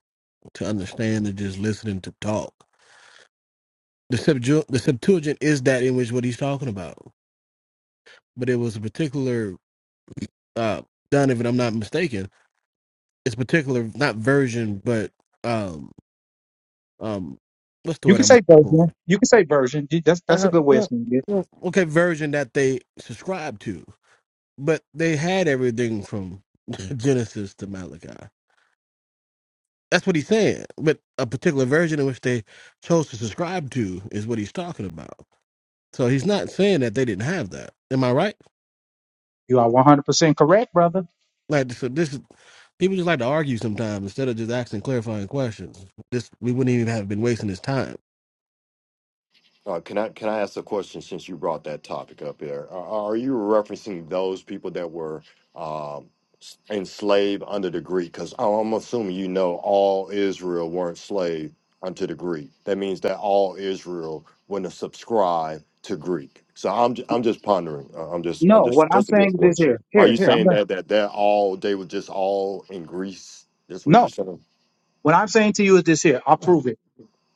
B: to understand. They're just listening to talk. The Septu- the Septuagint is that in which what he's talking about, but it was a particular uh done if I'm not mistaken. It's particular not version, but um um what's the
H: You
B: word
H: can
B: I'm
H: say
B: looking for?
H: version. You can say version. That's that's a
B: uh,
H: good way of
B: well,
H: saying it.
B: well, okay, version that they subscribed to, but they had everything from [laughs] Genesis to Malachi. That's what he's saying. But a particular version in which they chose to subscribe to is what he's talking about. So he's not saying that they didn't have that. Am I right?
H: You are one hundred percent correct, brother.
B: Like, so this is people just like to argue sometimes instead of just asking clarifying questions. This we wouldn't even have been wasting his time.
J: Uh, can I can I ask a question since you brought that topic up here? Are, are you referencing those people that were um, s- enslaved under the Greek? Because I'm assuming you know all Israel weren't slave unto the Greek. That means that all Israel wouldn't subscribe to Greek. So I'm ju- I'm just pondering. Uh, I'm just I'm
H: No,
J: just
H: what I'm
J: just a good
H: saying is this
J: question.
H: here.
J: Are
H: Here,
J: you
H: here. I'm
J: saying
H: done.
J: that that that all they were just all in Greece? That's what you're
H: No,
J: saying.
H: what I'm saying to you is this here. I'll prove it.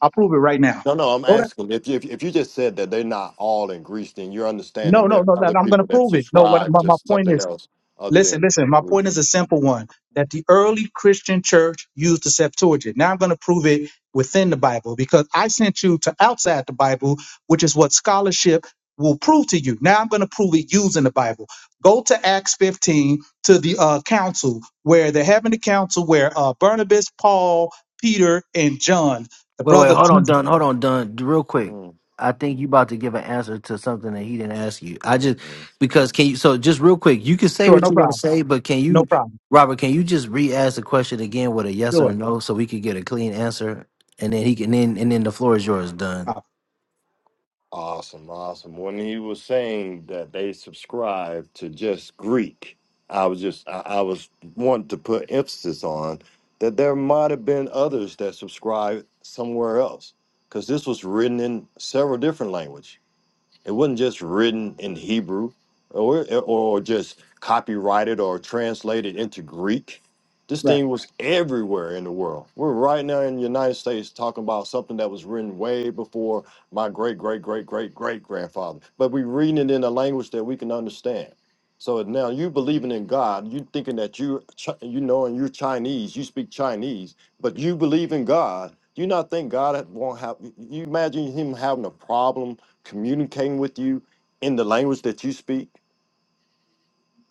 H: I'll prove it right now.
J: No, no, I'm
H: Go to,
J: asking them. if you, if, if you just said that they're not all in Greece, then you're understanding
H: no,
J: there
H: no, no,
J: are
H: no.
J: other
H: no, I'm going
J: people
H: to
J: that
H: prove it. No, what
J: subscribe
H: my,
J: to
H: my point is.
J: something else other
H: Listen,
J: than
H: listen, my
J: Greek.
H: point is a simple one that the early Christian church used the Septuagint. Now I'm going to prove it within the Bible because I sent you to outside the Bible, which is what scholarship will prove to you. Now I'm going to prove it using the Bible. Go to Acts 15 to the uh, council where they're having the council where uh, Barnabas, Paul, Peter, and John, the
C: Wait, wait,
H: brother of
C: hold on,
H: Jesus.
C: Dunn. Hold on, Dunn. Real quick.
J: Mm,
C: I think you about to give an answer to something that he didn't ask you. I just
J: mm.
C: because can you so just real quick, you can say
H: Sure,
C: what
H: no
C: you want to
H: problem.
C: say, but can
H: No
C: you
H: problem.
C: Robert, can you just re-ask the question again with a yes
H: Sure.
C: or a no so we could get a clean answer? And then he can then and then the floor is yours, Dunn.
J: Awesome, awesome. When he was saying that they subscribe to just Greek, I was just I, I was wanting to put emphasis on that there might have been others that subscribed somewhere else because this was written in several different languages. It wasn't just written in Hebrew or, or just copyrighted or translated into Greek. This thing was everywhere in the world. We're right now in the United States talking about something that was written way before my great, great, great, great, great grandfather. But we're reading it in a language that we can understand. So now you believing in God, you thinking that you Chi- you know and you're Chinese, you speak Chinese, but you believe in God. Do you not think God won't have? You imagine him having a problem communicating with you in the language that you speak.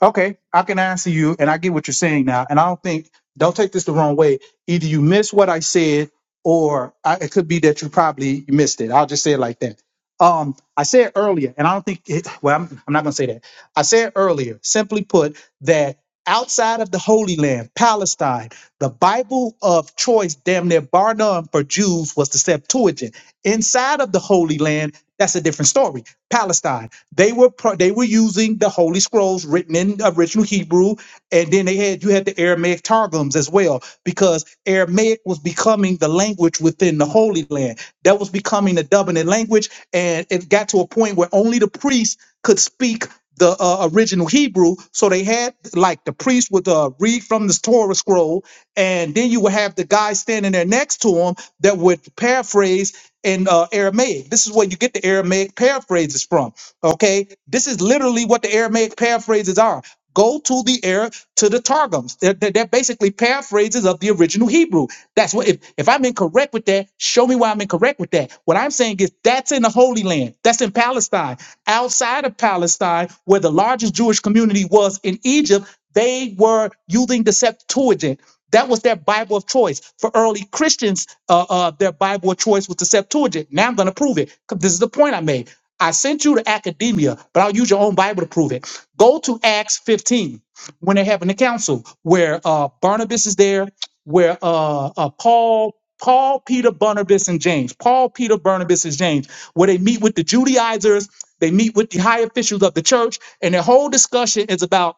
H: Okay, I can answer you, and I get what you're saying now. And I don't think, don't take this the wrong way. Either you missed what I said, or I, it could be that you probably missed it. I'll just say it like that. Um, I said earlier, and I don't think it, well, I'm, I'm not going to say that. I said earlier, simply put, that outside of the Holy Land, Palestine, the Bible of choice, damn near bar none for Jews, was the Septuagint. Inside of the Holy Land, that's a different story. Palestine. They were pro- they were using the Holy Scrolls written in original Hebrew, and then they had you had the Aramaic targums as well because Aramaic was becoming the language within the Holy Land. That was becoming the dominant language, and it got to a point where only the priests could speak the uh, original Hebrew. So they had like the priest would uh, read from the Torah scroll, and then you would have the guy standing there next to him that would paraphrase in uh, Aramaic. This is where you get the Aramaic paraphrases from. Okay, this is literally what the Aramaic paraphrases are. Go to the air to the Targums. They're, they're, they're basically paraphrases of the original Hebrew. That's what if, if I'm incorrect with that, show me why I'm incorrect with that. What I'm saying is that's in the Holy Land. That's in Palestine. Outside of Palestine, where the largest Jewish community was in Egypt, they were using the Septuagint. That was their Bible of choice. For early Christians, uh, uh, their Bible of choice was the Septuagint. Now I'm going to prove it. 'cause This is the point I made. I sent you to academia, but I'll use your own Bible to prove it. Go to Acts 15 when they're having the council where uh, Barnabas is there, where uh, uh, Paul, Paul, Peter, Barnabas, and James, Paul, Peter, Barnabas, and James, where they meet with the Judaizers, they meet with the high officials of the church, and their whole discussion is about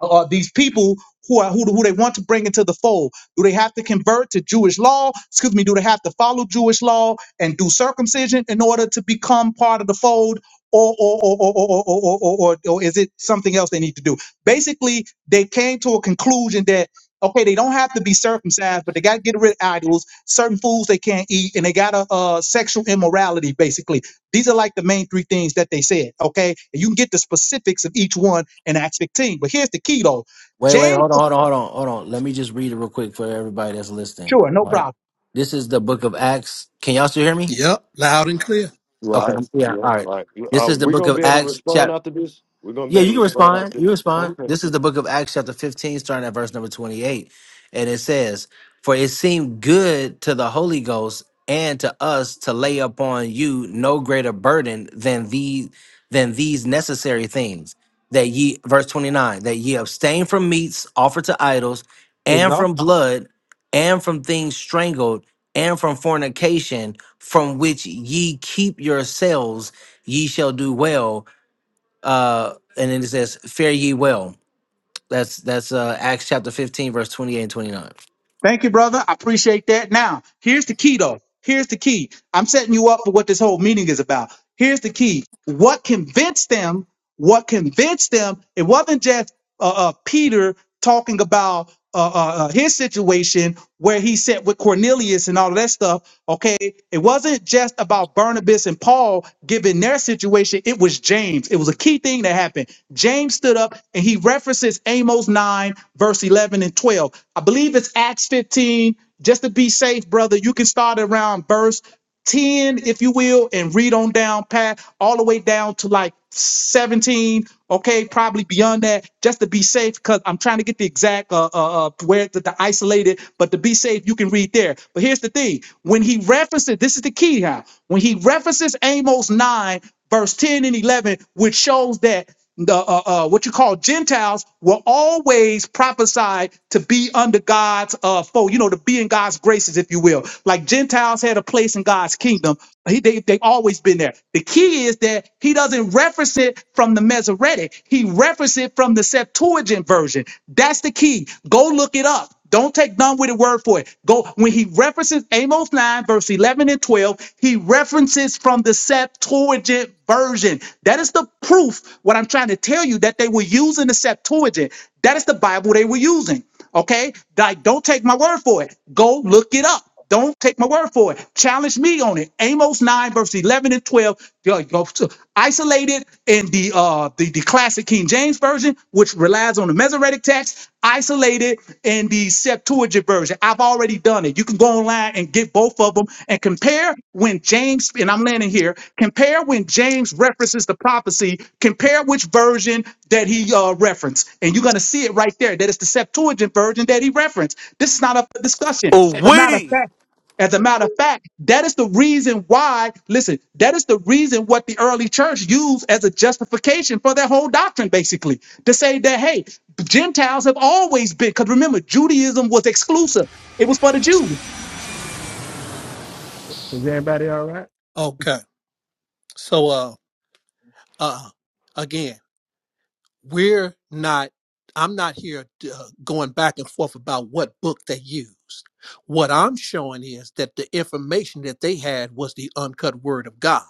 H: uh, uh, these people who are who, who they want to bring into the fold. Do they have to convert to Jewish law? Excuse me. Do they have to follow Jewish law and do circumcision in order to become part of the fold, or or or or or or, or, or, or or is it something else they need to do? Basically, they came to a conclusion that. Okay, they don't have to be circumcised, but they got to get rid of idols, certain foods they can't eat, and they got a uh, sexual immorality, basically. These are like the main three things that they said, okay? And you can get the specifics of each one in Acts 15. But here's the key though.
C: Wait, wait,
H: James,
C: hold on, hold on, hold on, hold on. Let me just read it real quick for everybody that's listening.
H: sure, no
C: Right.
H: problem.
C: This is the book of Acts. Can y'all still hear me?
G: Yep, loud and clear.
C: Okay.
J: Right.
C: Yeah.
J: Yeah,
C: All right.
J: right.
C: This
J: Uh,
C: is the
J: we're
C: book
J: gonna
C: of
J: be able to
C: Acts,
J: respond
C: chap-
J: after this. We're gonna be
C: yeah,
J: able to
C: you can
J: respond
C: respond.
J: after this.
C: You respond.
J: Okay.
C: This is the book of Acts, chapter 15, starting at verse number 28. And it says, For it seemed good to the Holy Ghost and to us to lay upon you no greater burden than these than these necessary things. That ye verse 29, that ye abstain from meats offered to idols,
H: There you
C: and
H: go.
C: from blood, and from things strangled, and from fornication, from which ye keep yourselves, ye shall do well uh, and then it says, "Fare ye well." That's that's uh, Acts chapter fifteen, verse twenty eight and twenty nine.
H: Thank you, brother. I appreciate that. Now, here's the key though. Here's the key. I'm setting you up for what this whole meeting is about. Here's the key. What convinced them what convinced them it wasn't just uh, uh, peter talking about uh, uh, uh, his situation where he sat with cornelius and all of that stuff okay it wasn't just about barnabas and paul given their situation it was james it was a key thing that happened james stood up and he references amos 9 verse 11 and 12 i believe it's acts 15 just to be safe brother you can start around verse 10, if you will, and read on down past all the way down to like 17, okay, probably beyond that, just to be safe, because I'm trying to get the exact uh, uh, uh where the, the isolated, but to be safe, you can read there. But here's the thing when he references, this is the key how when he references Amos 9, verse 10 and 11, which shows that the uh, uh, what you call Gentiles were always prophesied to be under God's uh fold, you know, to be in God's graces, if you will. Like Gentiles had a place in God's kingdom. He, they, they've always been there. The key is that he doesn't reference it from the Masoretic. He references it from the Septuagint version. That's the key. Go look it up. Don't take none with a word for it. Go when he references Amos 9, verse 11 and 12, he references from the Septuagint version. That is the proof, what I'm trying to tell you, that they were using the Septuagint. That is the Bible they were using. Okay? Like, don't take my word for it. Go look it up. Don't take my word for it. Challenge me on it. Amos 9, verse 11 and 12. Yo, yo, so Isolated in the, uh, the the classic King James version, which relies on the Masoretic text. Isolated in the Septuagint version. I've already done it. You can go online and get both of them and compare when James and I'm landing here. Compare when James references the prophecy. Compare which version that he uh, referenced, and you're gonna see it right there. That it's the Septuagint version that he referenced. This is not up for discussion.
K: Oh
H: As a matter of
K: we.
H: fact. As a matter of fact, that is the reason why, listen, that is the reason what the early church used as a justification for their whole doctrine, basically, to say that, hey, Gentiles have always been, because remember, Judaism was exclusive, it was for the Jews.
B: Is everybody all right?
G: Okay. So uh uh again. we're not i'm not here uh, going back and forth about what book they used what i'm showing is that the information that they had was the uncut word of god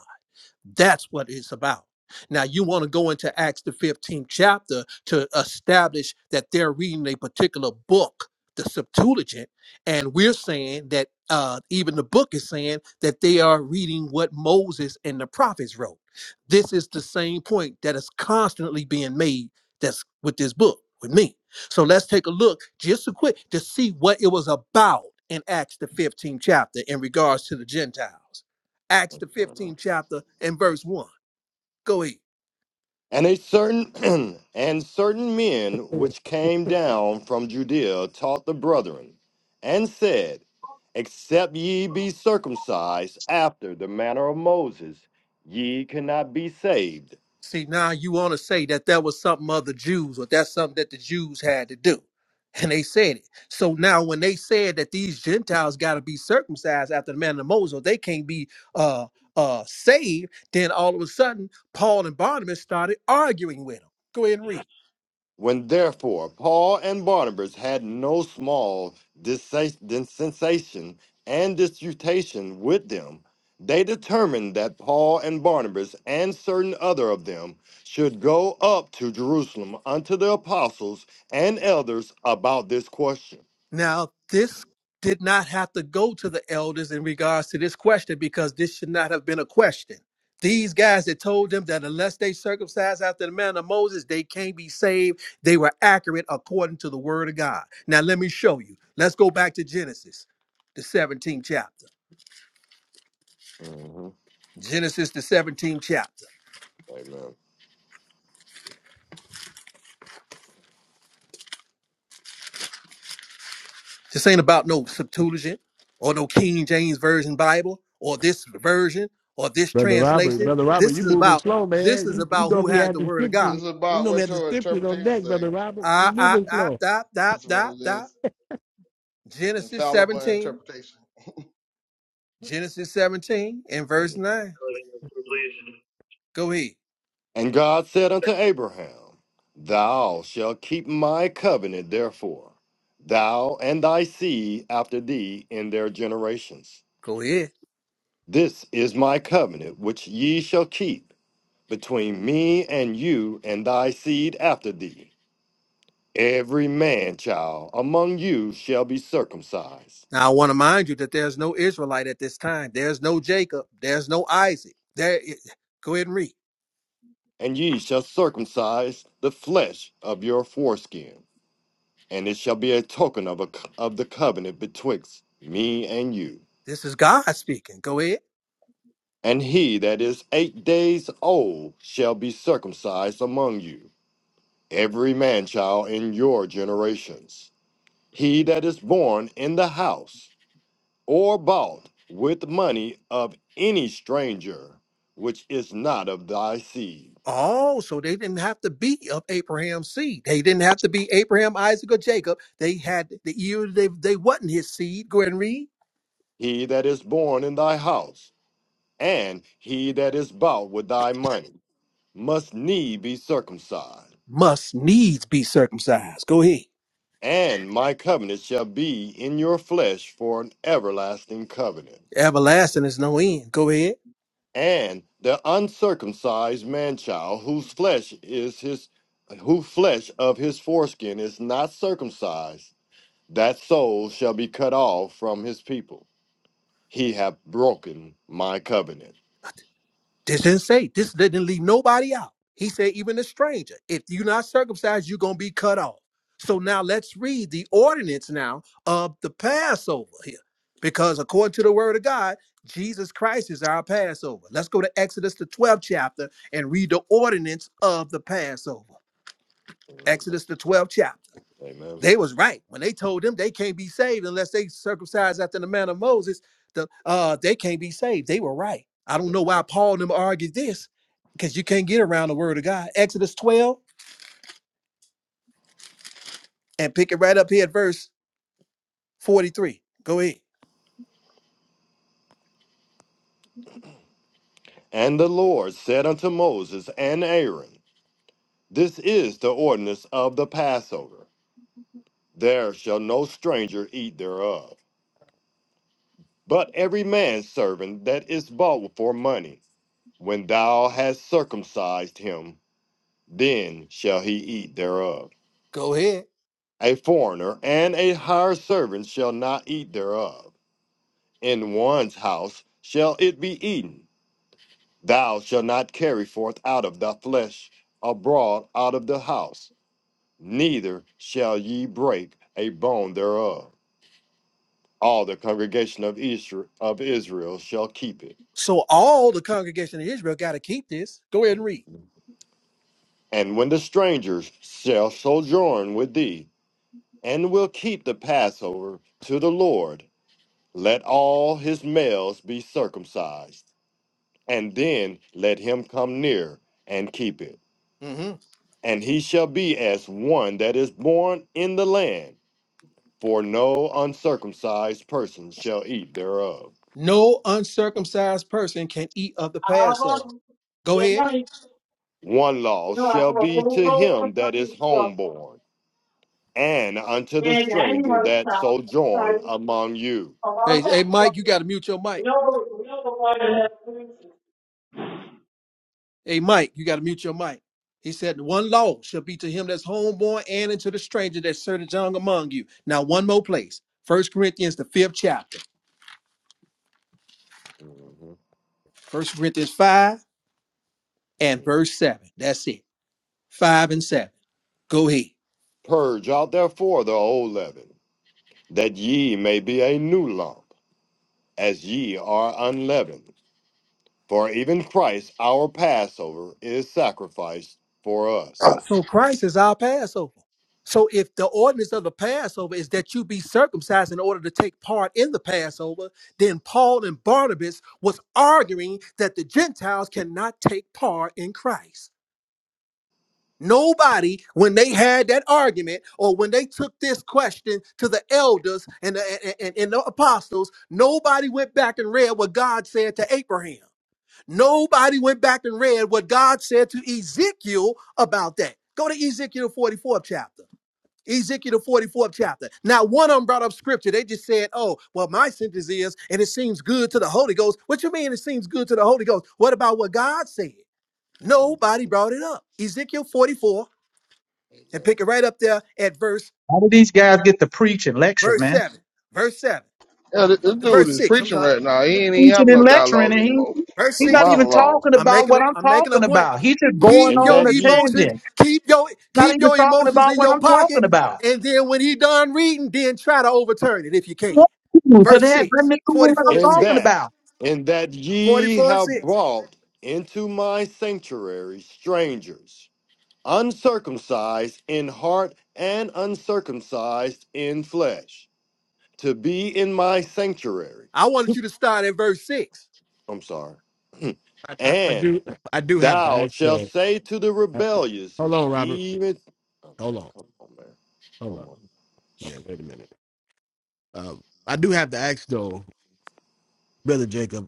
G: that's what it's about. Now, you want to go into Acts, the 15th chapter, to establish that they're reading a particular book, the Septuagint, and we're saying that uh, even the book is saying that they are reading what Moses and the prophets wrote. This is the same point that is constantly being made that's with this book, with me. So let's take a look just a quick to see what it was about in Acts, the 15th chapter, in regards to the Gentiles. Acts the 15th chapter and verse 1. Go ahead.
J: And a certain [clears throat] and certain men which came down from Judea taught the brethren, and said, Except ye be circumcised after the manner of Moses, ye cannot be saved.
G: See, now you want to say that that was something other Jews or that's something that the Jews had to do. And they said it. So now when they said that these Gentiles got to be circumcised after the manner of Moses, or they can't be uh uh saved, then all of a sudden Paul and Barnabas started arguing with them. Go ahead and read.
J: When therefore Paul and Barnabas had no small dissensa- dissensation and disputation with them, they determined that Paul and Barnabas and certain other of them should go up to Jerusalem unto the apostles and elders about this question.
G: Now, this did not have to go to the elders in regards to this question because this should not have been a question. These guys that told them that unless they circumcised after the manner of Moses, they can't be saved, they were accurate according to the word of God. Now, let me show you. Let's go back to Genesis, the 17th chapter.
J: Mhm.
G: Genesis, the 17th chapter.
J: Amen.
G: This ain't about no Septuagint or no King James Version Bible or this version or this
B: Brother Robert,
G: translation.
B: Brother Robert,
G: This
B: you
G: is
B: moving
G: about
B: slow,
G: this is
B: man. You, you
G: about
B: gonna
G: who
B: be
G: has the
B: having
G: word of
D: [laughs]
G: God.
B: scriptures.
D: it's
B: You
D: about
B: know, to be
D: what
B: the
D: your
B: scriptures on
D: interpretation
B: deck,
D: say.
B: Brother Robert. You
G: Ah, ah,
B: moving
G: ah,
B: slow.
G: dot, dot,
D: That's what
G: dot,
D: it
G: dot.
D: is.
G: Genesis
D: Infallible
G: 17.
D: interpretation.
G: Genesis 17 and verse
J: Mhm.
G: 9. Go ahead.
J: And God said unto Abraham, Thou shalt keep my covenant, therefore, thou and thy seed after thee in their generations
G: Go ahead.
J: This is my covenant which ye shall keep between me and you and thy seed after thee. Every man child among you shall be circumcised,
G: Now, I want to mind you that there's no Israelite at this time. There's no Jacob. There's no Isaac. There. i- Go ahead and read.
J: and ye shall circumcise the flesh of your foreskin, and it shall be a token of, a, of the covenant betwixt me and you.
G: This is God speaking. Go ahead.
J: And he that is eight days old shall be circumcised among you, every man child in your generations he that is born in the house or bought with money of any stranger, which is not of thy seed.
G: Oh, so they didn't have to be of Abraham's seed. They didn't have to be Abraham, Isaac, or Jacob. They had the ear. They, they wasn't his seed. Go ahead and read.
J: He that is born in thy house, and he that is bought with thy money, must need be circumcised.
G: Must needs be circumcised. Go ahead.
J: And my covenant shall be in your flesh for an everlasting covenant.
G: Everlasting is no end. Go ahead.
J: And the uncircumcised man child, whose flesh is his, whose flesh of his foreskin is not circumcised, that soul shall be cut off from his people. He hath broken my covenant.
G: This didn't say this didn't leave nobody out. He said, even a stranger, if you're not circumcised, you're gonna be cut off. So now let's read the ordinance now of the Passover here. Because according to the word of God, Jesus Christ is our Passover. Let's go to Exodus the 12th chapter and read the ordinance of the Passover.
J: Mhm.
G: Exodus the 12th chapter.
J: Amen.
G: They was right when they told them they can't be saved unless they circumcised after the manner of Moses. The uh, they can't be saved. They were right. I don't know why Paul and them argued this, because you can't get around the word of God. Exodus 12 and pick it right up here at verse 43. Go ahead.
J: And the Lord said unto Moses and Aaron, This is the ordinance of the Passover. There shall no stranger eat thereof, but every man's servant that is bought for money. When thou hast circumcised him, then shall he eat thereof.
G: Go ahead.
J: A foreigner and a hired servant shall not eat thereof in one's house shall it be eaten. Thou shalt not carry forth out of the flesh abroad out of the house, neither shall ye break a bone thereof. All the congregation of Isra- of Israel shall keep it.
G: So all the congregation of Israel got to keep this. Go ahead and read.
J: And when the strangers shall sojourn with thee, and will keep the Passover to the Lord, let all his males be circumcised, and then let him come near and keep it.
G: Mhm.
J: and he shall be as one that is born in the land, for no uncircumcised person shall eat thereof.
G: No uncircumcised person can eat of the
L: Our
G: Passover.
L: Romans,
G: Go ahead.
J: One law
L: you know,
J: shall
L: our
J: be to
L: overall
J: him that is
L: structure,
J: homeborn, and unto the
L: and
J: stranger
L: animal
J: that
L: stuff.
J: sojourn
L: So
J: among you.
G: Hey,
L: about
G: hey,
L: that, so
G: Mike, you got to mute your mic.
L: we know, we know what it is.
G: Hey, Mike, you got to mute your mic. He said, One law shall be to him that's homeborn and unto the stranger that serveth young among you. Now, one more place. First Corinthians, the fifth chapter.
J: Mhm.
G: First Corinthians 5 and
J: Mm.
G: verse 7. That's it. 5 and 7. Go ahead.
J: Purge out therefore the old leaven, that ye may be a new lump, as ye are unleavened. For even Christ our Passover is sacrificed for us.
G: So Christ is our Passover. So if the ordinance of the Passover is that you be circumcised in order to take part in the Passover, then Paul and Barnabas was arguing that the Gentiles cannot take part in Christ. Nobody, when they had that argument or when they took this question to the elders and the, and, and the apostles, nobody went back and read what God said to Abraham. Nobody went back and read what God said to Ezekiel about that. Go to Ezekiel 44th chapter. Ezekiel 44th chapter. Now, one of them brought up scripture. They just said, Oh, well, my sentence is, and it seems good to the Holy Ghost. What you mean it seems good to the Holy Ghost? What about what God said? Nobody
J: Mhm.
G: brought it up. Ezekiel 44 and
J: Amen.
G: pick it right up there at verse
H: How did these guys get to preach and lecture,
G: verse
H: man?
G: seven, verse seven,
D: Yeah, this,
G: uh,
D: this dude
G: verse
D: is
G: six. I'm
D: preaching
G: sorry,
D: right now. He ain't even have
H: Preaching
D: no
H: and lecturing,
D: dialogue
H: and he,
D: anymore.
G: verse
D: It's
H: he's
D: a
H: not
G: six.
H: even
D: monologue.
H: talking
G: I'm
H: about
G: making a
H: what I'm
G: I'm making a
H: talking
G: point.
H: about. He's just going
G: Keep
J: and
H: on
G: your
H: a
J: that ye
G: emotions,
H: tangent,
G: keep your
H: not
G: keep
H: even
G: your
H: talking
G: emotions
H: about
G: in
H: what
G: your
H: I'm
G: pocket,
H: talking about.
G: and then when he done reading, then try to overturn it if you can.
H: Because they
G: Verse
H: had
G: 6,
H: nothing to do with what
G: 44
H: I'm
G: and
J: and
H: talking
G: 6,
J: that
H: about.
J: and that
G: 44
J: ye
G: and
J: have
G: 6.
J: brought into my sanctuary strangers uncircumcised in heart and uncircumcised in flesh to be in my sanctuary
G: I wanted you to start at verse six.
J: i'm sorry
B: I, I, I
J: and
B: do, I do have to
J: thou
B: ask
J: shalt
B: though.
J: say to the
B: I,
J: rebellious
B: hold on, Robert.
J: even oh
B: Hold
J: man
B: on,
J: come on man
B: hold on.
J: come on
B: Yeah, wait a minute. Um, I do have to ask though, Brother Jacob.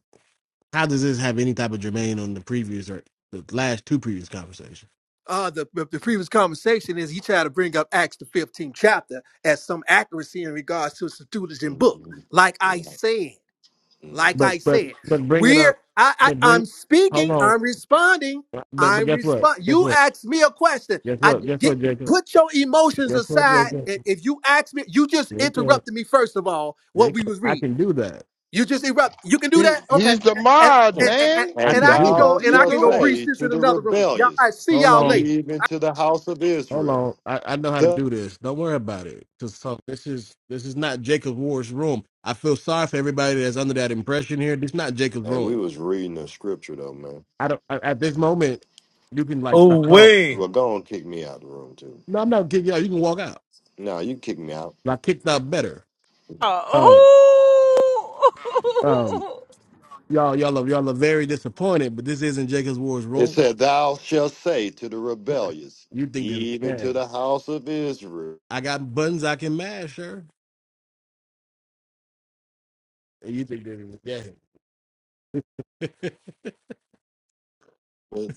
B: How does this have any type of germane on the previous or the last two previous conversations?
G: Uh, the, the the previous conversation is he tried to bring up Acts the 15th chapter as some accuracy in regards to the Septuagint book.
J: Mhm.
G: Like I said, Like
J: Mhm.
B: But
G: I
B: but
G: said,
B: but bring it up.
G: we're I, I
B: But bring.
G: I'm
B: Hold
G: speaking,
B: on.
G: I'm responding,
B: But but
G: I'm
B: guess what?
G: respond.
B: Guess
G: You
B: what?
G: asked me a question.
B: Guess
G: I
B: what?
G: d-
B: Guess
G: get
B: what, Jacob?
G: put your emotions
B: Guess what,
G: aside.
B: Jacob?
G: And if you ask me, you just
B: Jacob.
G: interrupted me first of all,
B: They
G: what we
B: can,
G: was
B: I
G: reading.
B: can do that.
G: You just erupt. You can do
D: He
G: that? Okay.
D: he's the
G: And
D: mod,
G: and, and,
D: man.
B: I
J: And
G: and
B: can
G: I can
B: do that.
J: thou
G: go
D: What
G: and
D: you
G: I
J: shalt
G: can go
D: doing?
G: preach
J: say
G: this
J: to
G: in
J: the
G: another room. Y'all I
J: rebellious,
G: see
B: Hold
G: y'all later.
B: on.
J: even to the house of
B: Hold on.
J: Israel,
B: I, I know how to
J: the
B: do this. Don't worry about it. Cause so this is this is not Jacob Ward's room. I feel sorry for everybody that's under that impression here. This is not Jacob's
J: Hey, we
B: room.
J: was reading a scripture though, man.
B: I don't I, at this moment you can like stop
K: Oh
B: talking.
K: wait.
J: Well, go on, kick me out of the room too.
B: No, I'm not kicking you out. You can walk out.
J: No, you kick me out.
B: I kicked out better.
K: Uh,
B: Um um
K: Oh,
B: y'all y'all are y'all are very disappointed, but this isn't Jacob's Ward's
J: It
B: room.
J: said, Thou shalt say to the rebellious,
B: You think this is a
J: even to
B: game.
J: the house of Israel.
B: I got buttons I can mash, sir. And you think this is a game. [laughs]
J: Why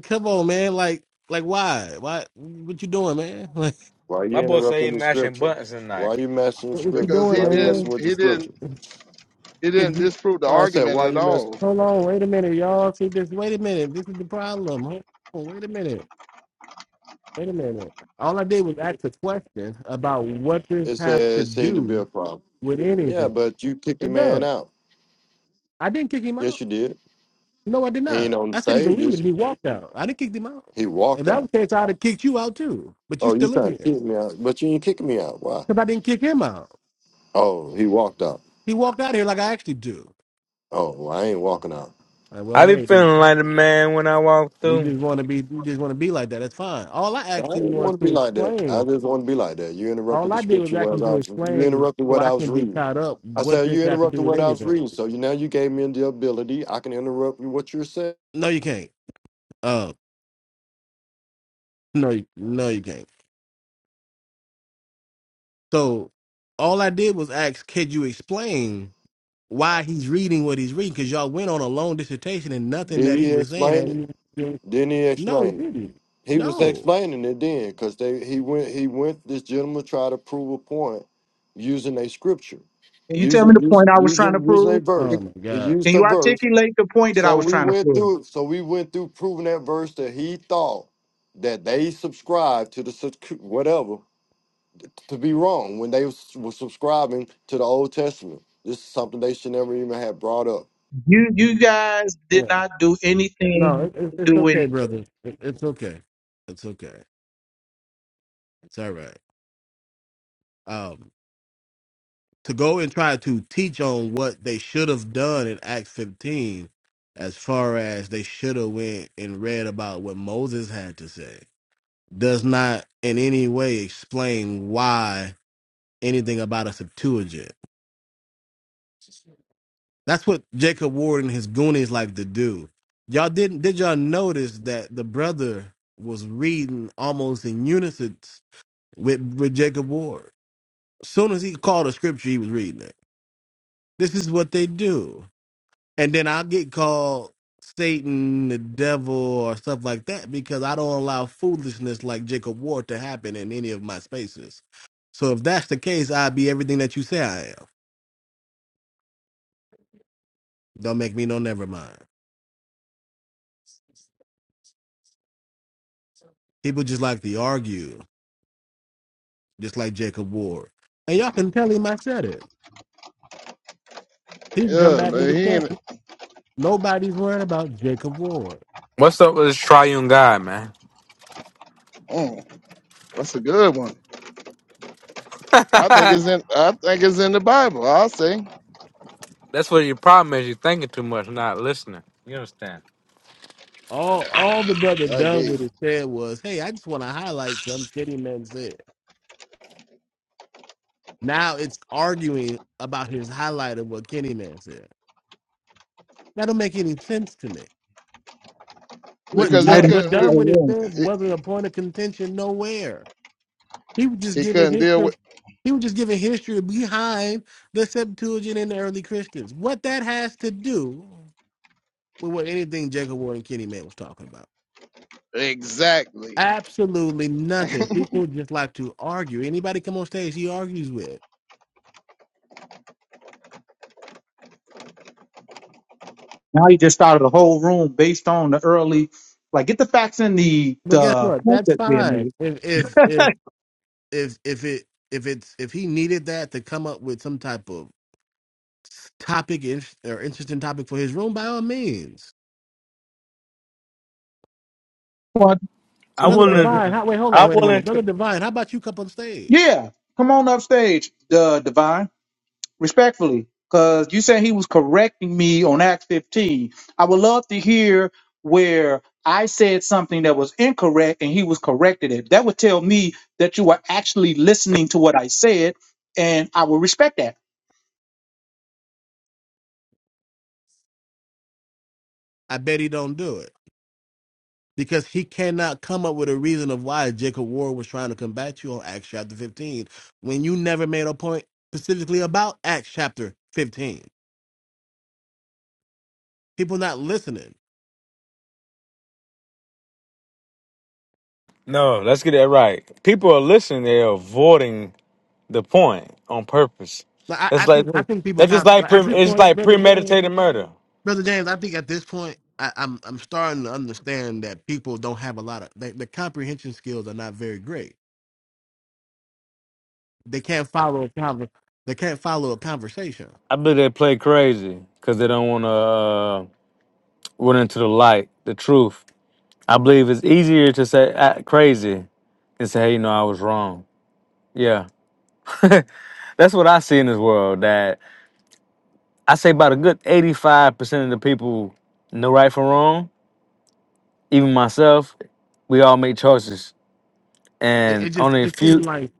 B: Come on, man. Like, like, why? Why? What you doing, man? [laughs] Like,
J: are
K: [laughs]
J: you
K: My boy say
J: interrupting
K: he
J: the
K: mashing
J: scripture?
K: buttons
J: Why are
K: tonight.
J: you messing with
B: what what you
J: scripture?
D: Because
B: doing,
D: he
J: Why you messing
D: didn't
B: man?
J: with the
D: he didn't
J: scripture?
D: he
B: Could
D: didn't
B: you,
D: disprove the
J: No, I said,
D: argument
J: Why
D: at
J: you mess?
D: all.
B: hold on. Wait a minute, y'all. See this? Wait a minute. This is the problem. huh? Hold on. Wait a minute. Wait a minute. All I did was ask a question about what this
J: It said
B: has to
J: it seemed to be a
B: do
J: problem.
B: with
J: Yeah,
B: anything.
J: but you kicked the
B: It
J: man
B: does.
J: out.
B: I didn't kick him
J: Yes,
B: out.
J: you did.
B: No, I did
J: He ain't
B: not.
J: on the
B: I said he can leave, and
J: stages.
B: he walked out. I didn't kick him out.
J: He
B: If
J: walked
B: that
J: out.
B: was the case, I'd have kicked you out too. But you
J: Oh, you
B: still in
J: trying to
B: here
J: kick me out? But you ain't kicking me out. Why?
B: because I didn't kick him out.
J: Oh, he walked out.
B: He walked out of here like I actually do.
J: Oh, well, I ain't walking out.
B: Like, well,
K: I be
B: hey,
K: feeling like a man when I walk
B: You
K: through.
B: just want to be, you just want to be like that. That's fine. All I
J: I
B: asked him
J: didn't
B: was
J: want to
B: to
J: be like that. I
B: explain.
J: just want to be like that. You interrupted
B: All
J: the
B: I did was
J: scripture whereas
B: actually
J: I
B: to
J: was. You
B: explain
J: interrupted
B: so
J: what
B: I
J: I was
B: can be
J: reading.
B: caught up
J: I
B: what
J: said
B: this
J: you
B: have to do
J: interrupted
B: with
J: what I was
B: anything.
J: reading. So you now you gave me the ability. I can interrupt you what you're saying.
B: No, you can't. Uh, no, you- no, you can't. So all I did was ask, could you explain why he's reading what he's reading? Because y'all went on a long dissertation and nothing
J: Did
B: that he
J: he
B: was saying.
J: explain it?
B: And
J: Didn't he
B: no, he
J: explain it?
B: didn't.
J: He was
B: No.
J: explaining it then, because they he went he went this gentleman tried to prove a point using a scripture,
H: Can you tell me
J: using
H: the
J: using
H: point I was trying to
J: using using a
H: prove?
J: verse.
B: Oh my
J: He
B: God.
H: Can
J: used a
H: you
J: verse.
H: articulate the point that I
J: So
H: was
J: we
H: trying to
J: went
H: prove?
J: through so we went through proving that verse that he thought that they subscribed to the subscri- whatever to be wrong when they was- were subscribing to the Old Testament. This is something they should never even have brought up.
H: You you guys did
B: Yeah.
H: not do
B: No,
H: anything
B: it, it,
H: to
B: it's
H: do
B: okay,
H: anything.
B: brother. It, it's okay. It's okay. It's all right. um, to go and try to teach on what they should have done in Acts 15, as far as they should have went and read about what Moses had to say, does not in any way explain why anything about a Septuagint. That's what Jacob Ward and his Goonies like to do. Y'all didn't did y'all notice that the brother was reading almost in unison with with Jacob Ward. As soon as he called a scripture, he was reading it. This is what they do. and then I'll get called Satan, the devil, or stuff like that because I don't allow foolishness like Jacob Ward to happen in any of my spaces. So if that's the case, I'd be everything that you say I am. Don't make me no never mind. People just like to argue, just like Jacob Ward. And y'all can tell him I said it. He can come
D: Yeah,
B: back
D: but
B: and
D: he
B: discuss
D: ain't
B: it. Nobody's worried about Jacob Ward.
K: What's up with this triune God, man?
D: mm, that's a good one. I think it's in I think it's in the Bible, I'll say.
K: That's what your problem is. You thinking too much, not listening. You understand?
B: All
D: Yeah,
B: all the brother
D: I hear
B: done with
D: you.
B: it said was, hey, I just want to highlight something Kitty Man said. Now it's arguing about his highlight of what Kenny Man said. That don't make any sense to me.
H: You
B: What
H: didn't
D: Because he
H: write
B: Dun,
H: and
B: what
D: couldn't
H: start a
D: re-
B: Dunwoody
H: room.
B: said
D: he,
B: wasn't a point of contention nowhere. He was just
D: he
B: giving
D: couldn't deal
B: history.
D: with
B: He was just giving history behind the Septuagint and the early Christians. What that has to do with what anything Jacob Ward and Kenny Man was talking about.
D: exactly.
B: Absolutely nothing. People just like to argue. Anybody come on stage, he argues with.
H: Now you just started a whole room based on the early, like get the facts in the
B: But guess
H: the
B: what?
H: point
B: That's
H: that's being
B: fine.
H: made.
B: If if if if if it if it's if he needed that to come up with some type of topic in- or interesting topic for his room, by all means,
H: Quantity,
K: I
B: brother
H: uh,
B: Divine.
K: wouldn't.
B: How, wait, hold on,
K: I
B: wait a minute,
K: wouldn't.
B: brother Divine. How about you come on stage?
H: Yeah, come on up stage, uh, divine. respectfully, because you said he was correcting me on Acts 15. I would love to hear where I said something that was incorrect and he was corrected it. That would tell me that you were actually listening to what I said, and I will respect that.
B: I bet he don't do it because he cannot come up with a reason of why Jacob Ward was trying to combat you on Acts chapter fifteen when you never made a point specifically about Acts chapter fifteen. People not listening.
K: No, let's get that right. People are listening. They're avoiding the point on purpose.
B: Like, I, I
K: That's like
B: think I think people
K: that's
B: kind
K: just
B: of,
K: like
B: like,
K: pre,
B: at this
K: it's
B: point,
K: like
B: brother James.
K: premeditated murder.
B: Brother James, I think at this point, I, I'm I'm starting to understand that people don't have a lot of they, the comprehension skills are not very great. They can't follow a conver- they can't follow a conversation.
K: I believe they play crazy because they don't want to uh, run into the light, the truth. I believe it's easier to say act crazy than say, hey, you know, I was wrong. Yeah, [laughs] that's what I see in this world. That I say about a good eighty-five percent of the people know right from wrong. Even myself, we all make choices,
B: It, it
K: and
B: just
K: only a
B: it
K: few
B: seemed like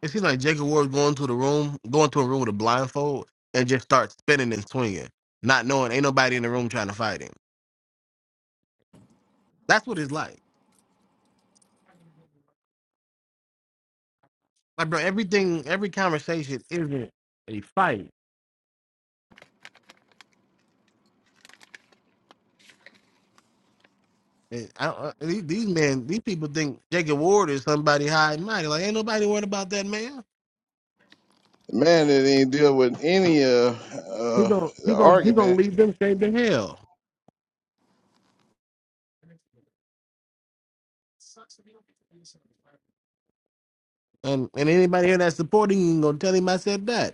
B: it seemed like Jacob Ward going to the room, going to a room with a blindfold and just start spinning and swinging, not knowing ain't nobody in the room trying to fight him. That's what it's like. Like bro, everything every conversation isn't a fight And I, I- these, these men, these people think Jacob Ward is somebody high and mighty. Like ain't nobody worried about that man.
D: Man that didn't deal with any of
B: He
D: uh
B: gon'
D: the
B: he gon' he
D: argument
B: gonna lead them straight to hell. And and anybody here that's supporting you ain't gonna tell him I said that.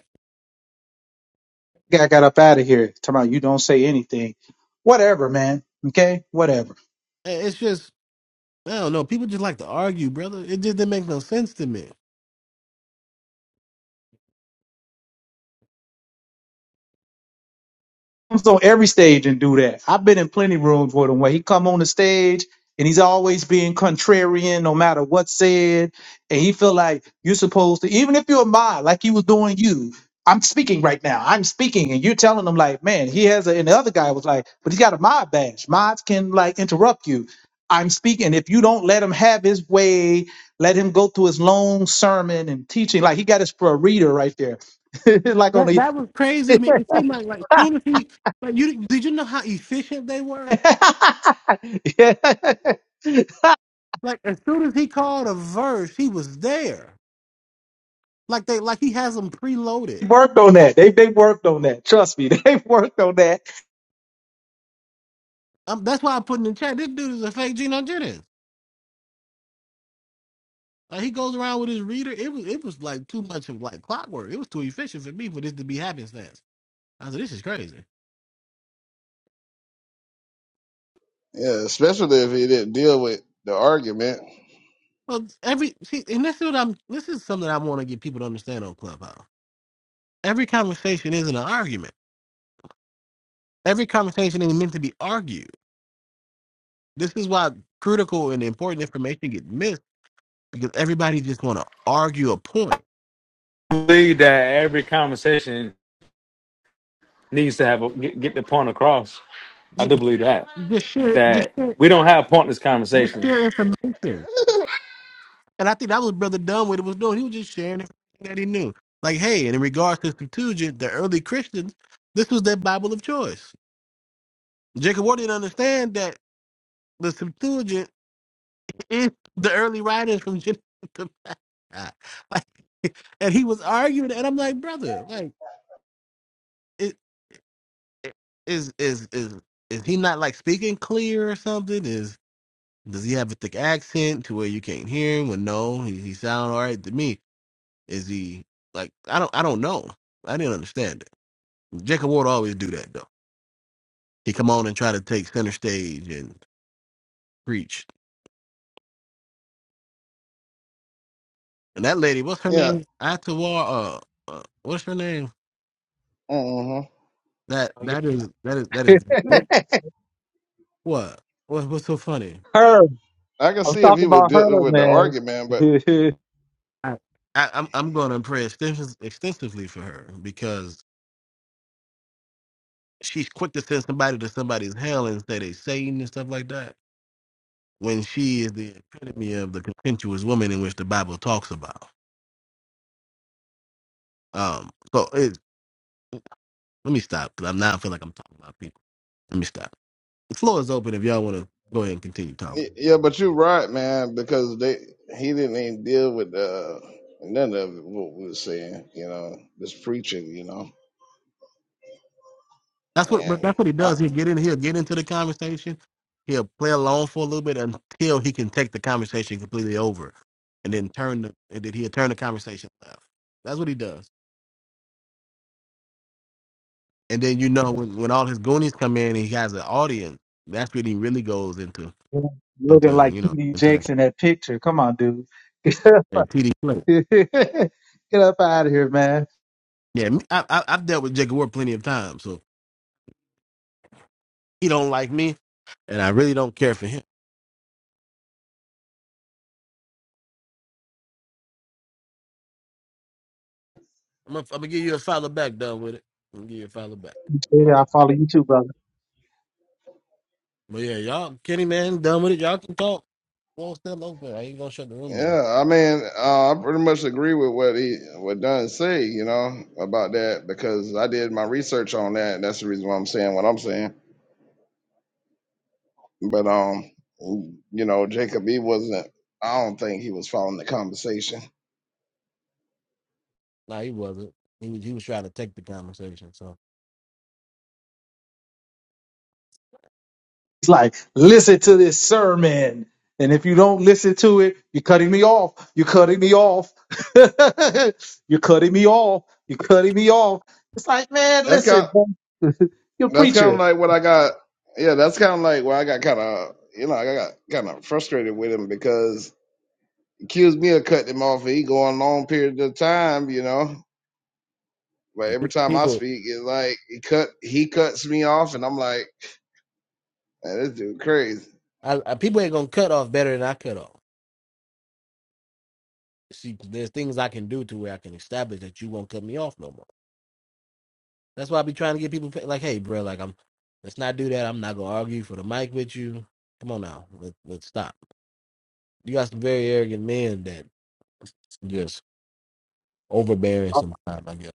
H: Guy got up out of here. Tomorrow, you don't say anything. Whatever, man. Okay, whatever.
B: Uh, It's just I don't know. People just like to argue, brother. It just didn't make no sense to me.
H: comes on every stage and do that. I've been in plenty rooms with him where he come on the stage and he's always being contrarian no matter what's said. And he feel like you're supposed to, even if you're mine, like he was doing you. I'm speaking right now. I'm speaking, and you're telling him like, man, he has a. And the other guy was like, but he's got a mod badge. Mods can like interrupt you. I'm speaking. If you don't let him have his way, let him go through his long sermon and teaching. Like he got his for a reader right there, [laughs] like on
B: That that was crazy to me.
H: the [laughs]
B: It seemed like like soon as he like you did you know how efficient they were.
H: [laughs] yeah. [laughs]
B: Like as soon as he called a verse, he was there. Like they like he has them
H: They
B: preloaded.
H: worked on that. They they worked on that. Trust me, [laughs] they worked on that.
B: Um, that's why I put in the chat. This dude is a fake Geno Jennings. Like he goes around with his reader. It was it was like too much of like clockwork. It was too efficient for me for this to be happenstance. I said, this is crazy.
D: Yeah, especially if he didn't deal with the argument.
B: Well, every see, and this is what I'm. This is something I want to get people to understand on Clubhouse. Every conversation isn't an argument. Every conversation is meant to be argued. This is why critical and important information get missed because everybody just want to argue a point.
K: I believe that every conversation needs to have a, get, get the point across. I
B: Just,
K: do believe that
B: just share, just
K: that
B: share,
K: we don't have pointless
B: just
K: conversations.
B: share information. And I think that was Brother Dunwoody was doing. He was just sharing everything that he knew. Like, hey, and in regards to Septuagint, the early Christians, this was their Bible of choice. Jacob Ward didn't understand that the Septuagint is the early writers from [laughs] Genesis to Malachi. Like, [laughs] and he was arguing, and I'm like, brother, like, it, it- is is is is he not like speaking clear or something? Is does he have a thick accent to where you can't hear him? Well, no, he, he sound all right to me Is he like I don't I don't know. I didn't understand it. Jacob Ward always do that though. He come on and try to take center stage and preach. And that lady, what's her
D: Yeah,
B: name? Atawar. Uh, uh, what's her name?
D: hmm
B: That
H: [laughs]
B: that is that is that is what what what's so funny?
H: her,
D: I can
H: I'm
D: see if he
H: talking
D: would
H: about her,
D: deal with the
H: man.
D: argument, but
H: [laughs]
B: I, I I'm I'm going to pray extens- extensively for her because she's quick to send somebody to somebody's hell and say they Satan and stuff like that. When she is the epitome of the contentious woman in which the Bible talks about. Um, so it's Let me stop because I'm now I feel like I'm talking about people. Let me stop. The floor is open if y'all want to go ahead and continue talking.
D: y- yeah, but you're right, man, because they he didn't even deal with uh, none of what we were saying, you know, this preaching, you know,
B: That's what but
D: and
B: that's what he
D: I,
B: does. He get in. He'll get into the conversation. He'll play along for a little bit until he can take the conversation completely over, and then turn the and then he'll turn the conversation left. That's what he does. And then you know when when all his goonies come in and he has an audience, that's when he really goes into
H: Looking
B: into
H: like
B: you know
H: TD
B: into that,
H: Jakes in that picture. Come on, dude. [laughs] Get
B: that TD play.
H: up out of here, man.
B: Yeah, me- I, I, I've dealt with Jacob Ward plenty of times, so he don't like me, and I really don't care for him I'm gonna, I'm gonna give you a follow back. Done with it. I'm gonna give you a follow back.
H: Yeah, I follow you too, brother.
B: But yeah, y'all, Kenny man, done with it. Y'all can talk. Wall still open. I ain't gonna shut the room down.
D: yeah, I mean, uh, I pretty much agree with what he what Dunn say, you know, about that because I did my research on that. And that's the reason why I'm saying what I'm saying But um, you know, Jacob, he wasn't. I don't think he was following the conversation.
B: Nah, he wasn't. He was. He was trying to take the conversation. So
H: It's like, listen to this sermon. And if you don't listen to it, you're cutting me off. You're cutting me off. [laughs] you're cutting me off. You're cutting me off. It's like, man,
D: That's
H: listen,
D: kind.
H: man. [laughs] you're a
D: That's kind
H: preacher.
D: of like what I got. Yeah, that's kind of like where I got kind of. You know, like, I got kind of frustrated with him because he accused me of cutting him off. And he going long periods of time. You know, but every time I
B: people,
D: speak, it's like he cut. He cuts me off, and I'm like, man, this dude crazy.
B: I, I, people ain't gonna cut off better than I cut off. See, there's things I can do to where I can establish that you won't cut me off no more. That's why I be trying to get people fa- like, hey, bro, like I'm. Let's not do that. I'm not gonna argue for the mic with you. Come on now. Let, let's stop. You got some very arrogant men that just. overbearing sometimes, I guess.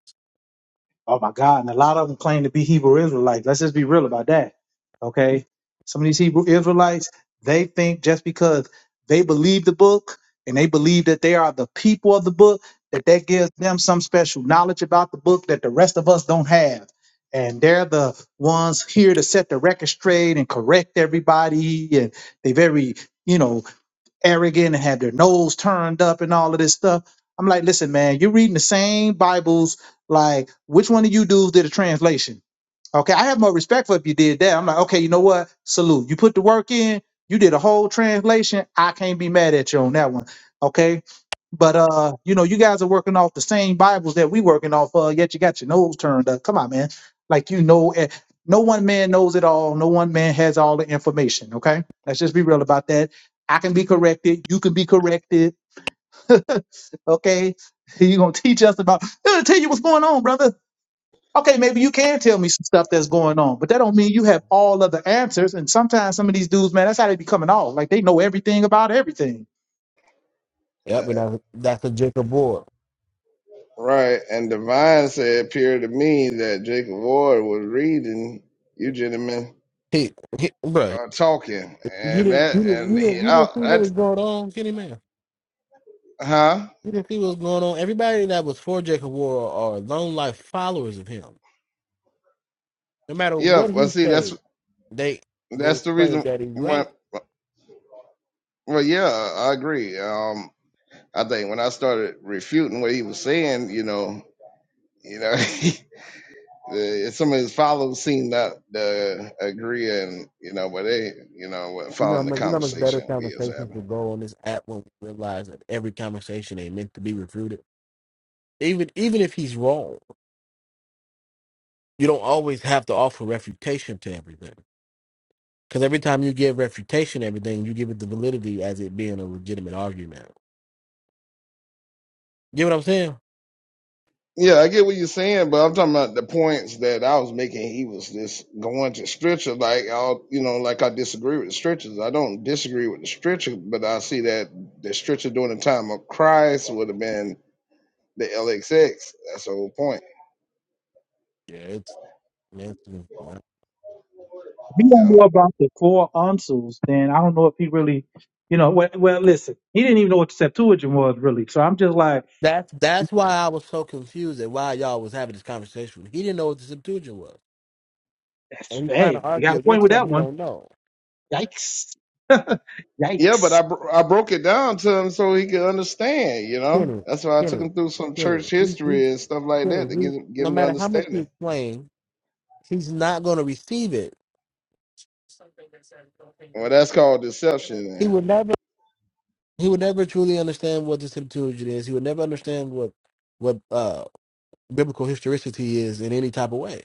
H: Oh my God. And a lot of them claim to be Hebrew Israelites. Let's just be real about that. Okay. Some of these Hebrew Israelites, they think just because they believe the book and they believe that they are the people of the book, that that gives them some special knowledge about the book that the rest of us don't have. And they're the ones here to set the record straight and correct everybody. And they very, you know, arrogant and had their nose turned up and all of this stuff. I'm like, listen, man, you're reading the same Bibles. Like, which one of you dudes did a translation? Okay, I have more respect for if you did that. I'm like, okay, you know what? Salute. You put the work in, you did a whole translation. I can't be mad at you on that one. Okay. But uh, you know, you guys are working off the same Bibles that we working off of, yet you got your nose turned up. Come on, man. Like you know eh, no one man knows it all, no one man has all the information. Okay. Let's just be real about that. I can be corrected, you can be corrected. [laughs] okay. You're gonna teach us about "Hey, tell you what's going on, brother. Okay, maybe you can tell me some stuff that's going on, but that don't mean you have all of the answers. And sometimes some of these dudes, man, that's how they be coming off. Like they know everything about everything.
D: Uh,
B: Yep, and that's Dr. Jacob Ward.
D: Right, and Divine said, it appeared to me that Jacob Ward was reading you gentlemen
B: He, he bro,
D: uh, talking,
B: you
D: and
B: didn't,
D: that
B: you didn't,
D: and
B: you
D: he
B: didn't, you didn't
D: out
B: see what
D: that
B: was going on, Kenny Man.
D: huh?
B: You didn't see what was going on. Everybody that was for Jacob Ward are long life followers of him. No matter
D: Yeah,
B: what
D: well,
B: he
D: see, that's
B: says, they
D: that's
B: gonna
D: the
B: claim
D: reason.
B: that he's
D: When,
B: right.
D: well, yeah, I agree. Um, I think when I started refuting what he was saying, you know, you know, [laughs] the, some of his followers seemed not to agree, and you know, but they, you know, weren't
B: You know how
D: following the
B: much, you know how much better
D: conversation we was having.
B: conversations will go on this app when we realize that every conversation ain't meant to be refuted. Even, even if he's wrong, you don't always have to offer refutation to everything. Because every time you give refutation, everything you give it the validity as it being a legitimate argument. Get what I'm saying?
D: Yeah, I get what you're saying, but I'm talking about the points that I was making. He was just going to stretcher, like I'll, you know, like I disagree with the stretchers. I don't disagree with the stretcher, but I see that the stretcher during the time of Christ would have been the LXX. That's the whole point,
B: Yeah, it's, yeah, it's
H: If he
D: you
H: don't
D: know.
H: know about the four uncles, then I don't know if he really, you know. Well, well listen, he didn't even know what the Septuagint was really. So I'm just like,
B: that's that's why I was so confused at why y'all was having this conversation. He didn't know what the Septuagint was,
H: that's,
B: and he's trying to
H: hey, we got
B: argue
H: a point
B: against
H: with that
B: something he
H: one.
B: don't know.
H: Yikes! [laughs]
D: Yeah, but
H: Yikes!
D: I bro- I broke it down to him so he could understand, you know.
B: Kenny,
D: That's why I took
B: Kenny,
D: him through some
B: Kenny,
D: church
B: he, he,
D: history and stuff like that
B: Kenny,
D: to give
B: he,
D: him give
B: no
D: him the
B: matter how much you
D: understanding.
B: explain, he's not going to receive it.
D: Well, that's called deception,
B: He
D: man.
B: would never. he would never truly understand what the Septuagint is. He would never understand what what uh biblical historicity is in any type of way.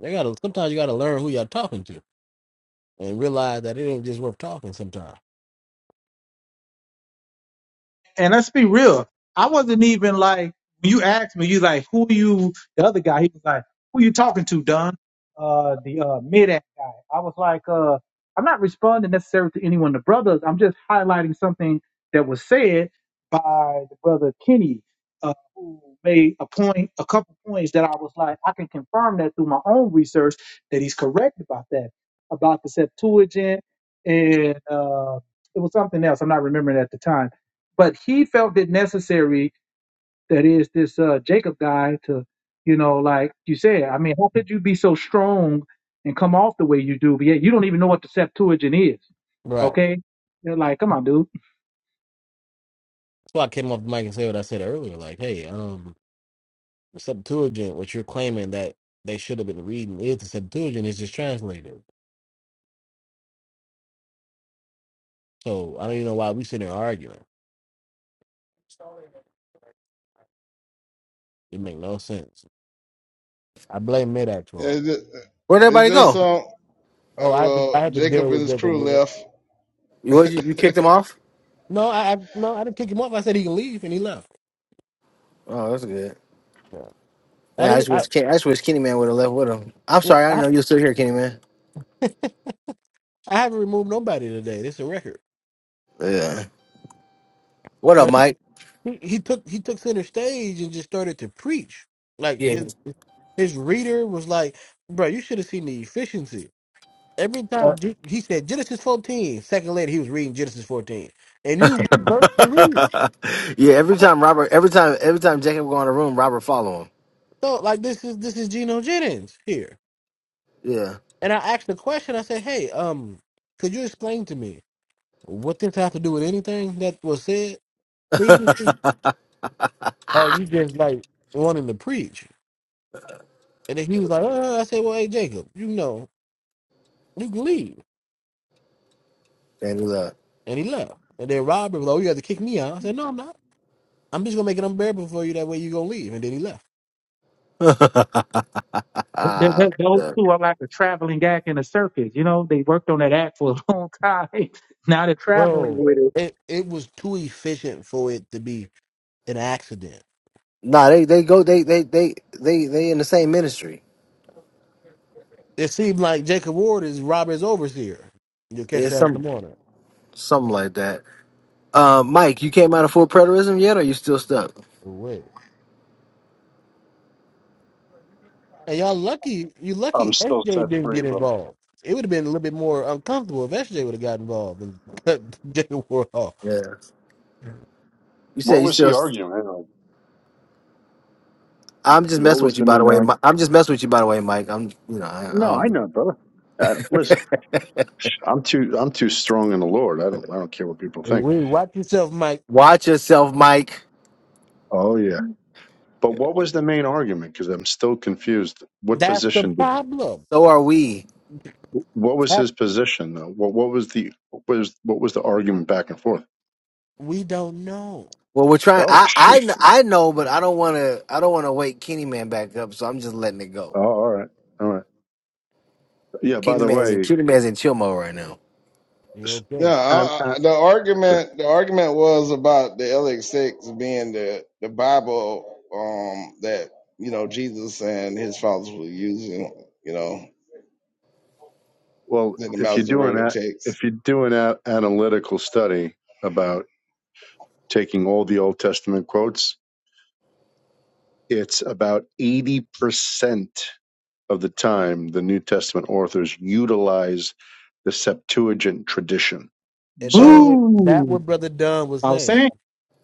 B: They gotta sometimes you gotta learn who you're talking to and realize that it ain't just worth talking sometimes.
H: And let's be real. I wasn't even like when you asked me, you like, who you the other guy, he was like, Who you talking to, Don? Uh the uh mid act guy. I was like, uh, I'm not responding necessarily to anyone of the brothers. I'm just highlighting something that was said by the brother Kenny, uh, who made a point a couple points that I was like, I can confirm that through my own research that he's correct about that, about the Septuagint and uh it was something else. I'm not remembering at the time but he felt it necessary that is this uh jacob guy to you know like you said i mean how could you be so strong and come off the way you do but yet you don't even know what the septuagint is
B: Right.
H: okay they're like come on dude
B: That's why I came off the mic and said what I said earlier. Like, hey, um the Septuagint, what you're claiming that they should have been reading is the Septuagint is just translated. So I don't even know why we sitting there arguing. It make no sense. I blame mid for
D: It
B: all.
D: just,
C: Where'd
D: it
C: everybody
D: just
C: go?
D: um, Uh,
B: Oh, I had to, I
D: Well,
B: had to
D: Jacob
B: deal
D: and
B: with
D: his
B: Jacob
D: crew
B: Ward.
D: left.
C: You what, you, you kicked him off?
B: No, I, I no, I didn't kick him off. I said he can leave, and he left.
C: Oh, that's good.
B: Yeah. I
C: Yeah, I
B: didn't.
C: just wish
B: I,
C: Ken, I just wish Kenny Man would have left with him. I'm
B: yeah,
C: sorry, I didn't
B: I,
C: know you were still here, Kenny Man.
B: I haven't removed nobody today. This is a record.
C: Yeah. What up,
B: But
C: Mike?
B: he, he took he took center stage and just started to preach. Like
C: Yeah.
B: his his reader was like, "Bro, you should have seen the efficiency." Every
C: Uh,
B: time G- he said Genesis 14, second later he was reading Genesis 14 and knew what verse to read.
C: [laughs] yeah. Every
B: I
C: time Robert, every time, every time Jacob go in the room, Robert follow him.
B: thought like this is this is Geno Jennings here, and I asked the question. I said, "Hey, um, could you explain to me?" What this have to do with anything that was said previously?
C: Yeah. [laughs]
B: Or you just like wanting to preach? And then he was like, uh I said, well, hey, Jacob, you know, you can leave.
C: And he left.
B: And he left. And then Robert was like, oh, you have to kick me out. I said, no, I'm not. I'm just going to make it unbearable for you. That way you're going to leave. And then he left.
C: [laughs]
H: Th- th-
C: Ah,
H: th- those two are like a traveling act in a circus you know they worked on that act for a [laughs] long time now they're traveling
B: Bro,
H: with it
B: it, it was too efficient for it to be an accident.
C: nah, they they go they they they they they in the same ministry.
B: It seemed like Jacob Ward is Robert's overseer. You'll catch
C: It's
B: that in the
C: some
B: morning.
C: something like that. Uh, Mike, you came out of full preterism yet, or you still stuck?
B: Wait. And y'all lucky, you
L: [laughs]
B: lucky
L: I'm
B: SJ
L: still set
B: didn't
L: free,
B: get
L: brother.
B: involved. It would have been a little bit more uncomfortable if SJ would have got involved and [laughs] cut Jada Ward off.
C: Yeah. You
L: What
C: said you
L: was he
C: still.
L: arguing? Anyway?
C: I'm just
L: What
C: messing
L: was
C: with you,
L: the
C: by the
L: main
C: way.
L: argument?
C: Mi- I'm just messing with you, by the way, Mike. I'm, you know, I, I
L: No, I
C: don't.
L: know, brother. Uh, listen, I'm too I'm too strong in the Lord. I
C: [laughs]
L: don't I don't care what people think.
B: We watch yourself, Mike.
C: Watch yourself, Mike.
L: Oh yeah, but what was the main argument? Because I'm still confused. What
B: That's the
L: position did?
B: problem.
C: So are we.
L: What was
B: That-
L: his position though? What what was the what was what was the argument back and forth?
B: we don't know.
C: Well, we're trying.
L: Oh
C: I, I,
L: shoot!
C: kn- I know, but I don't want to. I don't want to wake Kenny Man back up, so I'm just letting it go.
L: Oh, all right, all right. Yeah. By
C: Kenny
L: the
C: Man is in
L: way,
C: Kenny Man's in chill mode right now.
L: s-
B: You
D: No,
B: okay?
L: an
D: I, I, the
L: actor.
D: argument the argument was about the LX6 being the the Bible um that you know Jesus and his followers were using, you know,
L: Well,
D: in the
L: if you're doing
D: Masoretic
L: that,
D: text.
L: if you're doing an analytical study about taking all the Old Testament quotes, it's about eighty percent of the time the New Testament authors utilize the Septuagint tradition.
B: And that
L: So
B: what that
H: boo
B: what Brother Dunn was
H: i was
B: saying.
H: saying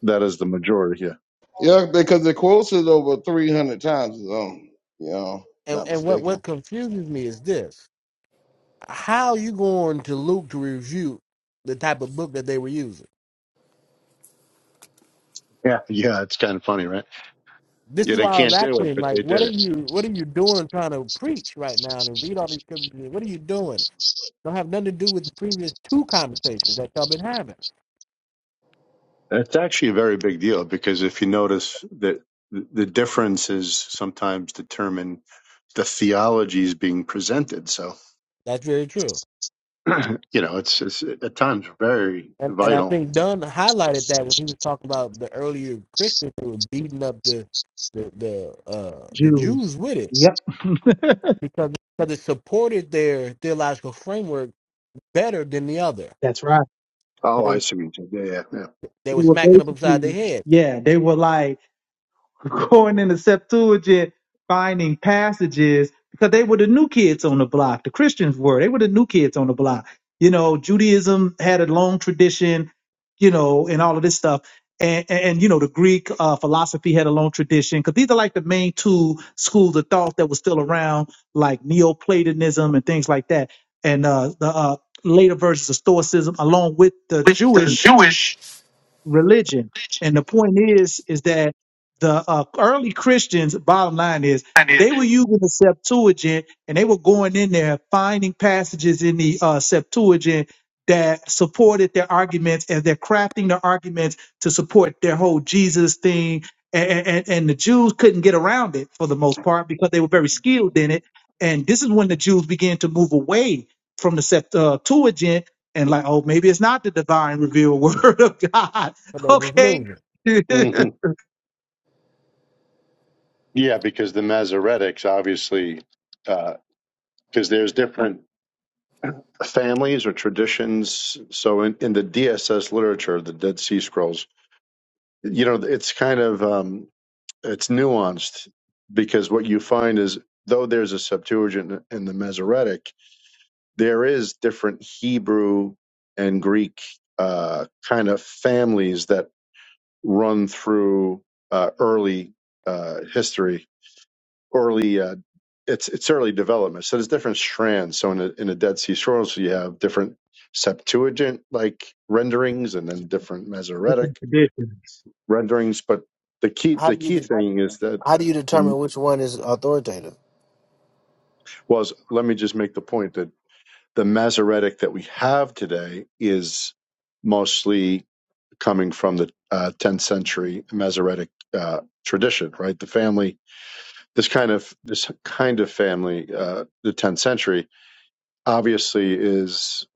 L: that is the majority. Yeah.
D: Yeah, because it quotes it over three hundred times. Um, you know,
B: And
D: not
B: and what
D: mistaken.
B: what confuses me is this: How you going to Luke to review the type of book that they were using?
L: Yeah. Yeah. It's kind of funny, right?
B: This
L: Yeah,
B: is
L: they
B: why I was
L: can't do
B: asking
L: it,
B: him,
L: but
B: like,
L: they did
B: what
L: it.
B: are you, what are you doing trying to preach right now and read all these scriptures? What are you doing? Don't have nothing to do with the previous two conversations that y'all been having.
L: It's actually a very big deal because if you notice that the differences sometimes determine the theologies being presented. So,
B: That's very true.
L: [clears throat] you know, it's, it's at times very
B: And and I
L: vital.
B: think Dunn highlighted that when he was talking about the earlier Christians who were beating up the the the uh the
H: jews
B: Jews with it
H: yep
B: because because it supported their theological framework better than the other.
H: [laughs] that's right
B: But
L: Oh, I
B: they
L: see. what you did. Yeah, yeah,
B: they
H: they
B: were
H: were
B: smacking them upside their
H: basically
B: head,
H: yeah they were like [laughs] going in the Septuagint, finding passages because they were the new kids on the block. The Christians were. They were the new kids on the block. You know, Judaism had a long tradition, you know, and all of this stuff. And, and, and, you know, the Greek uh, philosophy had a long tradition because these are like the main two schools of thought that were still around, like Neoplatonism and things like that. And uh, the uh, later versions of Stoicism, along with the
C: With the
H: Jewish
C: Jewish
H: religion. And the point is, is that the uh, early Christians, bottom line is,
C: and it
H: they were using the Septuagint and they were going in there finding passages in the uh, Septuagint that supported their arguments and they're crafting their arguments to support their whole Jesus thing. And, and, and the Jews couldn't get around it for the most part because they were very skilled in it. And this is when the Jews began to move away from the Sept- uh, Septuagint and like, oh, maybe it's not the divine revealed [laughs] word of God
B: but
H: [laughs]
B: they was
H: Okay.
B: losing.
H: [laughs]
L: yeah. hmm
H: Different
L: Yeah, because the Masoretics obviously, because there's different families or traditions. So in, in the DSS literature, the Dead Sea Scrolls, you know, it's kind of um, it's nuanced because what you find is though there's a Septuagint in the Masoretic, there is different Hebrew and Greek uh, kind of families that run through uh, early uh, history, early uh, it's it's early development. So there's different strands. So in a, in a Dead Sea Scrolls, you have different Septuagint like renderings, and then different Masoretic
H: traditions.
L: renderings. But the key
C: How
L: the
C: do you
L: key
C: de-
L: thing is that
C: how do you
L: the
C: determine which one is authoritative?
L: was let me just make the point that the Masoretic that we have today is mostly coming from the uh, 10th century Masoretic uh, tradition, right? The family, this kind of this kind of family, uh, the 10th century, obviously is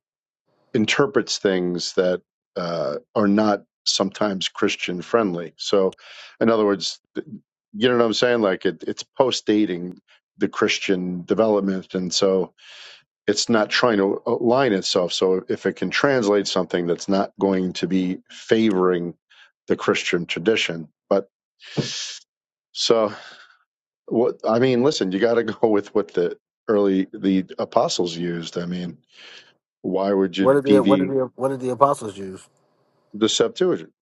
L: interprets things that uh, are not sometimes Christian friendly. So, in other words, you know what I'm saying? Like it, it's post dating the Christian development, and so it's not trying to align itself. So if it can translate something that's not going to be favoring the Christian tradition, but so what? I mean, listen, you got to [laughs] go with what the early the apostles used. I mean, why would
C: What
L: you
C: did the What did
L: deviate
C: the What did the apostles use?
L: the Septuagint?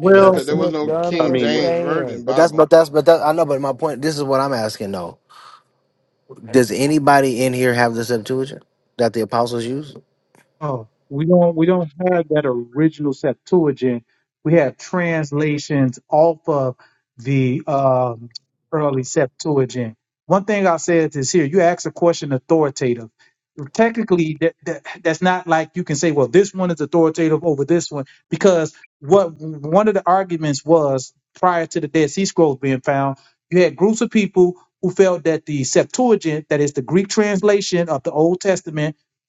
B: And
C: That's
D: Yeah,
C: what I'm
D: because
B: that's
D: there
C: saying.
D: was
B: what
D: no
C: But,
B: Dunn
L: I
D: King
B: was
L: mean,
C: but,
L: it,
C: but
D: James Version
B: saying.
C: but that's
D: Bible.
C: but that's but that I know. But my point. This is what I'm asking though. Does anybody in here have this Septuagint that the apostles use?
H: Oh, we don't we don't have that original Septuagint. We have translations off of the um, early Septuagint. One thing I said is here: you ask a question authoritative. Technically, that, that that's not like you can say, well, this one is authoritative over this one, because what one of the arguments was prior to the Dead Sea Scrolls being found, you had groups of people who felt that the Septuagint, that is the Greek translation of the Old Testament,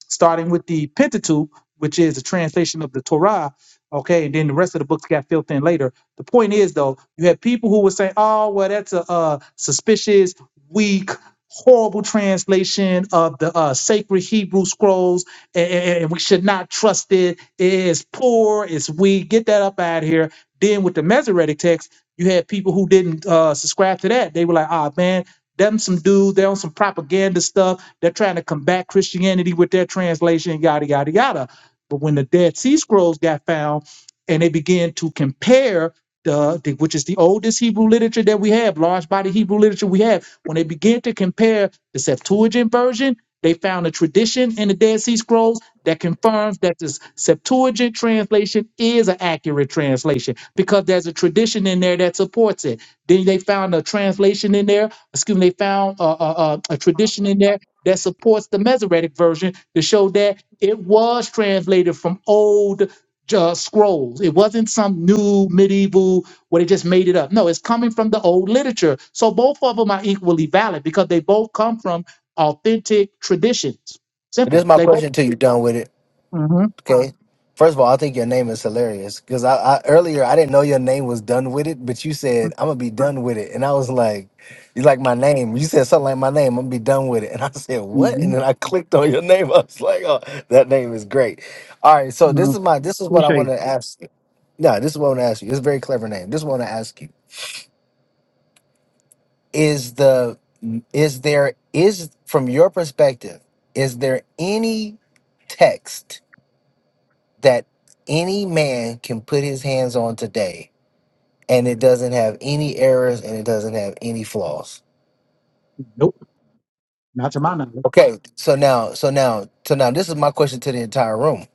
H: starting with the Pentateuch, which is a translation of the Torah. Okay, and then the rest of the books got filled in later. The point is, though, you had people who would say, "Oh, well, that's a uh, suspicious, weak, horrible translation of the uh, sacred Hebrew scrolls, and, and we should not trust it. It's poor, it's weak. Get that up out of here." Then with the Masoretic text, you had people who didn't uh, subscribe to that. They were like, "Ah, man, them some dudes, they're on some propaganda stuff. They're trying to combat Christianity with their translation, yada, yada, yada. But when the Dead Sea Scrolls got found and they began to compare the, the which is the oldest Hebrew literature that we have, large body Hebrew literature we have, when they began to compare the Septuagint version, they found a tradition in the Dead Sea Scrolls that confirms that this Septuagint translation is an accurate translation because there's a tradition in there that supports it. Then they found a translation in there excuse me, they found a, a, a tradition in there that supports the Masoretic version to show that it was translated from old uh, scrolls. It wasn't some new medieval where they just made it up. No, it's coming from the old literature. So both of them are equally valid because they both come from authentic traditions.
C: This is
H: Simple.
C: my
H: They both.
C: question till you're done with it.
H: Uh-huh.
C: Okay. First of all, I think your name is hilarious because I, I earlier I didn't know your name was done with it, but you said I'm gonna be done with it, and I was like, you like my name? You said something like my name. I'm gonna be done with it, and I [laughs] said what?
H: Mm-hmm.
C: And then I clicked on your name. [laughs] I was like, oh, that name is great. All right, so this
H: No,
C: is my this is what I
H: appreciate
C: want
H: it.
C: to ask. No, this is what I want to ask you. It's a very clever name. This is what I want to ask you. Is the is there is from your perspective, is there any text that any man can put his hands on today and it doesn't have any errors and it doesn't have any flaws?
H: Not
C: Okay, so now so now so now this is my question to the entire room.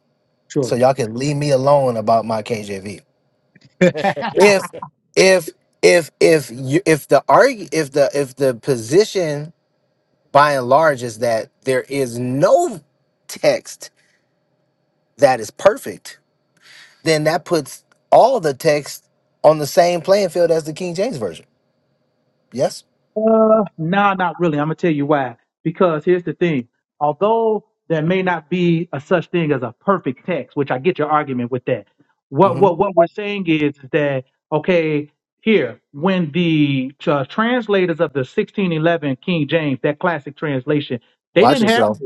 C: So y'all can leave me alone about my KJV.
B: [laughs]
C: If if if if you if the arg if the if the position by and large is that there is no text that is perfect, then that puts all the text on the same playing field as the King James version. Yes.
H: Nah, not really. I'm gonna tell you why. Because here's the thing. Although there may not be a such thing as a perfect text, which I get your argument with that. What
C: hmm
H: what what we're saying is that okay, here when the uh, translators of the 1611 King James, that classic translation, they
C: Watch
H: didn't have
C: yourself.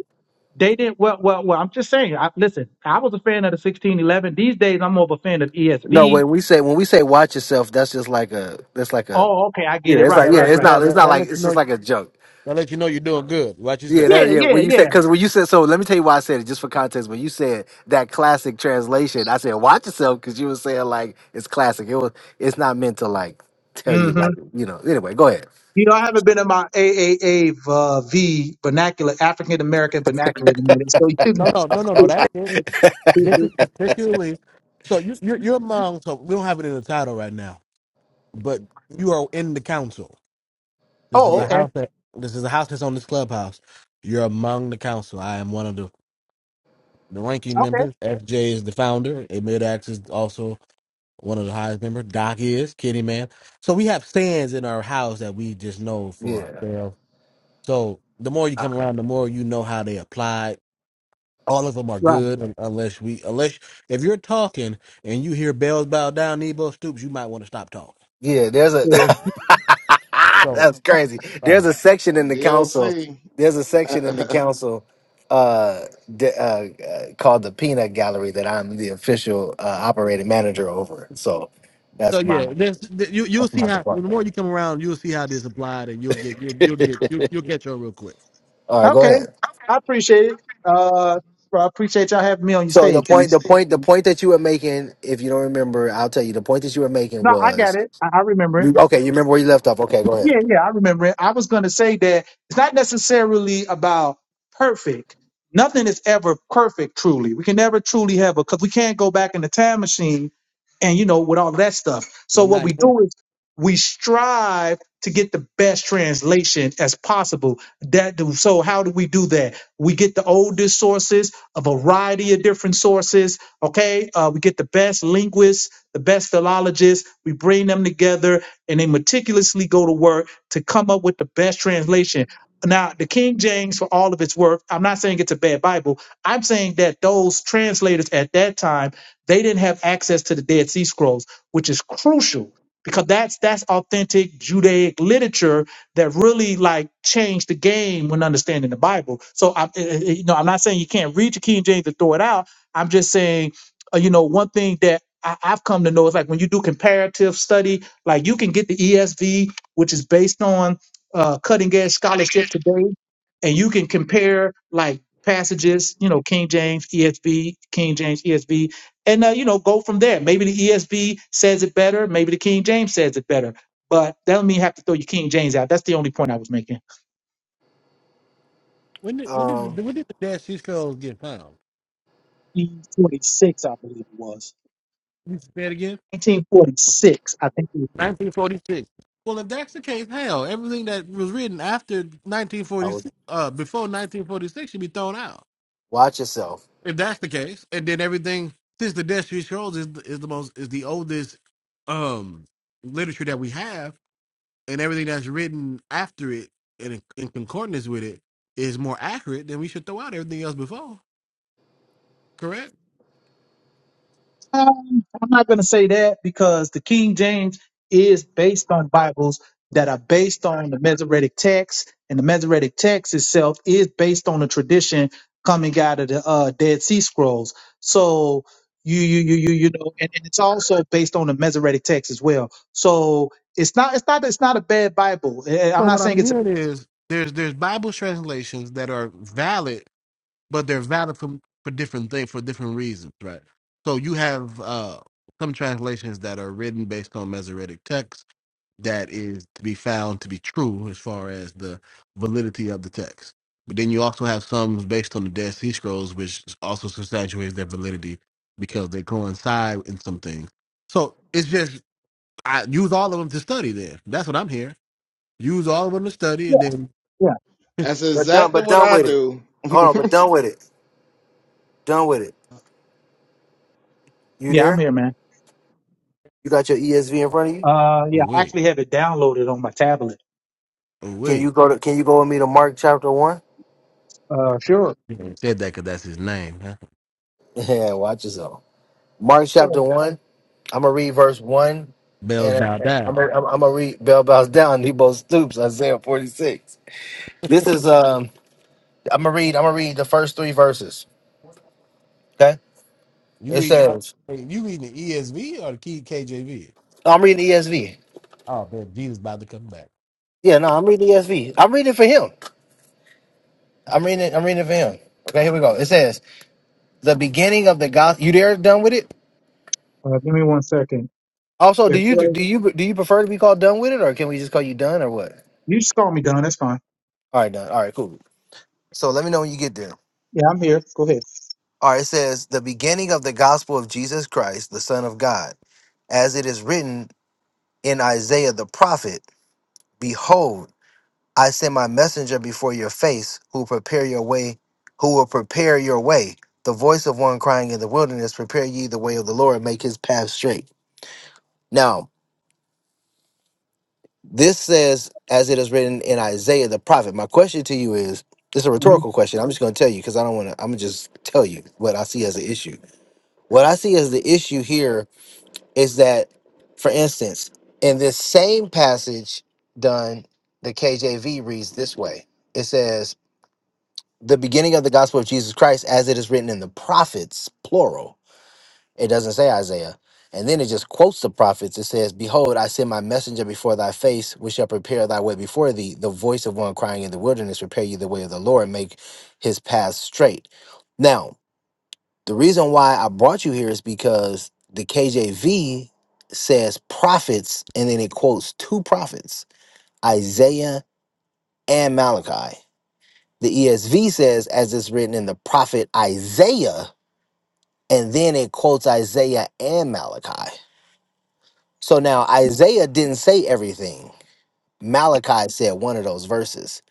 H: they didn't well well well. I'm just saying. I, listen, I was a fan of the 1611. These days, I'm more of a fan of
C: No,
H: ESV.
C: when we say when we say watch yourself, that's just like a that's like a
H: Oh, okay, I get
C: yeah.
H: it.
C: It's
B: And
H: Right,
C: like
B: that
C: yeah.
B: lets
H: right,
C: It's
B: you
H: right.
B: know
C: not it's
B: that
C: not
B: that
C: like
B: lets
C: it's
B: you
C: just
B: know
C: like a joke.
B: That lets you know you're doing good. Watch
C: Yeah,
B: yourself.
C: that,
H: Yeah,
C: yeah.
H: yeah,
C: When you said
H: yeah.
C: because when you said so, let me tell you why I said it just for context. When you said that classic translation, I said watch yourself because you were saying like it's classic. It was it's not meant to like tell you
H: Mm-hmm.
C: like you know. Anyway, go ahead.
H: You know, I haven't been in my AAA uh, V vernacular, African American vernacular in a minute. So,
B: no no no no no That is it. This is particularly So you, you're, you're among, so we don't have it in the title right now, but you are in the council.
H: [laughs]
B: This
H: oh,
B: is a
C: Yeah,
B: house that, this is a house that's on this clubhouse. You're among the council. I am one of the, the ranking
H: okay,
B: members. FJ is the founder. Amid Axe is also one of the highest members. Doc is, Kitty Man. So we have stands in our house that we just know for
C: yeah,
B: ourselves. So the more you
C: Uh,
B: come around, the more you know how they apply All of them are
H: right.
B: good un- unless we unless if you're talking and you hear bells bow down, Nebo Stoops, you might want to stop talking.
C: yeah. There's a
H: Yeah.
C: [laughs]
B: So
C: that's crazy. There's
B: uh
C: a section in the council.
D: DLC.
C: There's a
D: [laughs]
C: section in the council uh, d- uh, uh, called the Peanut Gallery that I'm the official uh, operating manager over. So
B: so
C: that's my
B: yeah, there's th- you you'll
C: that's
B: see
C: my
B: how the
C: department.
B: more you come around, you'll see how this applied, and you'll get you'll you'll get you'll, you'll catch on real quick.
C: All right, go
H: Okay,
C: ahead.
H: I appreciate it. Uh, I appreciate y'all having me on your
C: So the
H: stage, man.
C: point, the point, the point that you were making, if you don't remember, I'll tell you. The point that you were making
H: No, I got
C: was
H: it. I, I remember it.
C: okay. You remember where you left off? Okay, go
H: Yeah,
C: ahead.
H: yeah, I remember it. I was going to say that it's not necessarily about perfect. Nothing is ever perfect, truly. We can never truly have a, because we can't go back in the time machine and you know with all that stuff so
B: Well,
H: what
B: not
H: we
B: yet.
H: do is we strive to get the best translation as possible that do, so how do we do that we get the oldest sources a variety of different sources okay uh, we get the best linguists the best philologists we bring them together and they meticulously go to work to come up with the best translation now the king james for all of its work i'm not saying it's a bad bible i'm saying that those translators at that time they didn't have access to the Dead Sea Scrolls, which is crucial because that's that's authentic Judaic literature that really like changed the game when understanding the Bible. So I, I- I- you know, I'm not saying you can't read your King James and throw it out. I'm just saying, uh, you know, one thing that I, I've come to know is like when you do comparative study, like you can get the ESV, which is based on uh, cutting edge scholarship today, and you can compare like passages, you know, King James, ESV, King James, ESV, and uh, you know go from there. Maybe the ESV says it better. Maybe the King James says it better. But that don't mean you have to throw your King James out. That's the only point I was making.
B: When did when did
C: Um,
B: the, when did the Dash Six Girls get found?
H: 1946, I believe it was.
B: You say it again.
H: 1946, I think.
B: 1946. Well, if that's the case, hell, everything that was written after
C: I would
B: 1946, uh, before 1946, should be thrown out.
C: watch yourself.
B: If that's the case, and then everything since the Dead Sea Scrolls is is the most is the oldest um literature that we have, and everything that's written after it and in, in concordance with it is more accurate, then we should throw out everything else before. Correct.
H: Um, I'm not going to say that because the King James is based on Bibles that are based on the Masoretic text, and the Masoretic text itself is based on a tradition coming out of the uh, Dead Sea Scrolls. So you you you you you know, and, and it's also based on the Masoretic text as well. So it's not it's not it's not a bad Bible. Eh, eh, I'm
B: So
H: not
B: what
H: saying
B: I'm
H: it's a
B: hearing is there's there's Bible translations that are valid, but they're valid for for different things for different reasons, right? So you have uh some translations that are written based on Masoretic texts that is to be found to be true as far as the validity of the text. But then you also have some based on the Dead Sea Scrolls, which also substantiates their validity because they coincide in some things. So it's just I use all of them to study. Then that's what I'm here. Use all of them to study,
H: yeah
B: and then
H: yeah
D: That's
C: But done,
D: exactly
C: but
D: what
C: done
D: I
C: with it.
D: do. [laughs]
C: Hold on, but
D: You're
C: done with it. Done with it. You
H: yeah. I'm
C: there?
H: here, man.
C: You got your ESV in front of you?
H: Uh,
B: oh
H: yeah, I
B: wait,
H: actually have it downloaded on my tablet.
B: oh
C: Can
B: wait,
C: you go to can you go with me to Mark chapter one? [laughs]
H: Uh, sure.
B: he ain't said that because that's his name. Huh?
C: Yeah, watch yourself. Mark chapter one. I'm gonna read verse one
B: Bells
C: and
B: bow
C: I'm
B: down.
C: gonna, I'm, gonna read Bell Bows Down, He Nebo Stoops, Isaiah 46. This is um I'm gonna read I'm gonna read the first three verses. Okay?
B: You
C: It
B: read, uh,
C: says
B: you reading the ESV or the K- KJV?
C: "Oh, I'm reading ESV.
B: Oh man, Jesus about to come back.
C: Yeah, no, I'm reading ESV. I'm reading it for him. I'm reading it, I'm reading it for him. Okay, here we go. It says the beginning of the gospel. You there? Done with it?
H: Uh, give me one second.
C: Also, do you do you do you prefer to be called done with it, or can we just call you done, or what?
H: You just call me Don. That's fine.
C: All right, done. All right, cool. So let me know when you get there.
H: Yeah, I'm here. Go ahead.
C: All right, it says the beginning of the gospel of Jesus Christ, the Son of God, as it is written in Isaiah the prophet. Behold, I send my messenger before your face, who will prepare your way, who will prepare your way. The voice of one crying in the wilderness, prepare ye the way of the Lord, make his path straight. Now, This says, as it is written in Isaiah the prophet. My question to you is it's a
H: Mhm.
C: rhetorical question. I'm just going to tell you because I don't want to, I'm going to just tell you what I see as an issue. What I see as the issue here is that, for instance, in this same passage done, the KJV reads this way it says, the beginning of the gospel of Jesus Christ, as it is written in the prophets, plural it doesn't say Isaiah. And then it just quotes the prophets. It says, Behold, I send my messenger before thy face, which shall prepare thy way before thee. The voice of one crying in the wilderness, Prepare you the way of the Lord, make his path straight. Now, the reason why I brought you here is because the KJV says prophets, and then it quotes two prophets, Isaiah and Malachi. The ESV says, as it's written in the prophet Isaiah, and then it quotes Isaiah and Malachi. So now Isaiah didn't say everything. Malachi said one of those verses.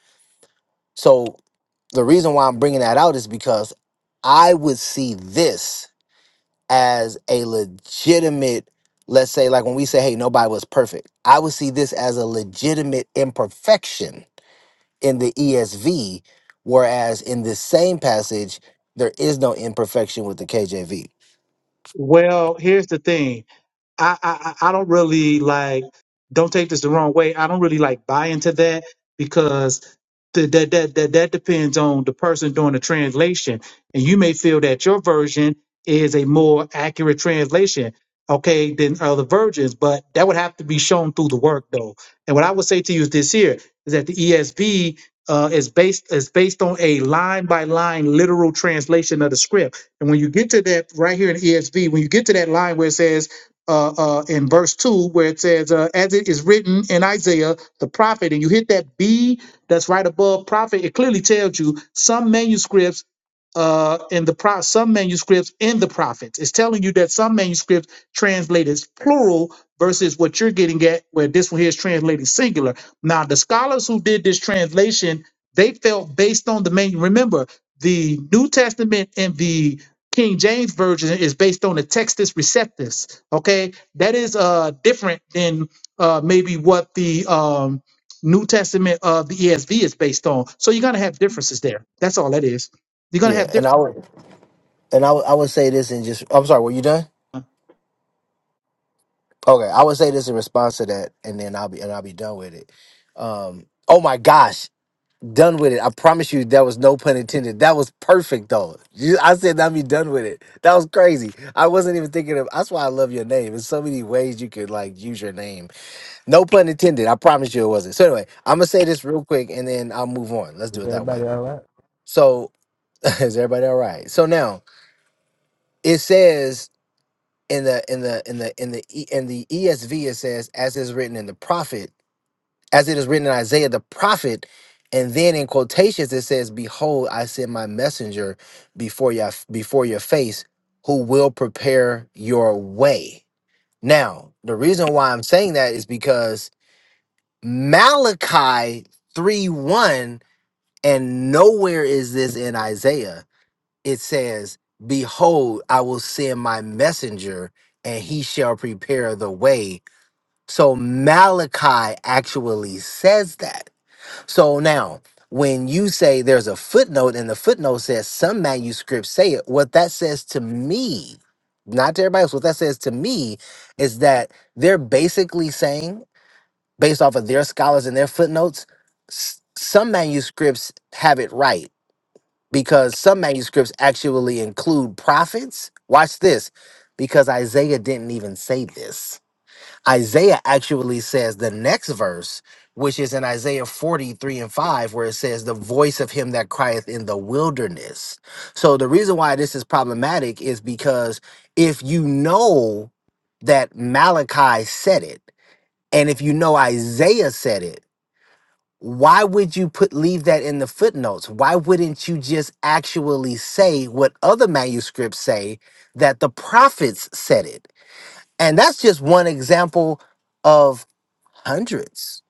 C: So the reason why I'm bringing that out is because I would see this as a legitimate, let's say, like when we say, hey, nobody was perfect, I would see this as a legitimate imperfection in the ESV, whereas in this same passage, there is no imperfection with the KJV.
H: Well, here's the thing. I, I I I don't really like. Don't take this the wrong way. I don't really like buy into that because the, that that that that depends on the person doing the translation, and you may feel that your version is a more accurate translation, okay, than other versions. But that would have to be shown through the work, though. And what I would say to you this here is that the ESV. Uh, is based is based on a line by line literal translation of the script, and when you get to that right here in ESV, when you get to that line where it says uh, uh, in verse 2 where it says, uh, as it is written in Isaiah, the prophet, and you hit that B that's right above prophet, it clearly tells you some manuscripts uh, in the pro- some manuscripts in the prophets. It's telling you that some manuscripts translate as plural versus what you're getting at, where this one here is translated singular. Now, the scholars who did this translation, they felt based on the main. Remember, the New Testament and the King James version is based on the Textus Receptus. Okay, that is uh different than uh maybe what the um New Testament of the ESV is based on. So you're gonna have differences there. That's all that is. You're gonna
C: Yeah,
H: have
C: and I
H: differences.
C: would and I would, I would say this and just I'm sorry, were you done? Okay, I would say this in response to that, and then I'll be and I'll be done with it. Um, oh my gosh, done with it! I promise you, that was no pun intended. That was perfect though. You, I said I'd be done with it. That was crazy. I wasn't even thinking of. That's why I love your name. There's so many ways you could like use your name No pun intended. I promise you it wasn't. So anyway, I'm gonna say this real quick and then I'll move on. Let's
B: Is
C: do it that
B: everybody
C: way.
B: all right?
C: So [laughs] is everybody all right? So now it says in the in the in the in the E- in the ESV it says as is written in the prophet, as it is written in Isaiah the prophet, and then in quotations it says, "Behold, I send my messenger before your before your face, who will prepare your way." Now the reason why I'm saying that is because Malachi 3 1, and nowhere is this in Isaiah. It says, Behold, I will send my messenger, and he shall prepare the way. So Malachi actually says that. So now, when you say there's a footnote, and the footnote says some manuscripts say it, what that says to me, not to everybody else, what that says to me is that they're basically saying based off of their scholars and their footnotes, s- some manuscripts have it right because some manuscripts actually include prophets. Watch this, because Isaiah didn't even say this. Isaiah actually says the next verse, which is in Isaiah 43 and 5, where it says, The voice of him that crieth in the wilderness. So the reason why this is problematic is because if you know that Malachi said it, and if you know Isaiah said it, why would you put leave that in the footnotes why wouldn't you just actually say what other manuscripts say that the prophets said it and that's just one example of hundreds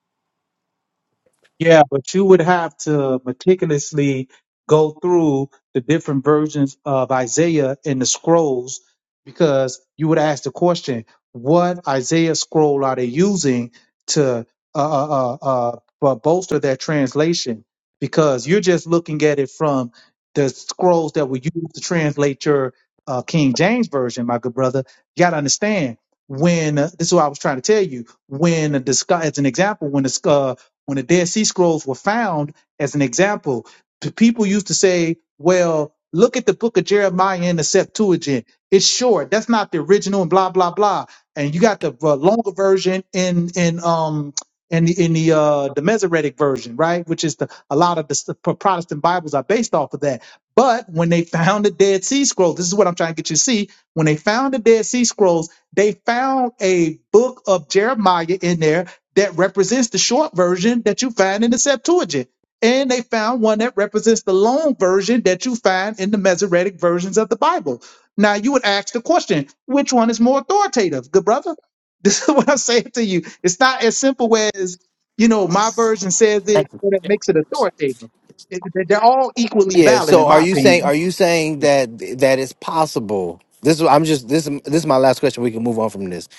H: Yeah, but you would have to meticulously go through the different versions of Isaiah in the scrolls because you would ask the question, what Isaiah scroll are they using to uh, uh, uh, uh, bo- bolster their translation? Because you're just looking at it from the scrolls that were used to translate your uh, King James version, my good brother. You got to understand when uh, this is what I was trying to tell you. When the sky, as an example, when the sky when the Dead Sea Scrolls were found, as an example, the people used to say, well, look at the book of Jeremiah in the Septuagint. It's short. That's not the original and blah, blah, blah. And you got the uh, longer version in, in, um, in the, in the, uh, the Masoretic version, right? Which is the, a lot of the s- Protestant Bibles are based off of that. But when they found the Dead Sea Scrolls, this is what I'm trying to get you to see. When they found the Dead Sea Scrolls, they found a book of Jeremiah in there that represents the short version that you find in the Septuagint. And they found one that represents the long version that you find in the Masoretic versions of the Bible. Now, you would ask the question, which one is more authoritative? Good brother, [laughs] this is what I'm saying to you. It's not as simple as, you know, my version says it,
C: thank you
H: but it makes it authoritative. It- it- they're all equally
C: yeah
H: valid, in
C: so are
H: my
C: you
H: opinion.
C: saying are you saying that that it's possible this is i'm just this this is my last question we can move on from this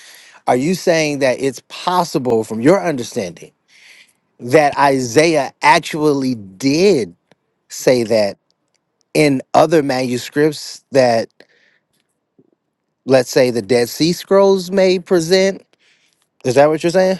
C: are you saying that it's possible from your understanding that isaiah actually did say that in other manuscripts that let's say the Dead Sea Scrolls may present. Is that what you're saying?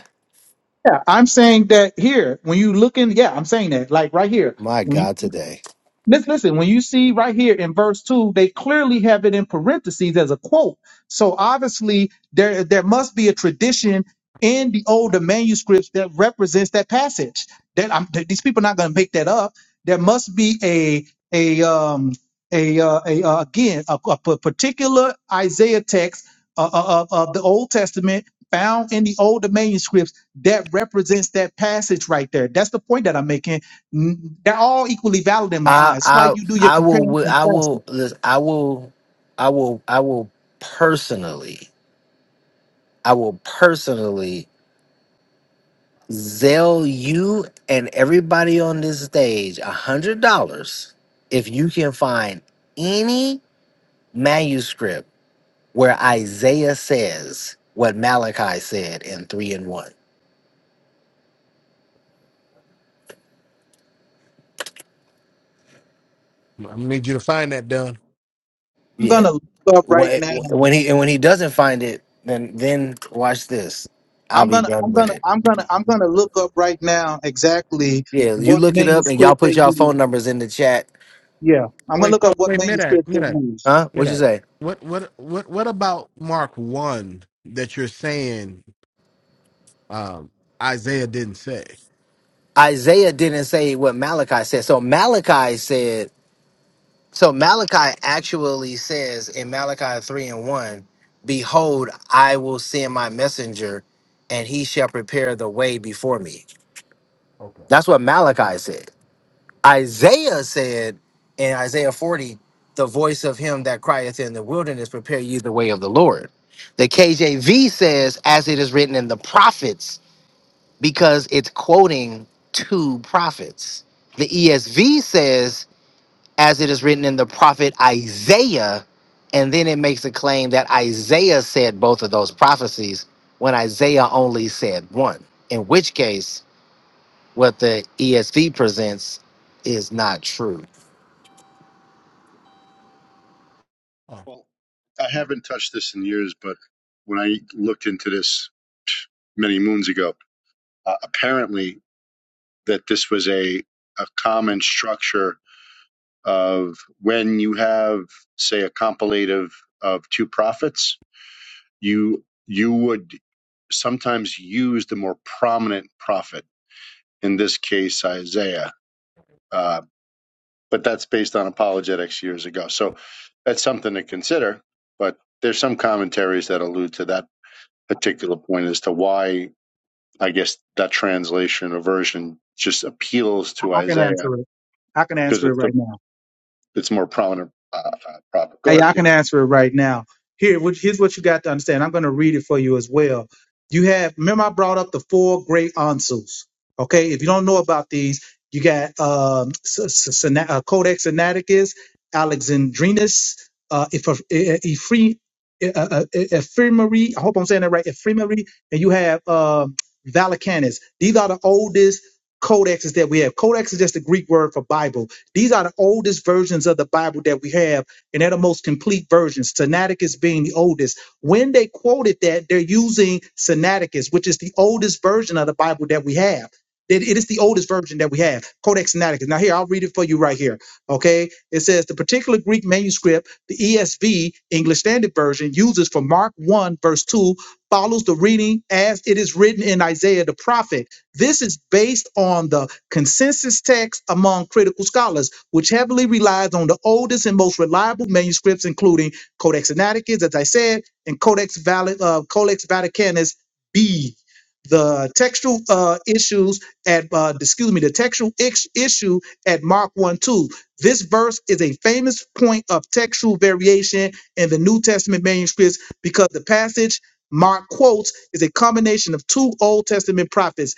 H: Yeah, I'm saying that here, when you look in, yeah, I'm saying that, like right here.
C: My
H: when
C: God, today.
H: Listen, listen, when you see right here in verse 2, they clearly have it in parentheses as a quote. So obviously, there, there must be a tradition in the older manuscripts that represents that passage. That I'm, th- these people are not going to make that up. There must be a a um a uh, a uh, again a, a p- particular Isaiah text uh, uh, uh, of the Old Testament found in the older manuscripts that represents that passage right there. That's the point that I'm making N- They're all equally valid in my eyes.
C: I
H: That's why
C: I
H: you do your
C: I will
H: comparing
C: wi-
H: and
C: I
H: contrasting.
C: will lis- I will I will I will personally I will personally zell you and everybody on this stage a hundred dollars if you can find any manuscript where Isaiah says what Malachi said in three and one.
B: I'm gonna need you to find that, Dunn.
H: I'm
C: Yeah.
H: gonna look up right
C: When,
H: now.
C: when he and when he doesn't find it, then then watch this. I'll
H: I'm
C: be
H: gonna I'm
C: done with
H: gonna
C: it.
H: I'm gonna I'm gonna look up right now exactly
C: Yeah, you
H: what
C: look it up and y'all
H: manuscript
C: put
H: they
C: y'all
H: use.
C: phone numbers in the chat.
H: Yeah. I'm gonna
B: Wait,
H: look
B: so
H: up what
B: wait, Midax,
H: manuscript they
B: Midax,
H: use.
C: Huh? What'd you
B: Midax.
C: say?
B: What, what, what, what about Mark one that you're saying um, Isaiah didn't say?
C: Isaiah didn't say what Malachi said. So Malachi said so Malachi actually says in Malachi three and one, Behold, I will send my messenger and he shall prepare the way before me.
B: Okay.
C: That's what Malachi said. Isaiah said in Isaiah 40, the voice of him that crieth in the wilderness, prepare you the way of the Lord. The KJV says, as it is written in the prophets, because it's quoting two prophets. The ESV says, as it is written in the prophet Isaiah, and then it makes a claim that Isaiah said both of those prophecies when Isaiah only said one, in which case, what the ESV presents is not true.
B: Oh.
L: well, I haven't touched this in years, but when I looked into this many moons ago, uh, apparently that this was a a common structure of when you have, say, a compilative of two prophets, you you would sometimes use the more prominent prophet, in this case Isaiah. Uh, but that's based on apologetics years ago, so that's something to consider. But there's some commentaries that allude to that particular point as to why I guess that translation or version just appeals
H: I,
L: to
H: I can
L: Isaiah
H: answer it. I can
L: because
H: answer it
L: it's a,
H: right now.
L: it's more prominent uh, uh, prophet. Go
H: Hey,
L: ahead,
H: I
L: yeah.
H: can answer it right now. Here, which, here's what you got to understand. I'm going to read it for you as well. You have, remember, I brought up the four great ansus. Okay, if you don't know about these, you got um, S- S- Sina- uh, Codex Sinaiticus, Alexandrinus, uh, Eph- E- E- Ephre- E- uh, uh, E- Ephemeri. I hope I'm saying that right. Ephemeri, and you have um, Vaticanus. These are the oldest codexes that we have. Codex is just the Greek word for Bible. These are the oldest versions of the Bible that we have and they're the most complete versions, Sinaiticus being the oldest. When they quoted that, they're using Sinaiticus, which is the oldest version of the Bible that we have. It, it is the oldest version that we have, Codex Sinaiticus. Now, here, I'll read it for you right here. Okay. It says the particular Greek manuscript, the ESV, English Standard Version, uses for Mark 1, verse 2, follows the reading as it is written in Isaiah the prophet. This is based on the consensus text among critical scholars, which heavily relies on the oldest and most reliable manuscripts, including Codex Sinaiticus, as I said, and Codex, Vali- uh, Codex Vaticanus B. The textual uh, issues at, uh, excuse me, the textual ex- issue at Mark 1 2. This verse is a famous point of textual variation in the New Testament manuscripts because the passage Mark quotes is a combination of two Old Testament prophets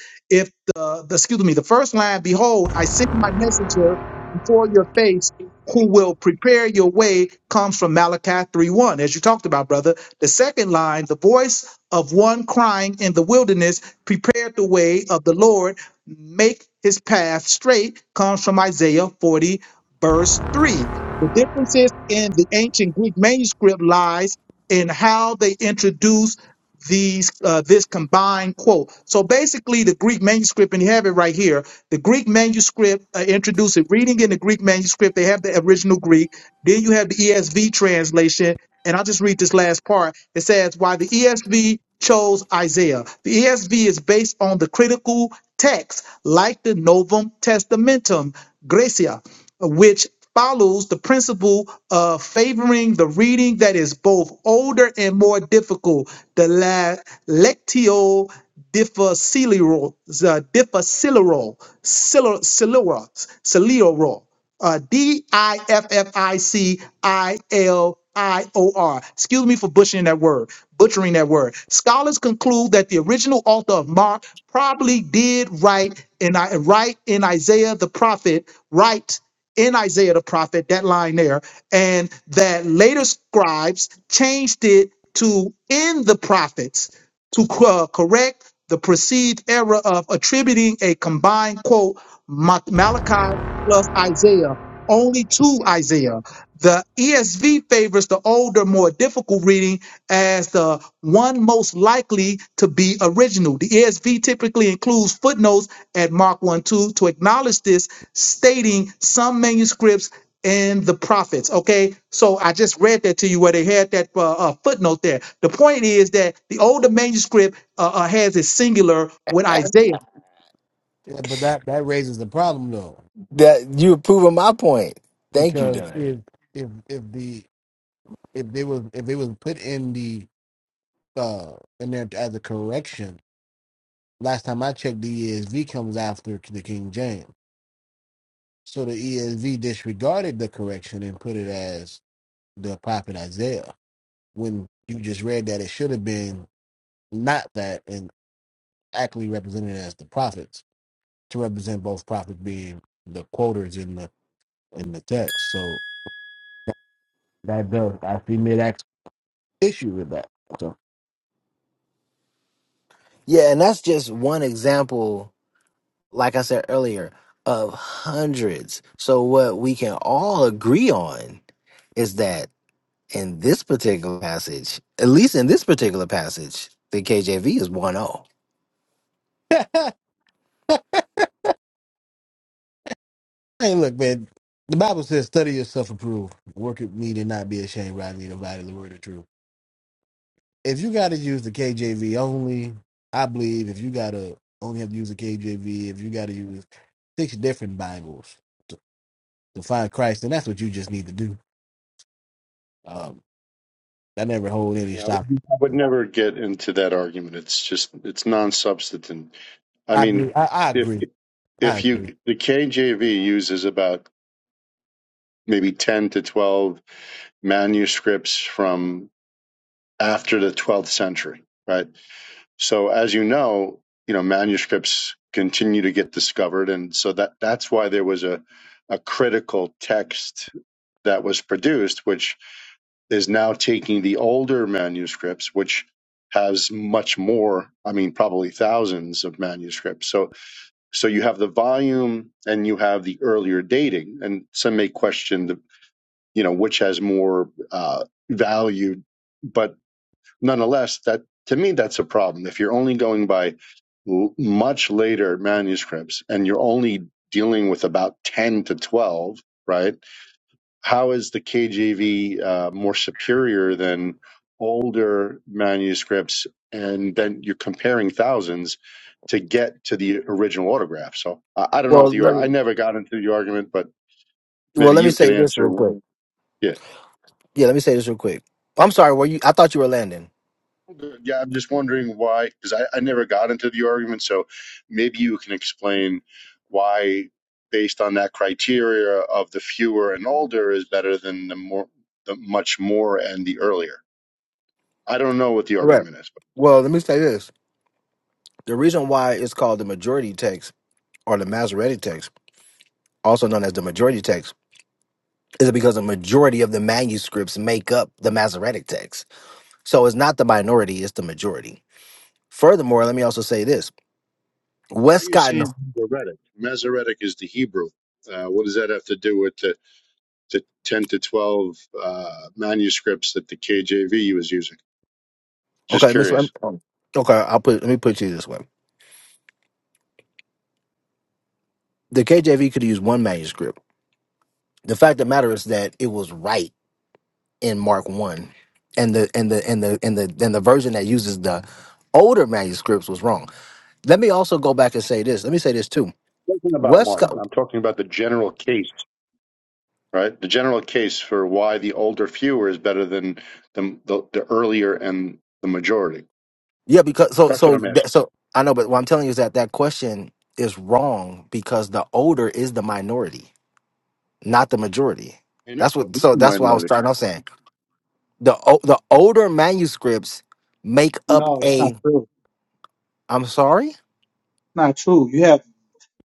H: the, the excuse me, the first line, behold, I send my messenger before your face who will prepare your way comes from Malachi 3:1, as you talked about, brother. The second line, the voice of one crying in the wilderness, prepare the way of the Lord, make his path straight, comes from Isaiah 40, verse 3. The differences in the ancient Greek manuscript lies in how they introduce these uh, this combined quote. So basically, the Greek manuscript, and you have it right here. The Greek manuscript uh, introduces reading in the Greek manuscript. They have the original Greek. Then you have the ESV translation and I'll just read this last part. It says, Why the ESV chose Isaiah. The ESV is based on the critical text, like the Novum Testamentum Gracia, which follows the principle of favoring the reading that is both older and more difficult, the la- Lectio difficilior, the difficilior, silor, silora, silero uh, D I F F I C I L I O R. Excuse me for butchering that word. Butchering that word. Scholars conclude that the original author of Mark probably did write in I write in Isaiah the prophet, write in Isaiah the prophet, that line there, and that later scribes changed it to in the prophets to co- uh, correct the perceived error of attributing a combined quote Ma- Malachi plus Isaiah. Only two Isaiah. The ESV favors the older, more difficult reading as the one most likely to be original. The ESV typically includes footnotes at Mark 1 2 to acknowledge this, stating some manuscripts and the prophets. Okay, so I just read that to you where they had that uh, uh, footnote there. The point is that the older manuscript uh, uh, has a singular with Isaiah.
B: Yeah, but that that raises the problem though,
C: That you were proving my point. Thank you,
B: because
C: Dunn.
B: if if if the if they was if it was put in the uh in there as a correction, last time I checked, the ESV comes after the King James, so the ESV disregarded the correction and put it as the prophet Isaiah. when you just read that it should have been not that and actually represented as the prophets to represent both prophets being the quoters in the in the text. So that does I see mid act issue with that. So
C: Yeah, and that's just one example, like I said earlier, of hundreds. So what we can all agree on is that in this particular passage, at least in this particular passage, the KJV is one o.
B: [laughs] Hey, look, man. The Bible says, "Study yourself, approve. Work at me to not be ashamed, rightly dividing the word of truth." If you got to use the KJV only, I believe if you got to only have to use the KJV, if you got to use six different Bibles to, to find Christ, then that's what you just need to do. Um, I never hold any
L: Yeah, I would,
B: stock.
L: I would never get into that argument. It's just it's non-substantive. I
B: I
L: mean,
B: believe, I, I
L: if
B: agree. I
L: if
B: agree.
L: you the KJV uses about maybe ten to twelve manuscripts from after the twelfth century, right? So as you know, you know manuscripts continue to get discovered, and so that that's why there was a a critical text that was produced, which is now taking the older manuscripts, which has much more, I mean, probably thousands of manuscripts. So, so you have the volume and you have the earlier dating. And some may question the, you know, which has more uh, value, but nonetheless, that to me, that's a problem. If you're only going by l- much later manuscripts and you're only dealing with about 10 to 12, right? how is the KJV uh, more superior than older manuscripts? And then you're comparing thousands to get to the original autograph. So I, I don't know
C: Well,
L: what the
C: let me,
L: I never got into the argument, but
C: well,
L: maybe
C: let me
L: you can
C: say this real
L: answer.
C: quick.
L: Yeah,
C: Yeah, let me say this real quick. I'm sorry, were you I thought you were landing.
L: yeah. I'm just wondering why, because I, I never got into the argument. So maybe you can explain why, based on that criteria of the fewer and older, is better than the more, the much more and the earlier. I don't know what the
C: Correct.
L: argument is. but.
C: Well, let me say this. The reason why it's called the majority text or the Masoretic text, also known as the majority text, is because a majority of the manuscripts make up the Masoretic text. So it's not the minority, it's the majority. Furthermore, let me also say this.
L: are you
C: Westcott and
L: saying Masoretic? Masoretic is the Hebrew. Uh, what does that have to do with the, the 10 to 12 uh, manuscripts that the KJV was using? Just
C: okay, let me,
L: curious.
C: okay, I'll put let me put you this way. The KJV could use one manuscript. The fact of the matter is that it was right in Mark one. And the and the and the and the and the version that uses the older manuscripts was wrong. Let me also go back and say this. Let me say this too.
L: I'm Talking about Mark,
C: Westcott
L: I'm talking about the general case, right? The general case for why the older fewer is better than the, the, the earlier and the majority.
C: Yeah, because so
L: That's what
C: so
L: I'm
C: that,
L: asking.
C: so I know, but what I'm telling you is that that question is wrong because the older is the minority, not the majority.
L: I know,
C: That's
L: Well,
C: what.
L: you're
C: So
L: the
C: that's why I was
L: minority.
C: starting off saying the o- the older manuscripts make up
H: No, that's not
C: a.
H: true.
C: I'm sorry.
H: Not true. You have.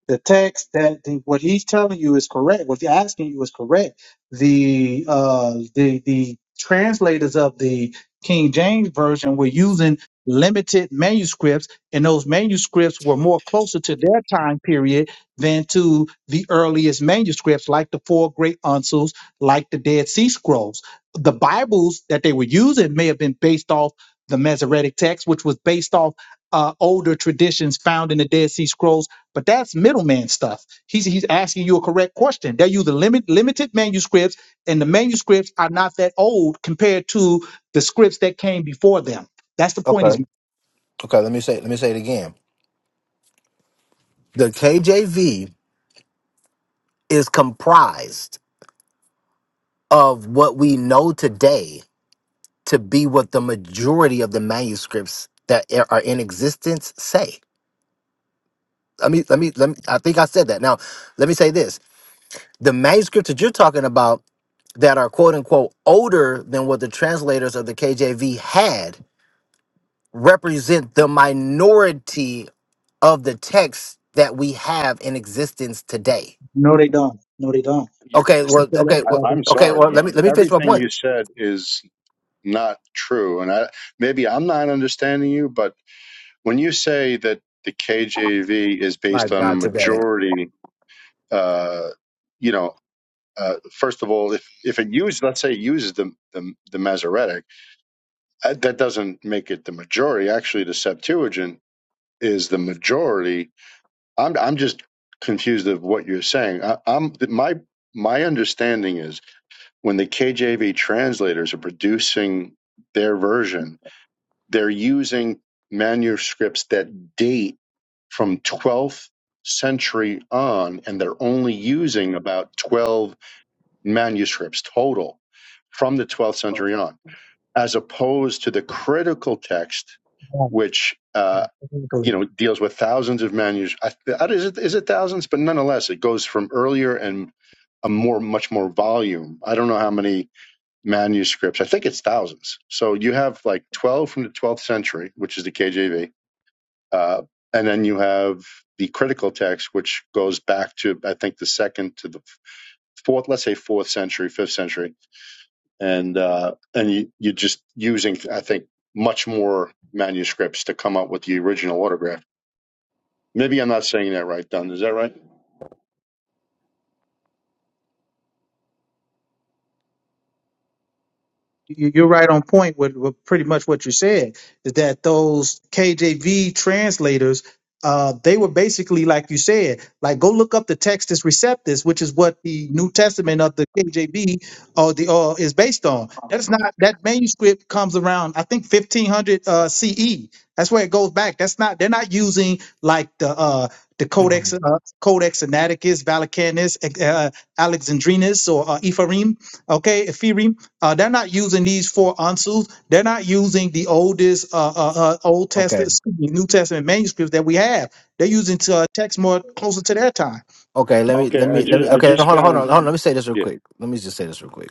H: the text that the, what he's telling you is correct. What he's asking you is correct. The uh, the the translators of the King James version were using limited manuscripts, and those manuscripts were more closer to their time period than to the earliest manuscripts, like the four great uncles, like the Dead Sea Scrolls. The Bibles that they were using may have been based off the Masoretic text, which was based off uh, older traditions found in the Dead Sea Scrolls but that's middleman stuff. He's he's asking you a correct question. They're using limit limited manuscripts, and the manuscripts are not that old compared to the scripts that came before them. That's the point he's
C: Okay.
H: making.
C: Okay. Let me say. Let me say it again. The KJV is comprised of what we know today to be what the majority of the manuscripts that are in existence say. Let me let me let me I think I said that. Now, let me say this. The manuscripts that you're talking about that are quote unquote older than what the translators of the KJV had represent the minority of the texts that we have in existence today.
H: No, they don't. No, they don't.
L: You're,
C: Okay,
H: That's
C: well,
H: not
C: okay,
H: correct,
L: I,
C: well,
L: I'm
H: brother.
C: okay,
L: sorry.
C: well,
L: You,
C: let me
L: you-
C: let me finish my
L: everything you
C: point.
L: said is not true, and I maybe I'm not understanding you, but When you say that the KJV is
C: My
L: based on a
C: God, today.
L: majority, uh, you know, uh, first of all, if if it uses, let's say, it uses the the, the Masoretic, uh, that doesn't make it the majority. Actually, the Septuagint is the majority. I'm I'm just confused of what you're saying. I, I'm my my understanding is when the KJV translators are producing their version They're using manuscripts that date from 12th century on, and they're only using about 12 manuscripts total from the 12th century on, as opposed to the critical text, which uh, you know deals with thousands of manuscripts. Is it, is it thousands? But nonetheless, it goes from earlier and a more much more volume. I don't know how many manuscripts. I think it's thousands. So you have like 12 from the 12th century, which is the KJV, uh, and then you have the critical text, which goes back to I think the second to the fourth, let's say fourth century, fifth century, and uh, and you, you're just using I think much more manuscripts to come up with the original autograph. Maybe I'm not saying that right, Don. Is that right?
H: you- you're right on point with, with pretty much what you said is that those KJV translators, uh, they were basically, like you said, like go look up the Textus Receptus, which is what the New Testament of the KJV or the or is based on. That's not that manuscript comes around, I think, 1500 uh, CE. That's where it goes back. That's not they're not using like the uh, the Codex uh, Codex Sinaiticus, Vaticanus, uh, Alexandrinus, or uh, Ephraim. Okay, Ephraim uh, they're not using these four ansus. They're not using the oldest uh, uh, uh, Old Testament,
C: Okay,
H: excuse me, New Testament manuscripts that we have. They're using to, uh, text more closer to their time.
C: okay, let me
L: Okay,
C: let
L: I
C: me let
L: just
C: me.
L: I
C: Okay, hold
L: just
C: on, hold on,
L: found
C: hold on. Let me say this real
L: yeah.
C: quick. Let me just say this real quick.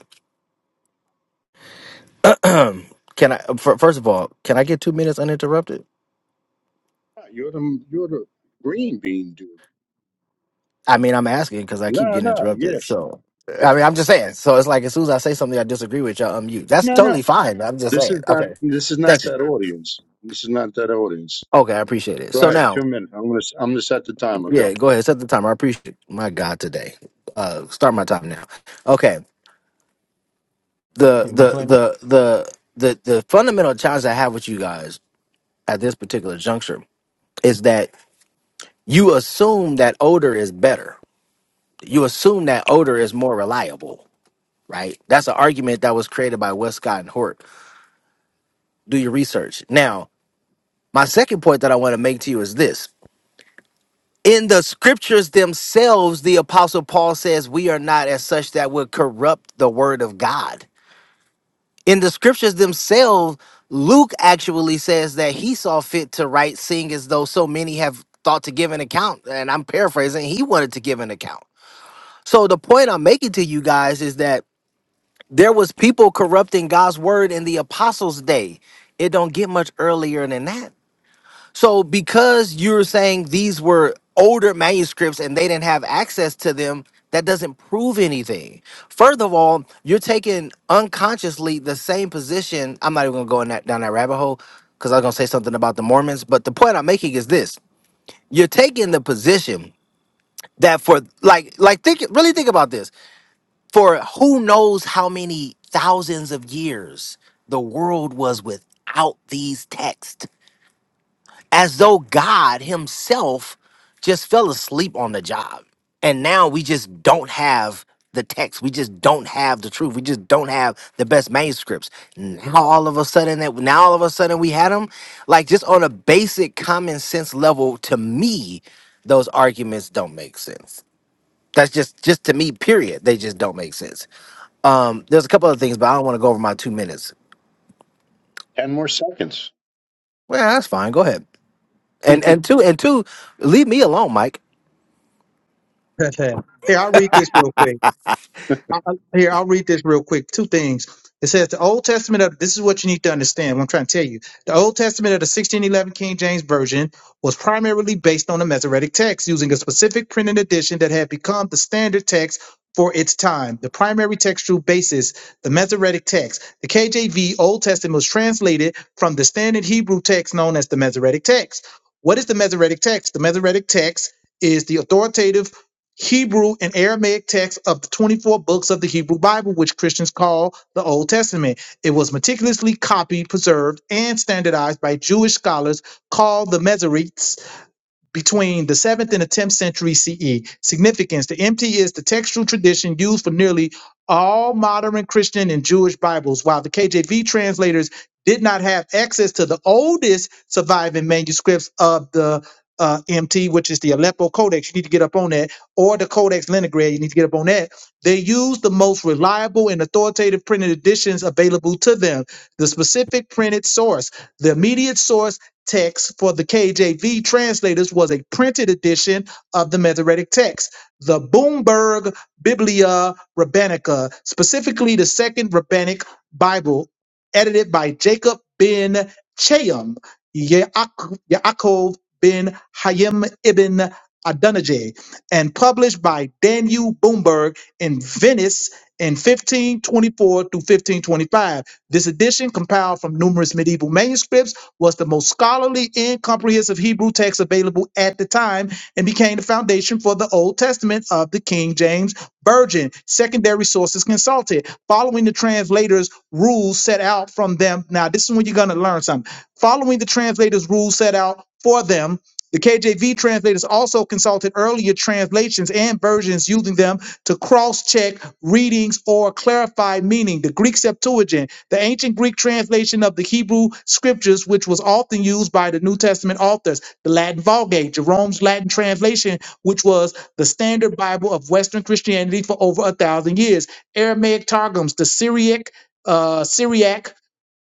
C: [clears throat] can I? fir- First of all, can I get two minutes uninterrupted?
L: You're the you're the green bean dude.
C: I mean, I'm asking because I keep
L: No,
C: getting
L: no, yeah,
C: interrupted. So,
L: yeah.
C: I mean, I'm just saying. So it's like as soon as I say something I disagree with, y'all unmute. That's
L: no,
C: totally
L: no.
C: fine. I'm just
L: This
C: saying.
L: is not
C: Okay,
L: this is not
C: thank you.
L: that audience. This is not that audience.
C: Okay, I appreciate it.
L: Go
C: So
L: ahead,
C: now,
L: two minutes. I'm gonna I'm gonna set the timer.
C: yeah,
L: Go.
C: go ahead. Set the timer. I appreciate it. my God today. Uh, start my time now. Okay. The the
B: Reclaim it.
C: the the the the fundamental challenge I have with you guys at this particular juncture is that you assume that odor is better. You assume that odor is more reliable, right? That's an argument that was created by Westcott and Hort do your research. Now, my second point that I want to make to you is this. In the scriptures themselves, the apostle Paul says we are not as such that would corrupt the word of God. In the scriptures themselves, Luke actually says that he saw fit to write seeing as though so many have thought to give an account. And I'm paraphrasing, he wanted to give an account. So the point I'm making to you guys is that there was people corrupting God's word in the apostles' day. It don't get much earlier than that. So because you're saying these were older manuscripts and they didn't have access to them, that doesn't prove anything. Further of all, you're taking unconsciously the same position. I'm not even gonna go in that, down that rabbit hole because I was gonna say something about the Mormons. But the point I'm making is this: you're taking the position that for like like think really think about this for who knows how many thousands of years the world was without these texts as though God Himself just fell asleep on the job. And now we just don't have the text. We just don't have the truth. We just don't have the best manuscripts. Now all of a sudden that now all of a sudden we had them. Like just on a basic common sense level, to me, those arguments don't make sense. That's just just to me, period. They just don't make sense. Um, there's a couple other things, but I don't want to go over my two minutes.
L: Ten more seconds.
C: Well, that's fine. Go ahead. And and two and two, leave me alone, Mike.
H: [laughs] Here, I'll read this real quick.
L: [laughs]
H: I, I- here, I'll read this real quick. Two things. It says the Old Testament of this is what you need to understand. What I'm trying to tell you, the Old Testament of the 1611 King James Version was primarily based on the Masoretic text, using a specific printed edition that had become the standard text for its time. The primary textual basis, the Masoretic text. The KJV Old Testament was translated from the standard Hebrew text known as the Masoretic text. What is the Masoretic text? The Masoretic text is the authoritative Hebrew and Aramaic texts of the 24 books of the Hebrew Bible, which Christians call the Old Testament. It was meticulously copied, preserved, and standardized by Jewish scholars called the Masoretes between the 7th and the 10th century CE. Significance The MT is the textual tradition used for nearly all modern Christian and Jewish Bibles, while the KJV translators did not have access to the oldest surviving manuscripts of the uh, MT, which is the Aleppo Codex. You need to get up on that, or the Codex Leningrad. You need to get up on that. They used the most reliable and authoritative printed editions available to them. The specific printed source, the immediate source text for the KJV translators was a printed edition of the Masoretic text, the Boomberg Biblia Rabbinica, specifically the Second Rabbinic Bible, edited by Jacob ben Chaim, Yaak- Yaakov ben Hayim ibn Adonijah, and published by Daniel Boomberg in Venice in 1524 through 1525. This edition, compiled from numerous medieval manuscripts, was the most scholarly, incomprehensive Hebrew text available at the time and became the foundation for the Old Testament of the King James Version. Secondary sources consulted, following the translator's rules set out from them. Now, this is when you're going to learn something. Following the translator's rules set out for them, the KJV translators also consulted earlier translations and versions using them to cross check readings or clarify meaning. The Greek Septuagint the ancient Greek translation of the Hebrew scriptures, which was often used by the New Testament authors, the Latin Vulgate, Jerome's Latin translation, which was the standard Bible of Western Christianity for over a thousand years, Aramaic Targums, the Syriac. Uh, Syriac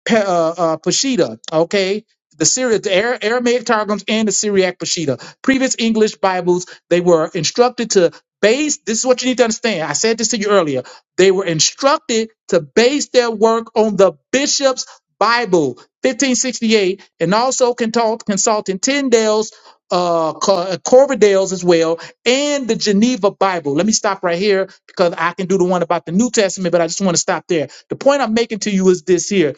H: Pe- uh, uh, Peshitta, okay? The Syria, the Ara- Aramaic Targums and the Syriac Peshitta. Previous English Bibles, they were instructed to base, this is what you need to understand. I said this to you earlier. They were instructed to base their work on the bishop's Bible, 1568, and also consult, consulting Tyndale's, uh, Cor- Corverdale's as well, and the Geneva Bible. Let me stop right here because I can do the one about the New Testament, but I just want to stop there. The point I'm making to you is this here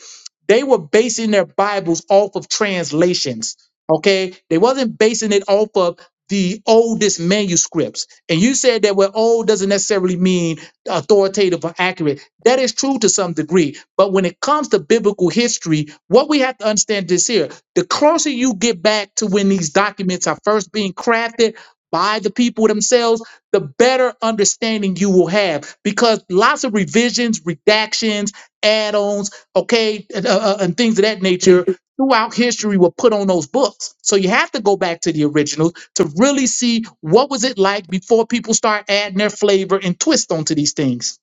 H: they were basing their Bibles off of translations. Okay, they wasn't basing it off of the oldest manuscripts. And you said that well, old doesn't necessarily mean authoritative or accurate. That is true to some degree. But when it comes to biblical history, what we have to understand is here: the closer you get back to when these documents are first being crafted by the people themselves, the better understanding you will have. Because lots of revisions, redactions, add-ons okay, and, uh, uh, and things of that nature throughout history were put on those books. So you have to go back to the originals to really see what was it like before people start adding their flavor and twist onto these things.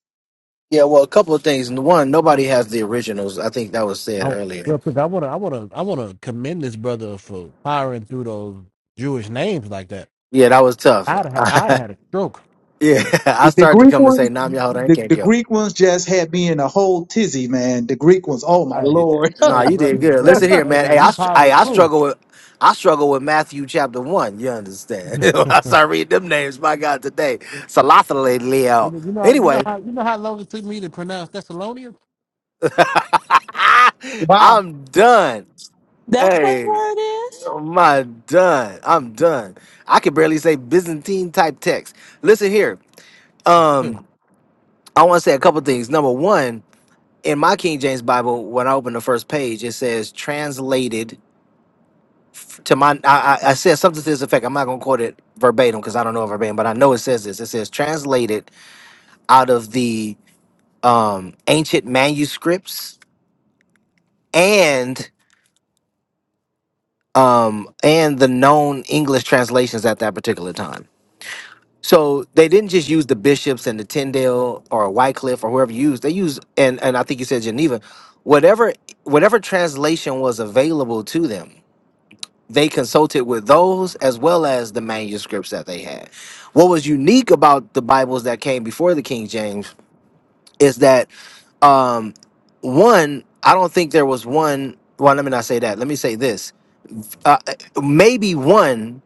C: Yeah, well, a couple of things. One, nobody has the originals. I think that was said
B: I,
C: earlier.
B: real quick, I wanna, I wanna, I wanna commend this brother for powering through those Jewish names like that.
C: Yeah, that was tough.
B: I'd, ha- I'd
C: [laughs]
B: had a stroke.
C: yeah, [laughs] I
H: The
C: started to
H: Greek
C: come and
H: ones,
C: say Nam Yaho
H: the, the
C: Renge
H: Greek ones just had me in a whole tizzy, man. The Greek ones, oh my
B: Hey,
H: lord.
C: No, Nah,
B: hey,
C: you did
B: brothers,
C: good. Listen
B: brothers,
C: here,
B: hey
C: man. Hey,
B: man,
C: I,
B: you
C: str- hey,
B: power
C: I
B: too.
C: struggle with I struggle with Matthew chapter one. You understand? [laughs] When I
B: [laughs]
C: start reading them names. My God, today Salathale
B: You
C: Leo.
B: know, you know, you know
C: Anyway,
B: how you know how long it took me to pronounce Thessalonians.
H: [laughs]
C: [laughs]
H: wow.
C: I'm done.
M: That's what the
C: Hey,
M: word
C: oh
M: is?
C: my done. I'm done. I can barely say Byzantine type text. Listen here.
B: [laughs]
C: Um, I want to say a couple things. Number one, in my King James Bible, when I open the first page, it says translated to my. I, I I said something to this effect. I'm not gonna quote it verbatim because I don't know it verbatim, but I know it says this. It says translated out of the um, ancient manuscripts and um, and the known English translations at that particular time. So they didn't just use the bishops and the Tyndale or Wycliffe or whoever you used. They used and and I think you said Geneva, whatever whatever translation was available to them. They consulted with those as well as the manuscripts that they had. What was unique about the Bibles that came before the King James is that um, one, I don't think there was one. Well, let me not say that. Let me say this. Uh, maybe one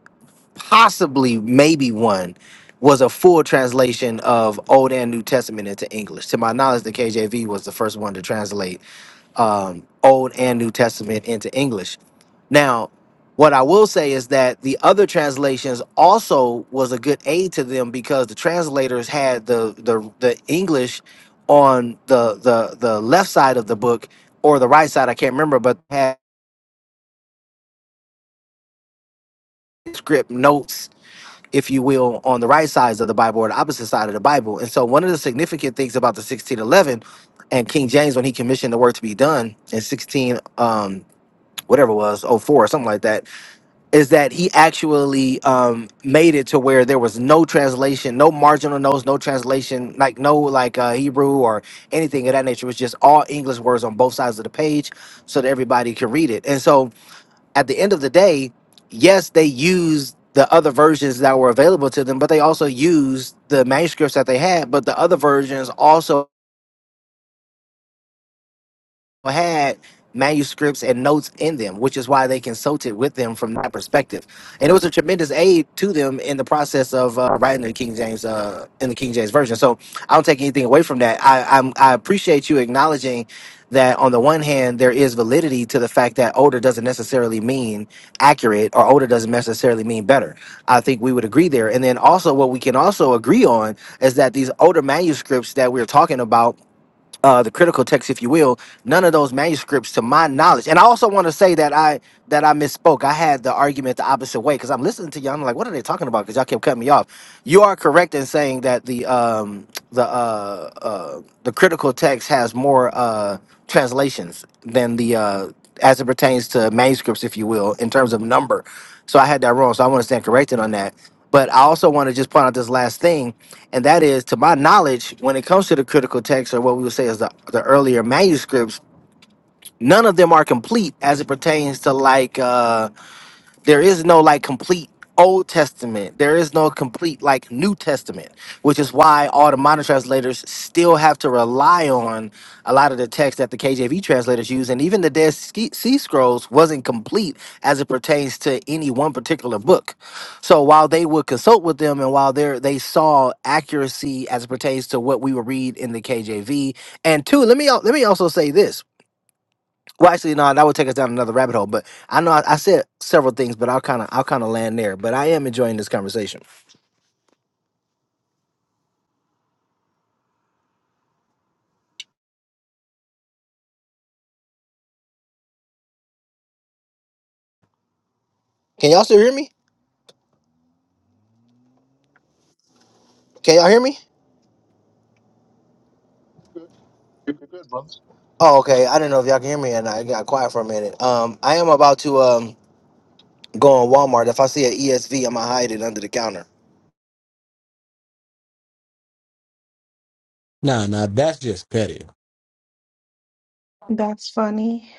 C: possibly maybe one was a full translation of Old and New Testament into English. To my knowledge, the KJV was the first one to translate um, Old and New Testament into English. Now, what I will say is that the other translations also was a good aid to them because the translators had the the, the English on the, the the left side of the book or the right side, I can't remember, but had script notes if you will, on the right sides of the Bible or the opposite side of the Bible. And so, one of the significant things about the 1611 and King James, when he commissioned the work to be done in 16, um, whatever it was, oh four or something like that, is that he actually um, made it to where there was no translation, no marginal notes, no translation, like no like uh, Hebrew or anything of that nature. It was just all English words on both sides of the page so that everybody could read it. And so, at the end of the day, yes, they used the other versions that were available to them, but they also used the manuscripts that they had. But the other versions also had manuscripts and notes in them, which is why they consulted with them from that perspective. And it was a tremendous aid to them in the process of uh, writing the King James uh, in the King James version. So I don't take anything away from that. I I'm, I appreciate you acknowledging that on the one hand there is validity to the fact that older doesn't necessarily mean accurate or older doesn't necessarily mean better. I think we would agree there. And then also what we can also agree on is that these older manuscripts that we're talking about uh, the critical text, if you will, none of those manuscripts, to my knowledge. And I also want to say that I that I misspoke. I had the argument the opposite way because I'm listening to y'all. I'm like, what are they talking about? Because y'all kept cutting me off. You are correct in saying that the um, the uh, uh, the critical text has more uh, translations than the uh, as it pertains to manuscripts, if you will, in terms of number. So I had that wrong. So I want to stand corrected on that. But I also want to just point out this last thing and that is to my knowledge when it comes to the critical text or what we would say is the, the earlier manuscripts none of them are complete as it pertains to like uh, there is no like complete Old Testament. There is no complete like New Testament, which is why all the modern translators still have to rely on a lot of the text that the KJV translators use, and even the Dead Ski- Sea Scrolls wasn't complete as it pertains to any one particular book. So while they would consult with them, and while they they saw accuracy as it pertains to what we would read in the KJV, and two, let me al- let me also say this well, actually, no, that would take us down another rabbit hole. But I know I, I said several things, but I'll kind of I'll kind of land there. But I am enjoying this conversation. Can y'all still hear me? Can y'all hear me?
L: You're good, bro.
C: Oh, okay. I did not know if y'all can hear me, and I got quiet for a minute. Um, I am about to um go on Walmart. If I see an ESV, I'ma hide it under the counter.
B: Nah, nah, that's just petty.
M: That's funny.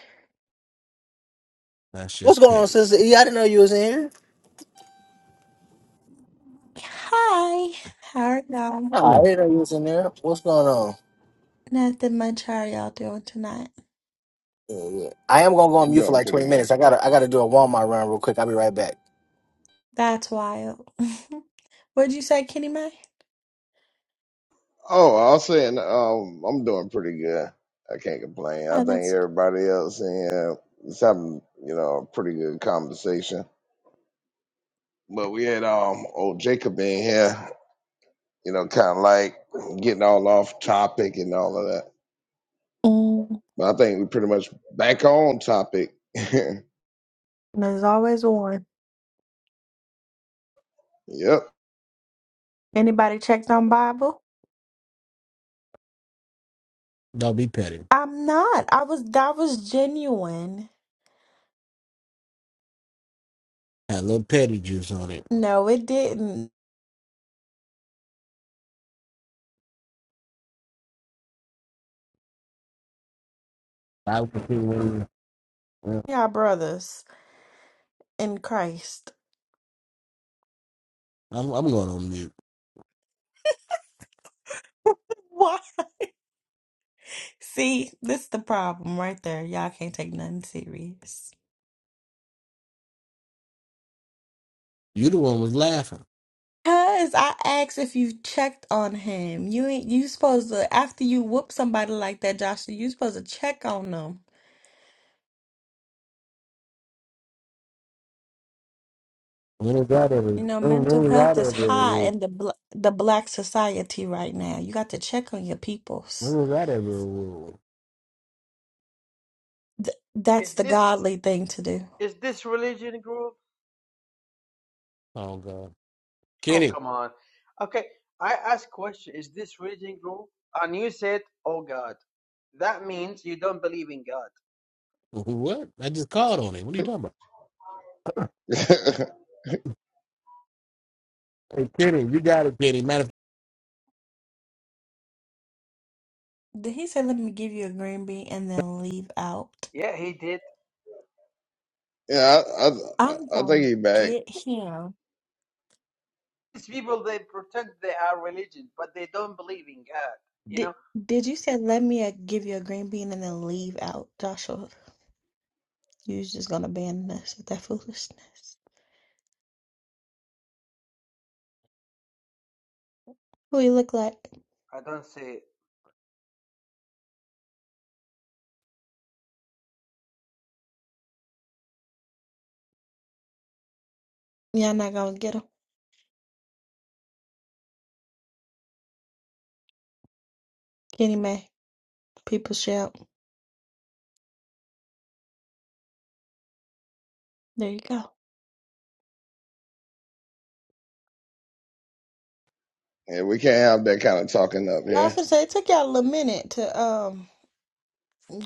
B: That's
C: What's
B: just
C: going on,
B: petty.
C: sister? E? I didn't know you was in here.
M: Hi. How are y'all?
C: No, I
B: Mm.
C: didn't know you was in there. What's going on?
M: Nothing much. How are y'all doing tonight?
C: Yeah, yeah. I am gonna go on mute for
D: doing
C: like
D: pretty
C: twenty
D: good.
C: minutes. I gotta I gotta do a Walmart run real quick. I'll be right back.
M: That's wild. [laughs] What'd you say, Kitty Mae?
D: Oh, I was saying, um, I'm doing pretty good. I can't complain. I
M: Oh,
D: think
M: that's.
D: everybody else in here is having, you know, a pretty good conversation. But we had um old Jacob in here, you know, kind of like getting all off topic and all of that.
M: Mm.
D: But I think we pretty much back on topic. [laughs] yep.
M: There's always one. Anybody checked on Bible?
B: Don't be petty.
M: I'm not. I was. That was genuine.
B: Had a little petty juice on it.
M: No, it didn't.
B: I was thinking when you- yeah.
M: Y'all brothers in Christ.
B: I'm I'm going on mute.
M: [laughs] What? See, this is the problem right there. Y'all can't take nothing serious.
B: You the one was laughing.
M: Cause I asked if you checked on him. You ain't you supposed to after you whoop somebody like that, Joshua. You supposed to check on them.
B: when was that ever?
M: You know,
B: When, when
M: mental
B: was
M: health
B: that
M: is
B: ever? a
M: high
B: rule?
M: in the bl the black society right now. You got to check on your
B: When
M: peoples.
B: was that ever? a rule?
M: Th that's
N: Is
M: the
N: this
M: godly thing to do.
N: is this religion group?
B: Oh God,
N: Oh
B: Kenny,
N: come on. Okay, I asked question. Is this religion group? And you said, "Oh God." That means you don't believe in God.
B: [laughs] what? I just called on him. What are
D: [laughs]
B: you talking about, Hey, Kenny, you got to Kenny? Matter of
M: Then he said, "Let me give you a green bean and then leave out."
N: Yeah, he did.
D: yeah, I, I
M: I'm
D: I think
M: gonna
D: he back.
M: get him.
N: These people they pretend they are religion, but they don't believe in God. You
M: Did
N: know,
M: did you say, "Let me uh, give you a green bean and then leave out," Joshua? You're just gonna ban us with that foolishness. Who you look like?
N: I don't say.
M: Y'all not gonna get him. Kenny May. People shout. There you go.
D: and we can't have that kind of talking
M: I
D: up
M: was gonna say it took y'all a little minute to um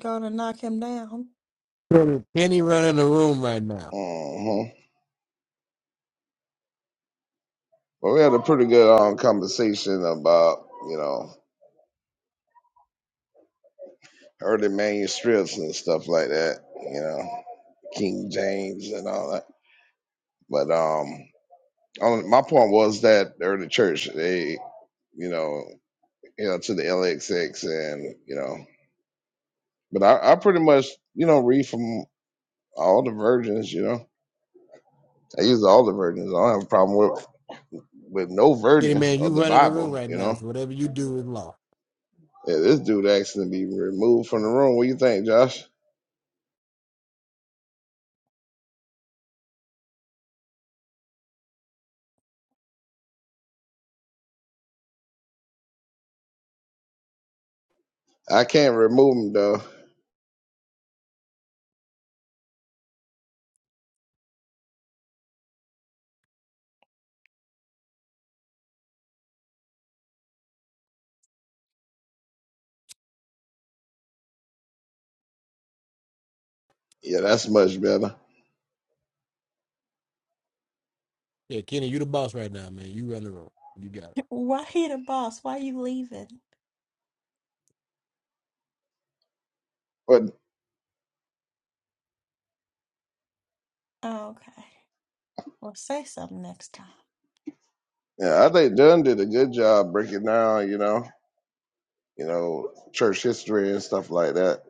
M: go to knock him down.
B: Kenny, running the room right now.
D: Mm-hmm. But we had a pretty good um, conversation about, you know, early manuscripts and stuff like that, you know, King James and all that. But um, on, my point was that the early church, they, you know, you know, to the LXX and, you know, but I, I pretty much, you know, read from all the versions, you know, I use all the versions. I don't have a problem with, with no
B: Kenny,
D: version
B: man, you
D: of the
B: running the room
D: Bible,
B: right
D: you
B: now.
D: know.
B: So whatever you do is law.
D: Yeah, this dude asking to be removed from the room. What you think, Josh? I can't remove them though. Yeah, that's much better.
B: Yeah, Kenny, you the boss right now, man. You run the room. You got it.
M: Why he the boss? Why you leaving?
D: But
M: Oh, okay. Well, say something next time.
D: yeah, I think Dunn did a good job breaking down, you know, you know, church history and stuff like that.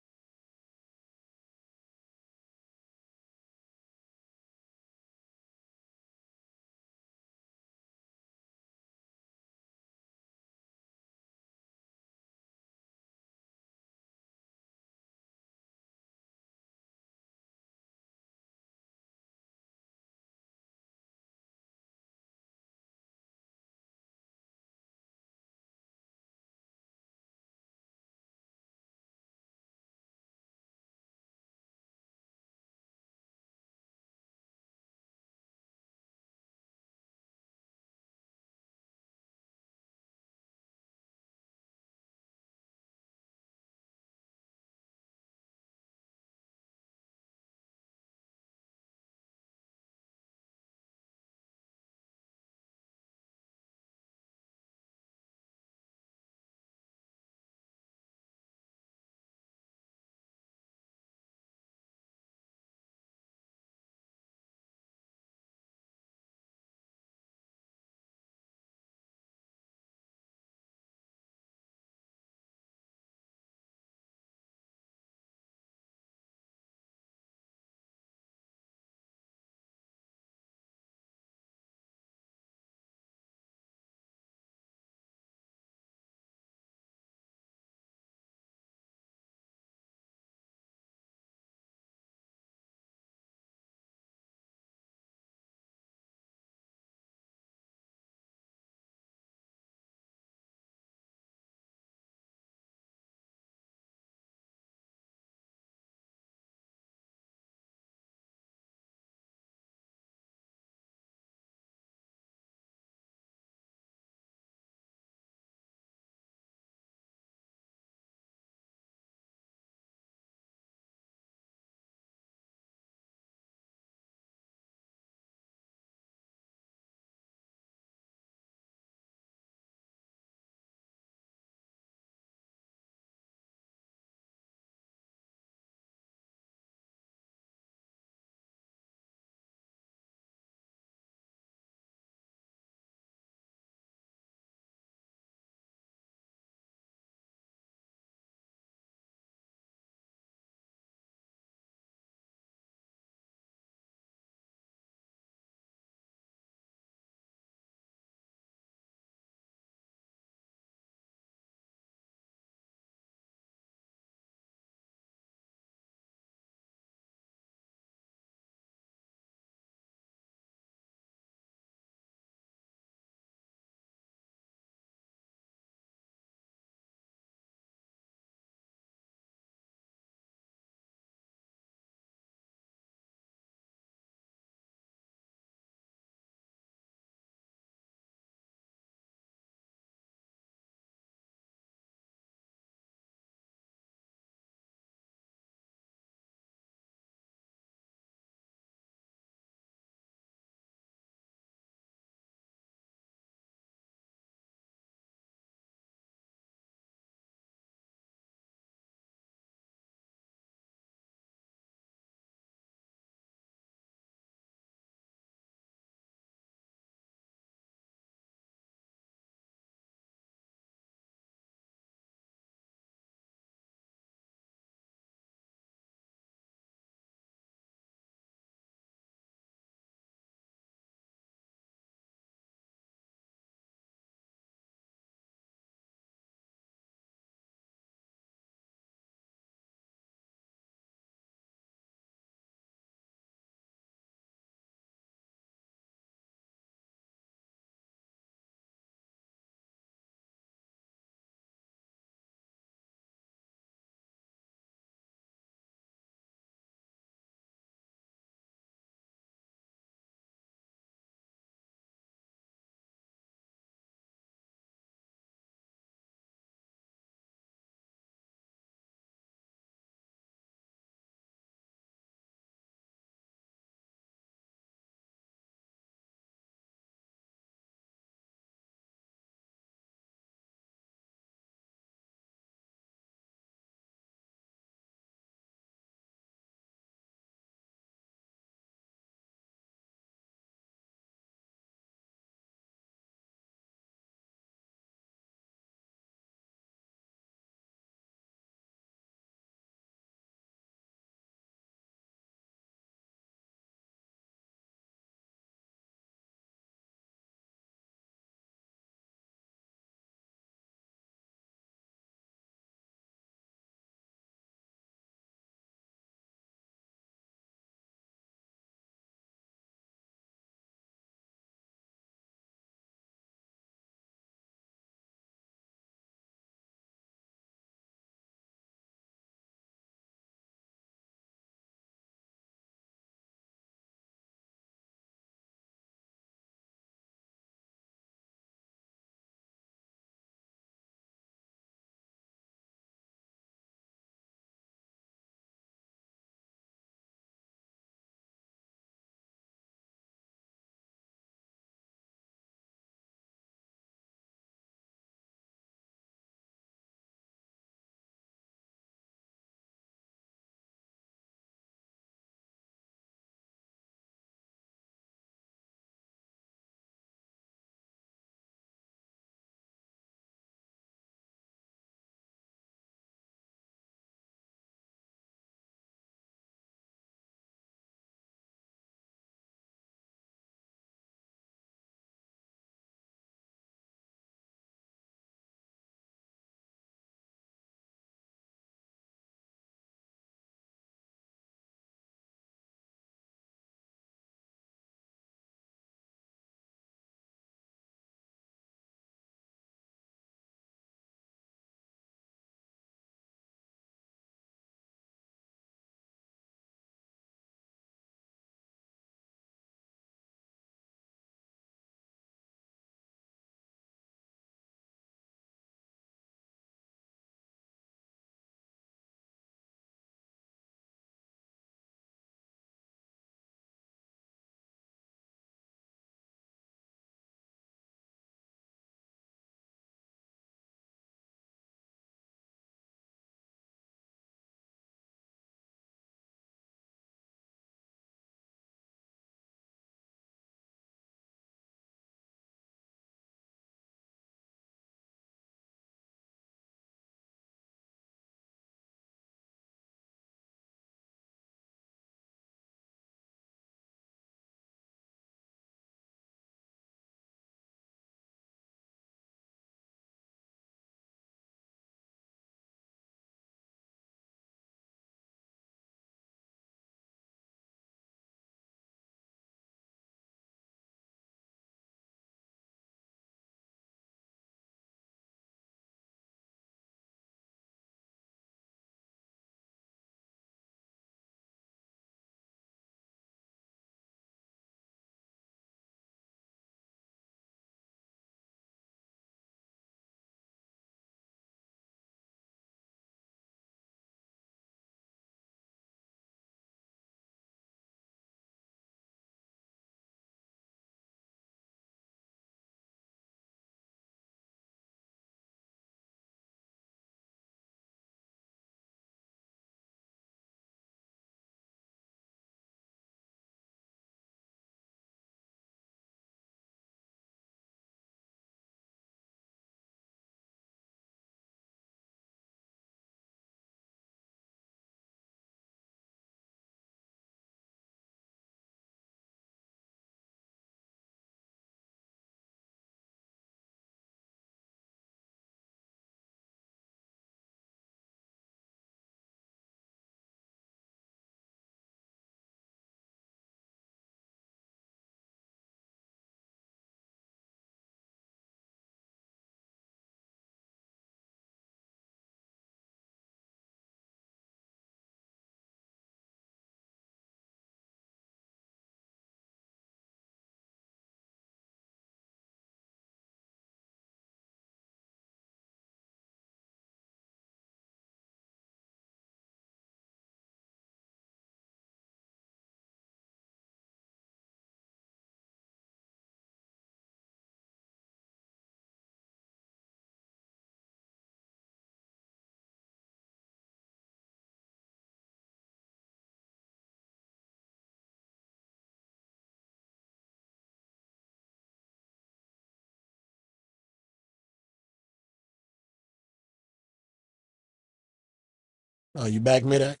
B: Oh, you back mid act?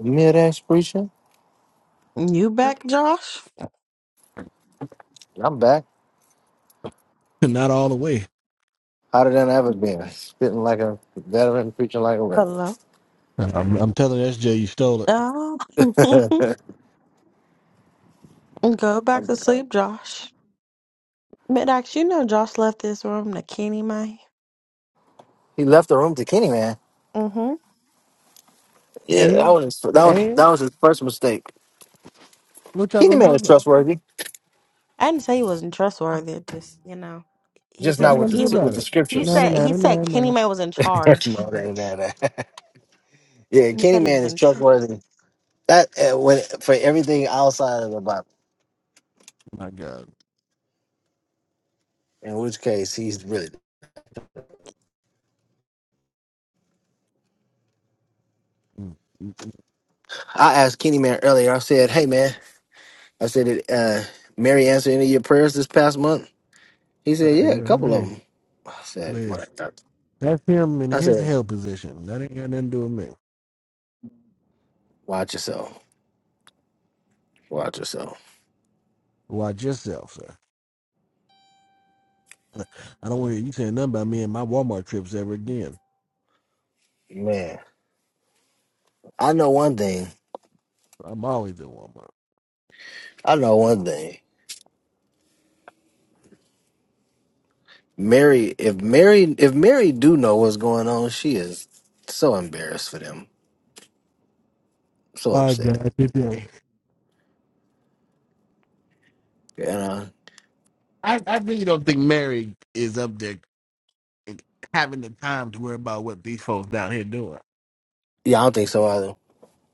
C: You hear that, preacher?
M: You back, Josh?
C: I'm back.
B: Not all the way.
C: Hotter than I ever been. [laughs] Spitting like a veteran, preaching like a regular.
M: Hello.
B: I'm, I'm telling SJ you stole it.
M: Um, [laughs] go back
C: I'm
M: to
C: back.
M: sleep, Josh. Midax, you know Josh left this room to Kenny May.
C: He left the room to Kenny Man.
M: Mm-hmm.
C: Yeah, that
B: And
C: was his, that was that
B: and
C: was his first mistake.
B: what y'all
C: Kenny
B: gonna do
C: Man is
B: about it?
C: trustworthy,
M: I didn't say he wasn't trustworthy. it Just you know, he
C: just
B: What
M: said
C: not
B: you
M: that
C: with
B: gonna do
M: he
C: the
M: would.
B: about
C: with the
B: it?
M: He
B: No,
C: scriptures.
B: no,
C: [laughs]
M: said
B: no,
M: he
B: no,
M: said
B: no,
M: Kenny
B: no.
M: May was in
C: No,
M: charge.
C: that ain't that. [laughs] yeah,
M: He
C: Kenny
M: said he was
C: Man is
M: in charge.
C: trustworthy. That uh, when for everything outside of the Bible.
B: My God.
C: In which case, he's really.
B: Mm, mm,
C: I asked Kenny Man earlier. I said, "Hey man," I said, "Did uh, Mary answer any of your prayers this past month?" He
B: mm.
C: said,
B: Hey,
C: "Yeah, a
B: you know,
C: couple of
B: hey,
C: them." I said, "My
B: Liz.
C: God."
B: That's him in
C: "I
B: his
C: said,
B: hell position. That ain't got nothing to do with me.
C: watch yourself, watch yourself,
B: Watch yourself, sir. [laughs] I don't want to hear you saying nothing about me and my Walmart trips ever again.
C: man." I know one thing.
B: I'm always at Walmart.
C: I know one thing. Mary, if Mary, if Mary do know what's going on, she is so embarrassed for them, so
B: My
C: upset.
B: God, today.
C: And uh,
B: I, I really don't think Mary is up there and having the time to worry about what these folks down here doing.
C: yeah, I don't think so either.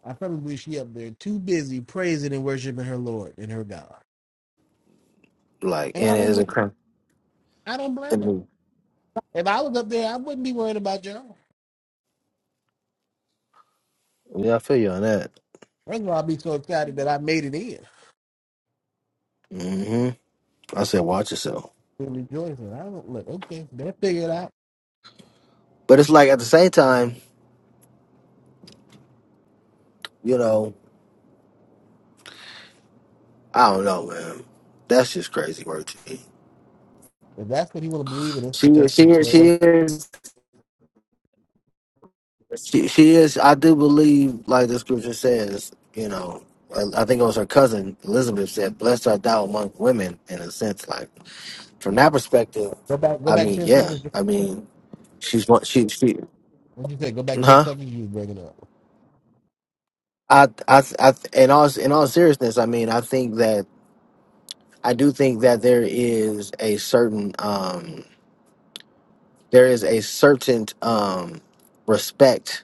B: I probably believe she up there too busy praising and worshiping her Lord and her God.
C: Like,
B: And I
C: and it
B: don't
C: is a
B: blame her.
C: crime.
B: I don't blame her. If I was up there, I wouldn't be worrying about y'all.
C: Yeah, I feel you on that.
B: First of all, I'd be so excited that I made it in.
C: hmm I said, watch yourself.
B: And rejoicing. I don't look, okay, they'll figure it out.
C: But it's like at the same time, you know, I don't know, man. That's just crazy work to me.
B: If that's what you want to believe in
C: She
B: intercessory
C: she is she
B: prayer,
C: is she, she is I do believe like the scripture says, you know, I I think it was her cousin Elizabeth said, Blessed art thou among women in a sense, like from that perspective,
B: go back go
C: I
B: back
C: mean,
B: ten
C: yeah.
B: seconds.
C: I mean she's one she she
B: What'd you say? Go back ten
C: huh?
B: seconds, you was breaking up.
C: I I I in all in all seriousness, I mean I think that I do think that there is a certain um there is a certain um respect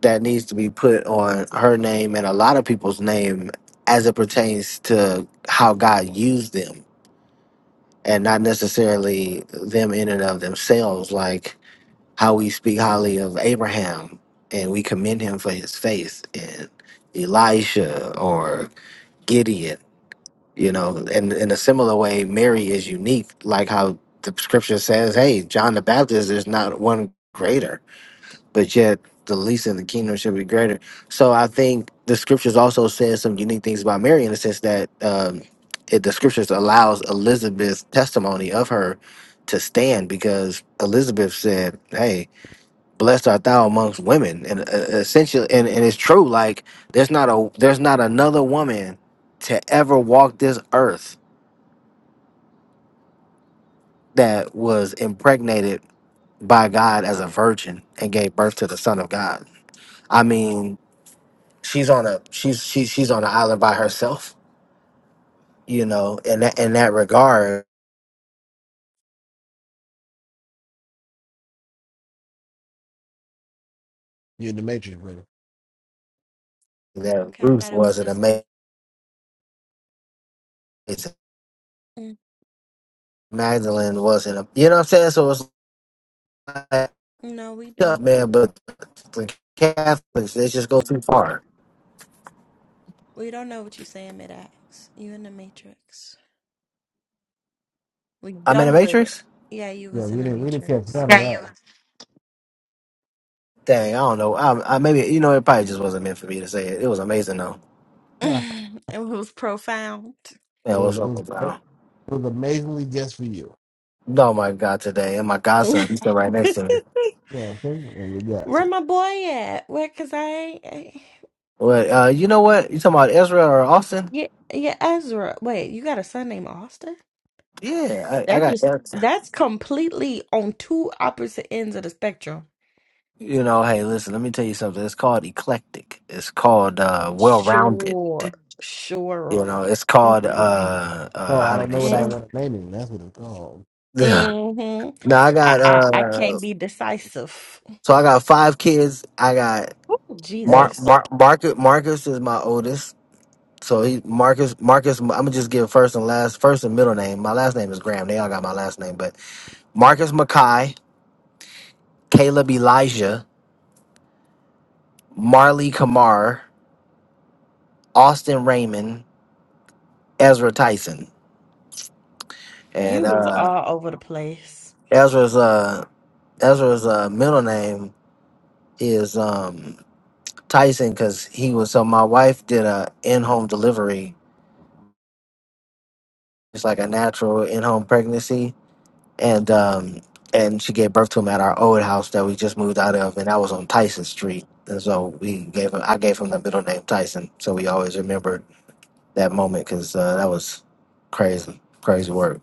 C: that needs to be put on her name and a lot of people's name as it pertains to how God used them and not necessarily them in and of themselves like how we speak highly of Abraham and we commend him for his faith and Elisha or Gideon you know and in a similar way Mary is unique like how the scripture says hey John the Baptist is not one greater but yet the least in the kingdom should be greater. So I think the scriptures also says some unique things about Mary in the sense that um, it, the scriptures allows Elizabeth's testimony of her to stand because Elizabeth said, "Hey, blessed art thou amongst women," and uh, essentially, and, and it's true. Like there's not a there's not another woman to ever walk this earth that was impregnated by God as a virgin and gave birth to the Son of God. I mean, she's on a she's she, she's on an island by herself, you know. In that in that regard,
B: You're in the matrix, brother?
C: that
M: Okay, I
C: Ruth
M: thought it was
C: was an
M: just. me.
C: amazing
M: Mm,
C: Magdalene wasn't a you know what I'm saying. So it's like
M: No, we
C: stuff,
M: don't.
C: man. But the Catholics they just go too far.
M: We don't know what you're saying, mid-ax. You in the matrix. We
C: I'm in the
M: done with it.
C: Matrix.
M: Yeah, you
B: Yeah,
M: was in
B: we
M: the
B: didn't we didn't catch
M: matrix.
B: none of that.
C: Dang, I don't know. I, I maybe you know it probably just wasn't meant for me to say it. It was amazing though.
M: [laughs]
B: Huh.
M: [sighs] It was profound. [laughs]
C: Yeah,
B: It was
C: what's
B: it
C: up
B: was
C: with
B: it
C: that?
B: was amazingly just for you.
C: Oh my God, today and my godson, he's still right next to me.
M: Where
B: Yeah, okay. And you got it.
M: my boy at? Where? Cause I, ain't-
C: But uh, you know what? You talking about Ezra or Austin?
M: yeah, yeah, Ezra. Wait, you got a son named Austin?
C: Yeah, I,
M: That
C: I
M: just
C: got.
M: that's completely on two opposite ends of the spectrum.
C: You know, hey, listen, let me tell you something. It's called eclectic. It's called uh well-rounded.
M: Sure,
C: You
M: sure.
C: know, it's called
M: Mm-hmm.
C: uh
B: So
C: uh
B: I
C: how
B: don't
C: did you
B: know what
C: say?
B: I want to name it. That's what it's called.
C: [laughs] now
M: Mm-hmm.
C: I
M: I,
C: got
M: I I
C: uh
M: can't be decisive.
C: so I got five kids. I got
B: Hey,
C: Mark
M: Jesus,
C: Mark Marcus Marcus is my oldest. So he Marcus Marcus I'm gonna just give first and last first and middle name. My last name is Graham. They all got my last name, but Marcus Mackay, Caleb Elijah, Marley Kamar, Austin Raymond, Ezra Tyson. And
M: you was
C: uh
M: all over the place.
C: Ezra's uh Ezra's uh middle name is um Tyson because he was so my wife did a in home delivery. It's like a natural in home pregnancy, and um and she gave birth to him at our old house that we just moved out of, and that was on Tyson Street. And so we gave him I gave him the middle name Tyson, so we always remember that moment because uh, that was crazy, crazy work.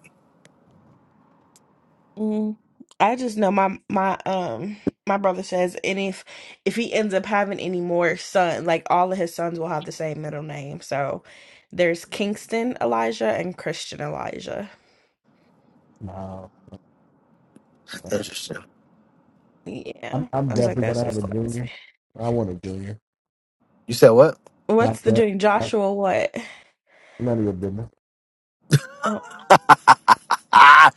M: Mm, I just know my my um my brother says, and if if he ends up having any more son, like all of his sons will have the same middle name. So there's Kingston Elijah and Christian Elijah.
B: no,
C: Interesting.
B: I'm
M: Yeah,
B: I'm
M: I was like,
B: definitely
M: that's
B: gonna have
M: just
B: a junior.
M: crazy.
B: I want a junior.
C: You said what?
M: What's
B: Not
M: the
B: that.
M: doing,
B: Not,
M: Joshua? What?
B: none of your business.
M: Well,
C: Ah.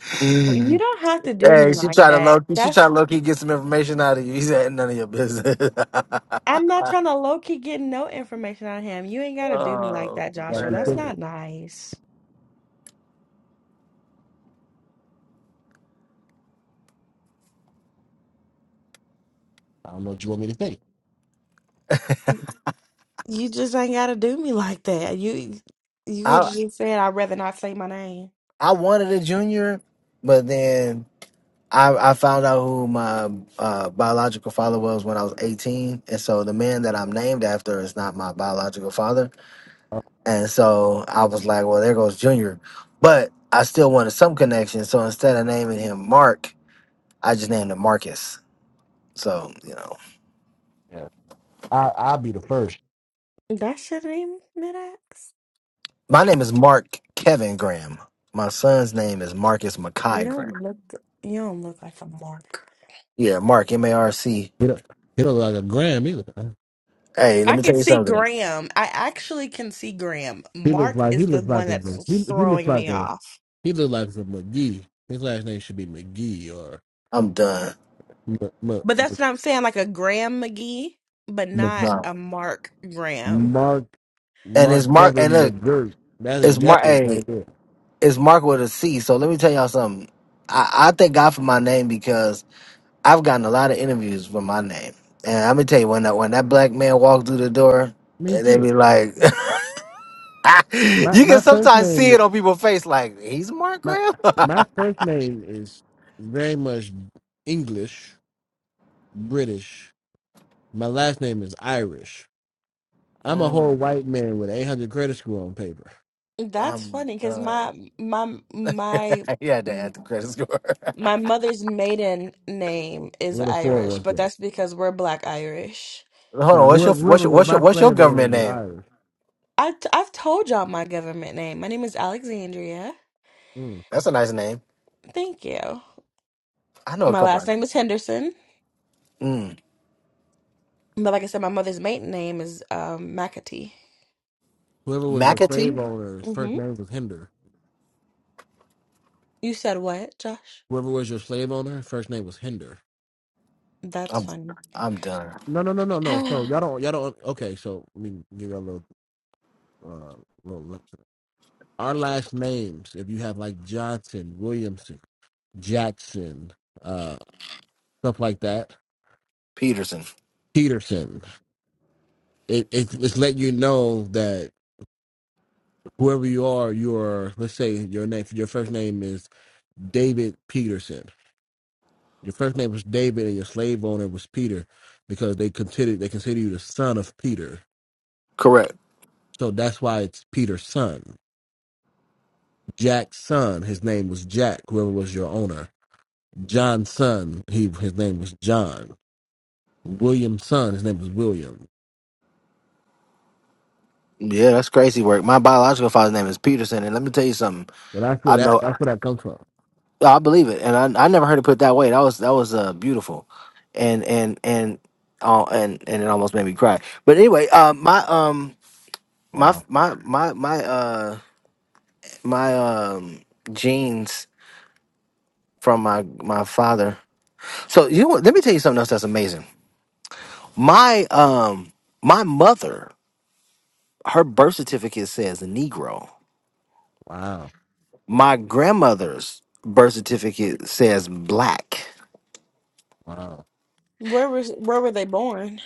M: You don't have to do me
C: Hey, she
M: like
C: tried to low
M: that.
C: she tried
M: That's
C: to low key get some information out of you. [laughs] He said none of your business. [laughs]
M: I'm not trying to low key get no information out of him. You ain't gotta do me like
C: oh
M: that,
B: Gotta
M: Joshua.
B: be
M: That's
C: man.
B: thinking.
M: not nice.
B: I don't know what you want me to think.
M: You just ain't gotta do me like that. You you could
C: I
M: have just said I'd rather not say my name.
C: I wanted a junior, but then I I found out who my uh, biological father was when I was 18. And so the man that I'm named after is not my biological father.
B: Oh,
C: And so I was like, well, there goes Junior. But I still wanted some connection. So instead of naming him Mark, I just named him Marcus. So, you know.
B: yeah. I I'll be the first.
M: That shit ain't mid axe.
C: My name is Mark Kevin Graham. My son's name is Marcus
M: You
C: Mackay Graham.
M: don't look you don't look like a Mark.
C: Yeah, Mark M A R C.
B: He don't, he don't look like a Graham either.
C: Hey, let
M: I
C: me
M: can
C: tell you
M: see
C: something.
M: Graham. I actually can see Graham.
B: He looks
M: Mark
B: like he
M: is the
B: looks
M: one
B: like
M: that's
B: a he he looks
M: throwing me
B: like a
M: off.
B: he looks like a McGee. His last name should be McGee or.
C: I'm done.
B: M-
M: But
B: M-
M: that's what I'm saying, like a Graham McGee, but
B: Mc-
M: not
C: No.
M: a Mark Graham.
B: Mark
C: And it's
B: Mark
C: Mark and
B: Kevin
C: look,
B: McGirt. That's
C: it's Mark
B: exactly it
C: hey,
B: right there.
C: it's Mark with a C. So let me tell y'all something. I, I thank God for my name because I've gotten a lot of interviews for my name. And I'm gonna tell you when that when that black man walked through the door
B: Me
C: and they
B: too.
C: be like [laughs] you
B: My
C: can
B: my first
C: sometimes see
B: name
C: it on people's face like he's Mark
B: my
C: Graham. [laughs]
B: my first name is very much English, British. My last name is Irish. I'm a
C: Mm,
B: whole white man with 800 credit score on paper.
M: That's
C: I'm
M: funny because
C: done.
M: my my my
C: [laughs] you had to add the credit score.
M: My mother's maiden name is
B: With a four
M: Irish,
B: was
M: but
B: there.
M: that's because we're Black Irish.
C: [laughs] Hold on,
B: Now
C: what's your
B: whoever,
C: what's
B: whoever
C: your
B: was
C: what's your
B: my
C: what's your
B: slave
C: government
B: owners were
C: name?
B: Irish.
M: I t- I've told y'all my government name. My name is Alexandria.
B: Mm.
C: That's a nice name.
M: Thank you.
C: I know a
M: My
C: couple.
M: last
C: Of
M: name is Henderson,
C: mm,
M: but like I said, my mother's maiden name is um, McAtee.
B: Whoever was your slave
C: McAtee.
B: owner, first
M: hmm
B: name was Hinder.
M: You said what, Josh?
B: Whoever was your slave owner, first name was Hinder.
M: That's
C: I'm
M: funny.
C: I'm done.
B: No, no, no, no,
M: [sighs]
B: no. So y'all
M: where
B: don't, y'all don't. Okay, so let me give y'all a little, uh, little. lesson. Our last names, if you have like Johnson, Williamson, Jackson, uh, stuff like that,
C: Peterson.
B: Peterson, it, it it's letting you know that whoever you are, you are. Let's say your name, your first name is David Peterson. Your first name was David, and your slave owner was Peter, because they consider they consider you the son of Peter.
C: Correct.
B: So that's why it's Peter's son. Jack's son, his name was Jack, whoever was your owner. John's son, he his name was John. William's son, his name was William.
C: Yeah, that's crazy work. My biological father's name is Peterson, and let me tell you something.
B: So that's
C: I
B: where that
C: know,
B: that's where that comes from.
C: I believe it, and I, I never heard it put that way. That was that was uh, beautiful, and and and uh, and and it almost made me cry. But anyway, uh, my um my
B: Wow.
C: my my my uh my um genes. from my my father. So you know what? let me tell you something else that's amazing. My um my mother, her birth certificate says Negro.
B: Wow.
C: My grandmother's birth certificate says black
B: Wow. [laughs]
M: was where were they born?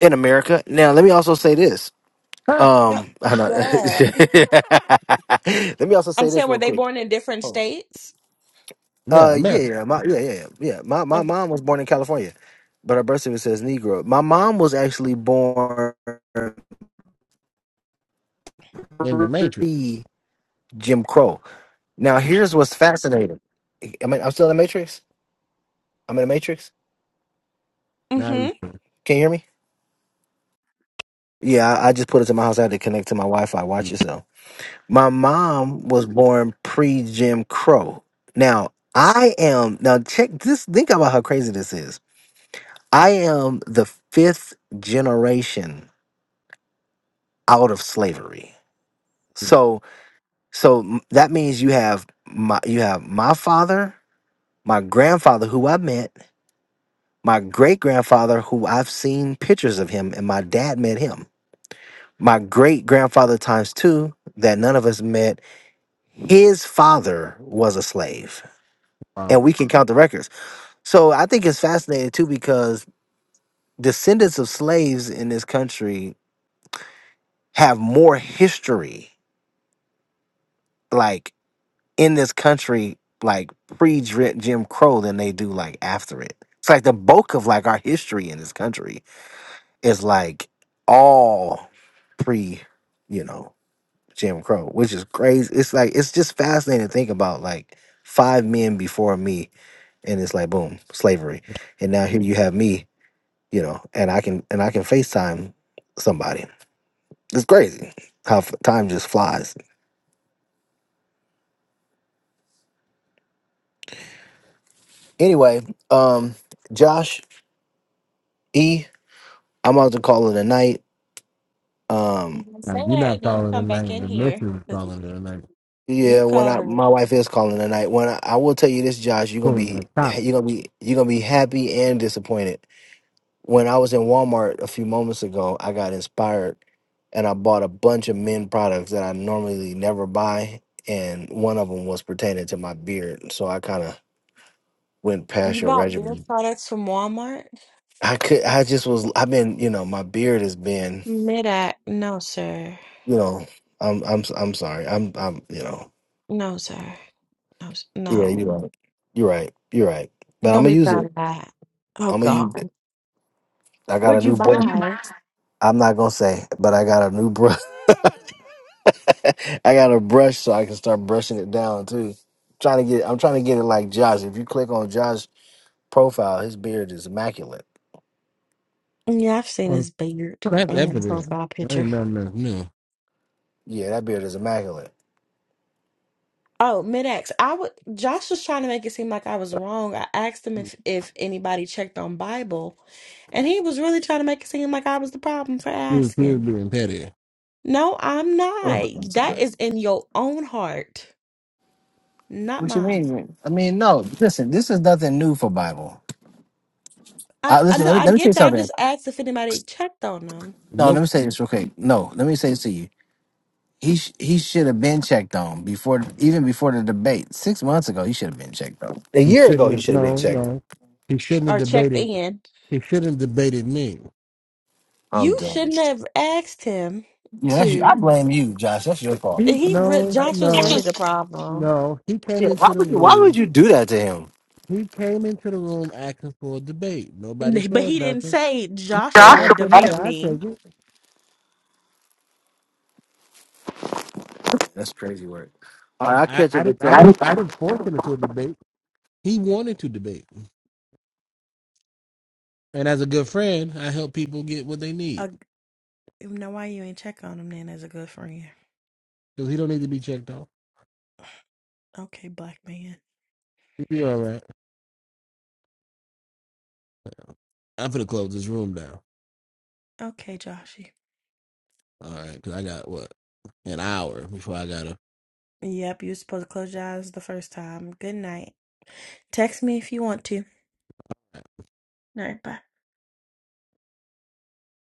C: in America. Now let me also say this.
B: Huh?
M: No,
C: Um I know.
M: duh.
C: [laughs] let me also
M: I'm
C: say
M: saying
C: this
M: were
C: real
M: they
C: quick.
M: born in different
C: Oh.
M: states?
B: yeah,
C: Uh yeah,
B: America.
C: yeah, my yeah, yeah, yeah. yeah. My my mom was born in California, but her birth certificate says Negro. My mom was actually born
B: In the Matrix.
C: pre Jim Crow. Now, here's what's fascinating. I mean, I'm still in the Matrix. I'm in the Matrix.
B: Now
M: Mm-hmm.
B: you say,
C: Can you hear me? Yeah, I I just put it to my house. I had to connect to my Wi-Fi. Watch yourself. My mom was born pre-Jim Crow. Now, I am now check this. Think about how crazy this is. I am the fifth generation out of slavery. So, so m- that means you have my you have my father, my grandfather, who I met. My great grandfather, who I've seen pictures of him, and my dad met him. My great grandfather times two, that none of us met, his father was a slave. And
B: wow.
C: we can count the records. So I think it's fascinating too because descendants of slaves in this country have more history, like in this country, like pre Jim Crow than they do like after it. It's like the bulk of like our history in this country is like all pre, you know, Jim Crow, which is crazy. It's like it's just fascinating to think about like five men before me and it's like boom, slavery. And now here you have me, you know, and I can and I can FaceTime somebody. It's crazy how f- time just flies. Anyway, um Josh E, I'm about to call it a night. Um
M: Say
B: Now you're
M: that,
B: not
M: then you
B: calling the
M: come back
B: name,
M: in
B: the
M: here.
B: missus is
M: 'Cause
B: calling the name,
M: You
C: Yeah, when I
M: calling?
C: my wife is calling tonight. When I, I will tell you this, Josh, you're gonna
B: pulling
C: be
B: that top.
C: you're gonna be you're gonna be happy and disappointed. When I was in Walmart a few moments ago, I got inspired and I bought a bunch of men products that I normally never buy, and one of them was pertaining to my beard. So I kind of went
M: You
C: past your
M: bought beer
C: regimen.
M: products from Walmart?
C: I could I just was I've been you know my beard has been
M: Mid-act? No, sir.
C: you know I'm I'm I'm sorry I'm I'm you know
M: No, sir. No, s-
C: yeah you're
M: no.
C: right you're right you're right but I'm
M: Don't
C: gonna
M: be
C: use
M: proud
C: it
M: of that. Oh
C: I'm gonna use
M: God.
C: it. I got a
M: What'd you
C: new brush.
M: buy?
C: I'm not gonna say, but I got a new brush. [laughs] I got a brush so I can start brushing it down too. trying to get I'm trying to get it like Josh. If you click on Josh's profile, his beard is immaculate.
M: Yeah, I've seen
B: Well,
M: his beard
B: that's
M: in his
B: evident.
M: profile
B: That ain't
M: picture.
B: nothing that's new.
C: Yeah, that beard is immaculate.
M: Oh, mid-ax. I would. Josh was trying to make it seem like I was wrong. I asked him if if anybody checked on Bible, and he was really trying to make it seem like I was the problem for
B: He was, he was
M: asking.
B: being petty.
M: No, I'm not. That is in your own heart, not
C: What you
M: mine.
C: mean? I mean, no. Listen, this is nothing new for Bible.
M: I,
C: Uh,
M: I
C: listen,
M: know
C: let me,
M: I
C: let me say
M: get that. I
C: something.
M: just asked if anybody checked on him
C: No, let
B: Nope.
C: me say this real quick. No, let me say this to you. He sh- he should have been checked on before even before the debate six months ago. He should have been checked on a
B: He
C: year ago.
B: shouldn't
C: He
B: have
C: should have been
B: no,
C: checked on.
B: no. He shouldn't have
M: or checked
B: debated
M: in.
B: he shouldn't have debated me.
C: I'm
M: You
C: done.
M: shouldn't have asked him
C: Yeah, that's you. I
M: to.
C: blame you, Josh. That's your fault.
B: He
M: He re
B: no,
M: Josh was
B: no,
M: really the problem,
B: no. He came
C: Yeah, why
B: into the
C: would you? Why would
B: room.
C: you do that to him?
B: He came into the room asking for a debate. Nobody
M: but
B: said
M: he didn't
B: nothing.
M: say
B: So
M: Joshua
B: I
C: Joshua.
B: said, "Hey,
M: debate
B: I
M: me.
B: take it."
C: That's crazy work. All right, I'll
B: I,
C: catch
B: I
C: up with
B: didn't, I
C: y'all.
B: didn't, I didn't force him into a debate. He wanted to debate, and as a good friend, I help people get what they need
M: Uh, now why you ain't check on him then as a good friend?
B: because he don't need to be checked off.
M: Okay, black man.
B: He'll be all right. I'm gonna close this room down.
M: Okay, Joshy.
B: All right, because I got what an hour before I gotta
M: Yep, you were supposed to close your eyes the first time. Good night. Text me if you want to. All right, bye.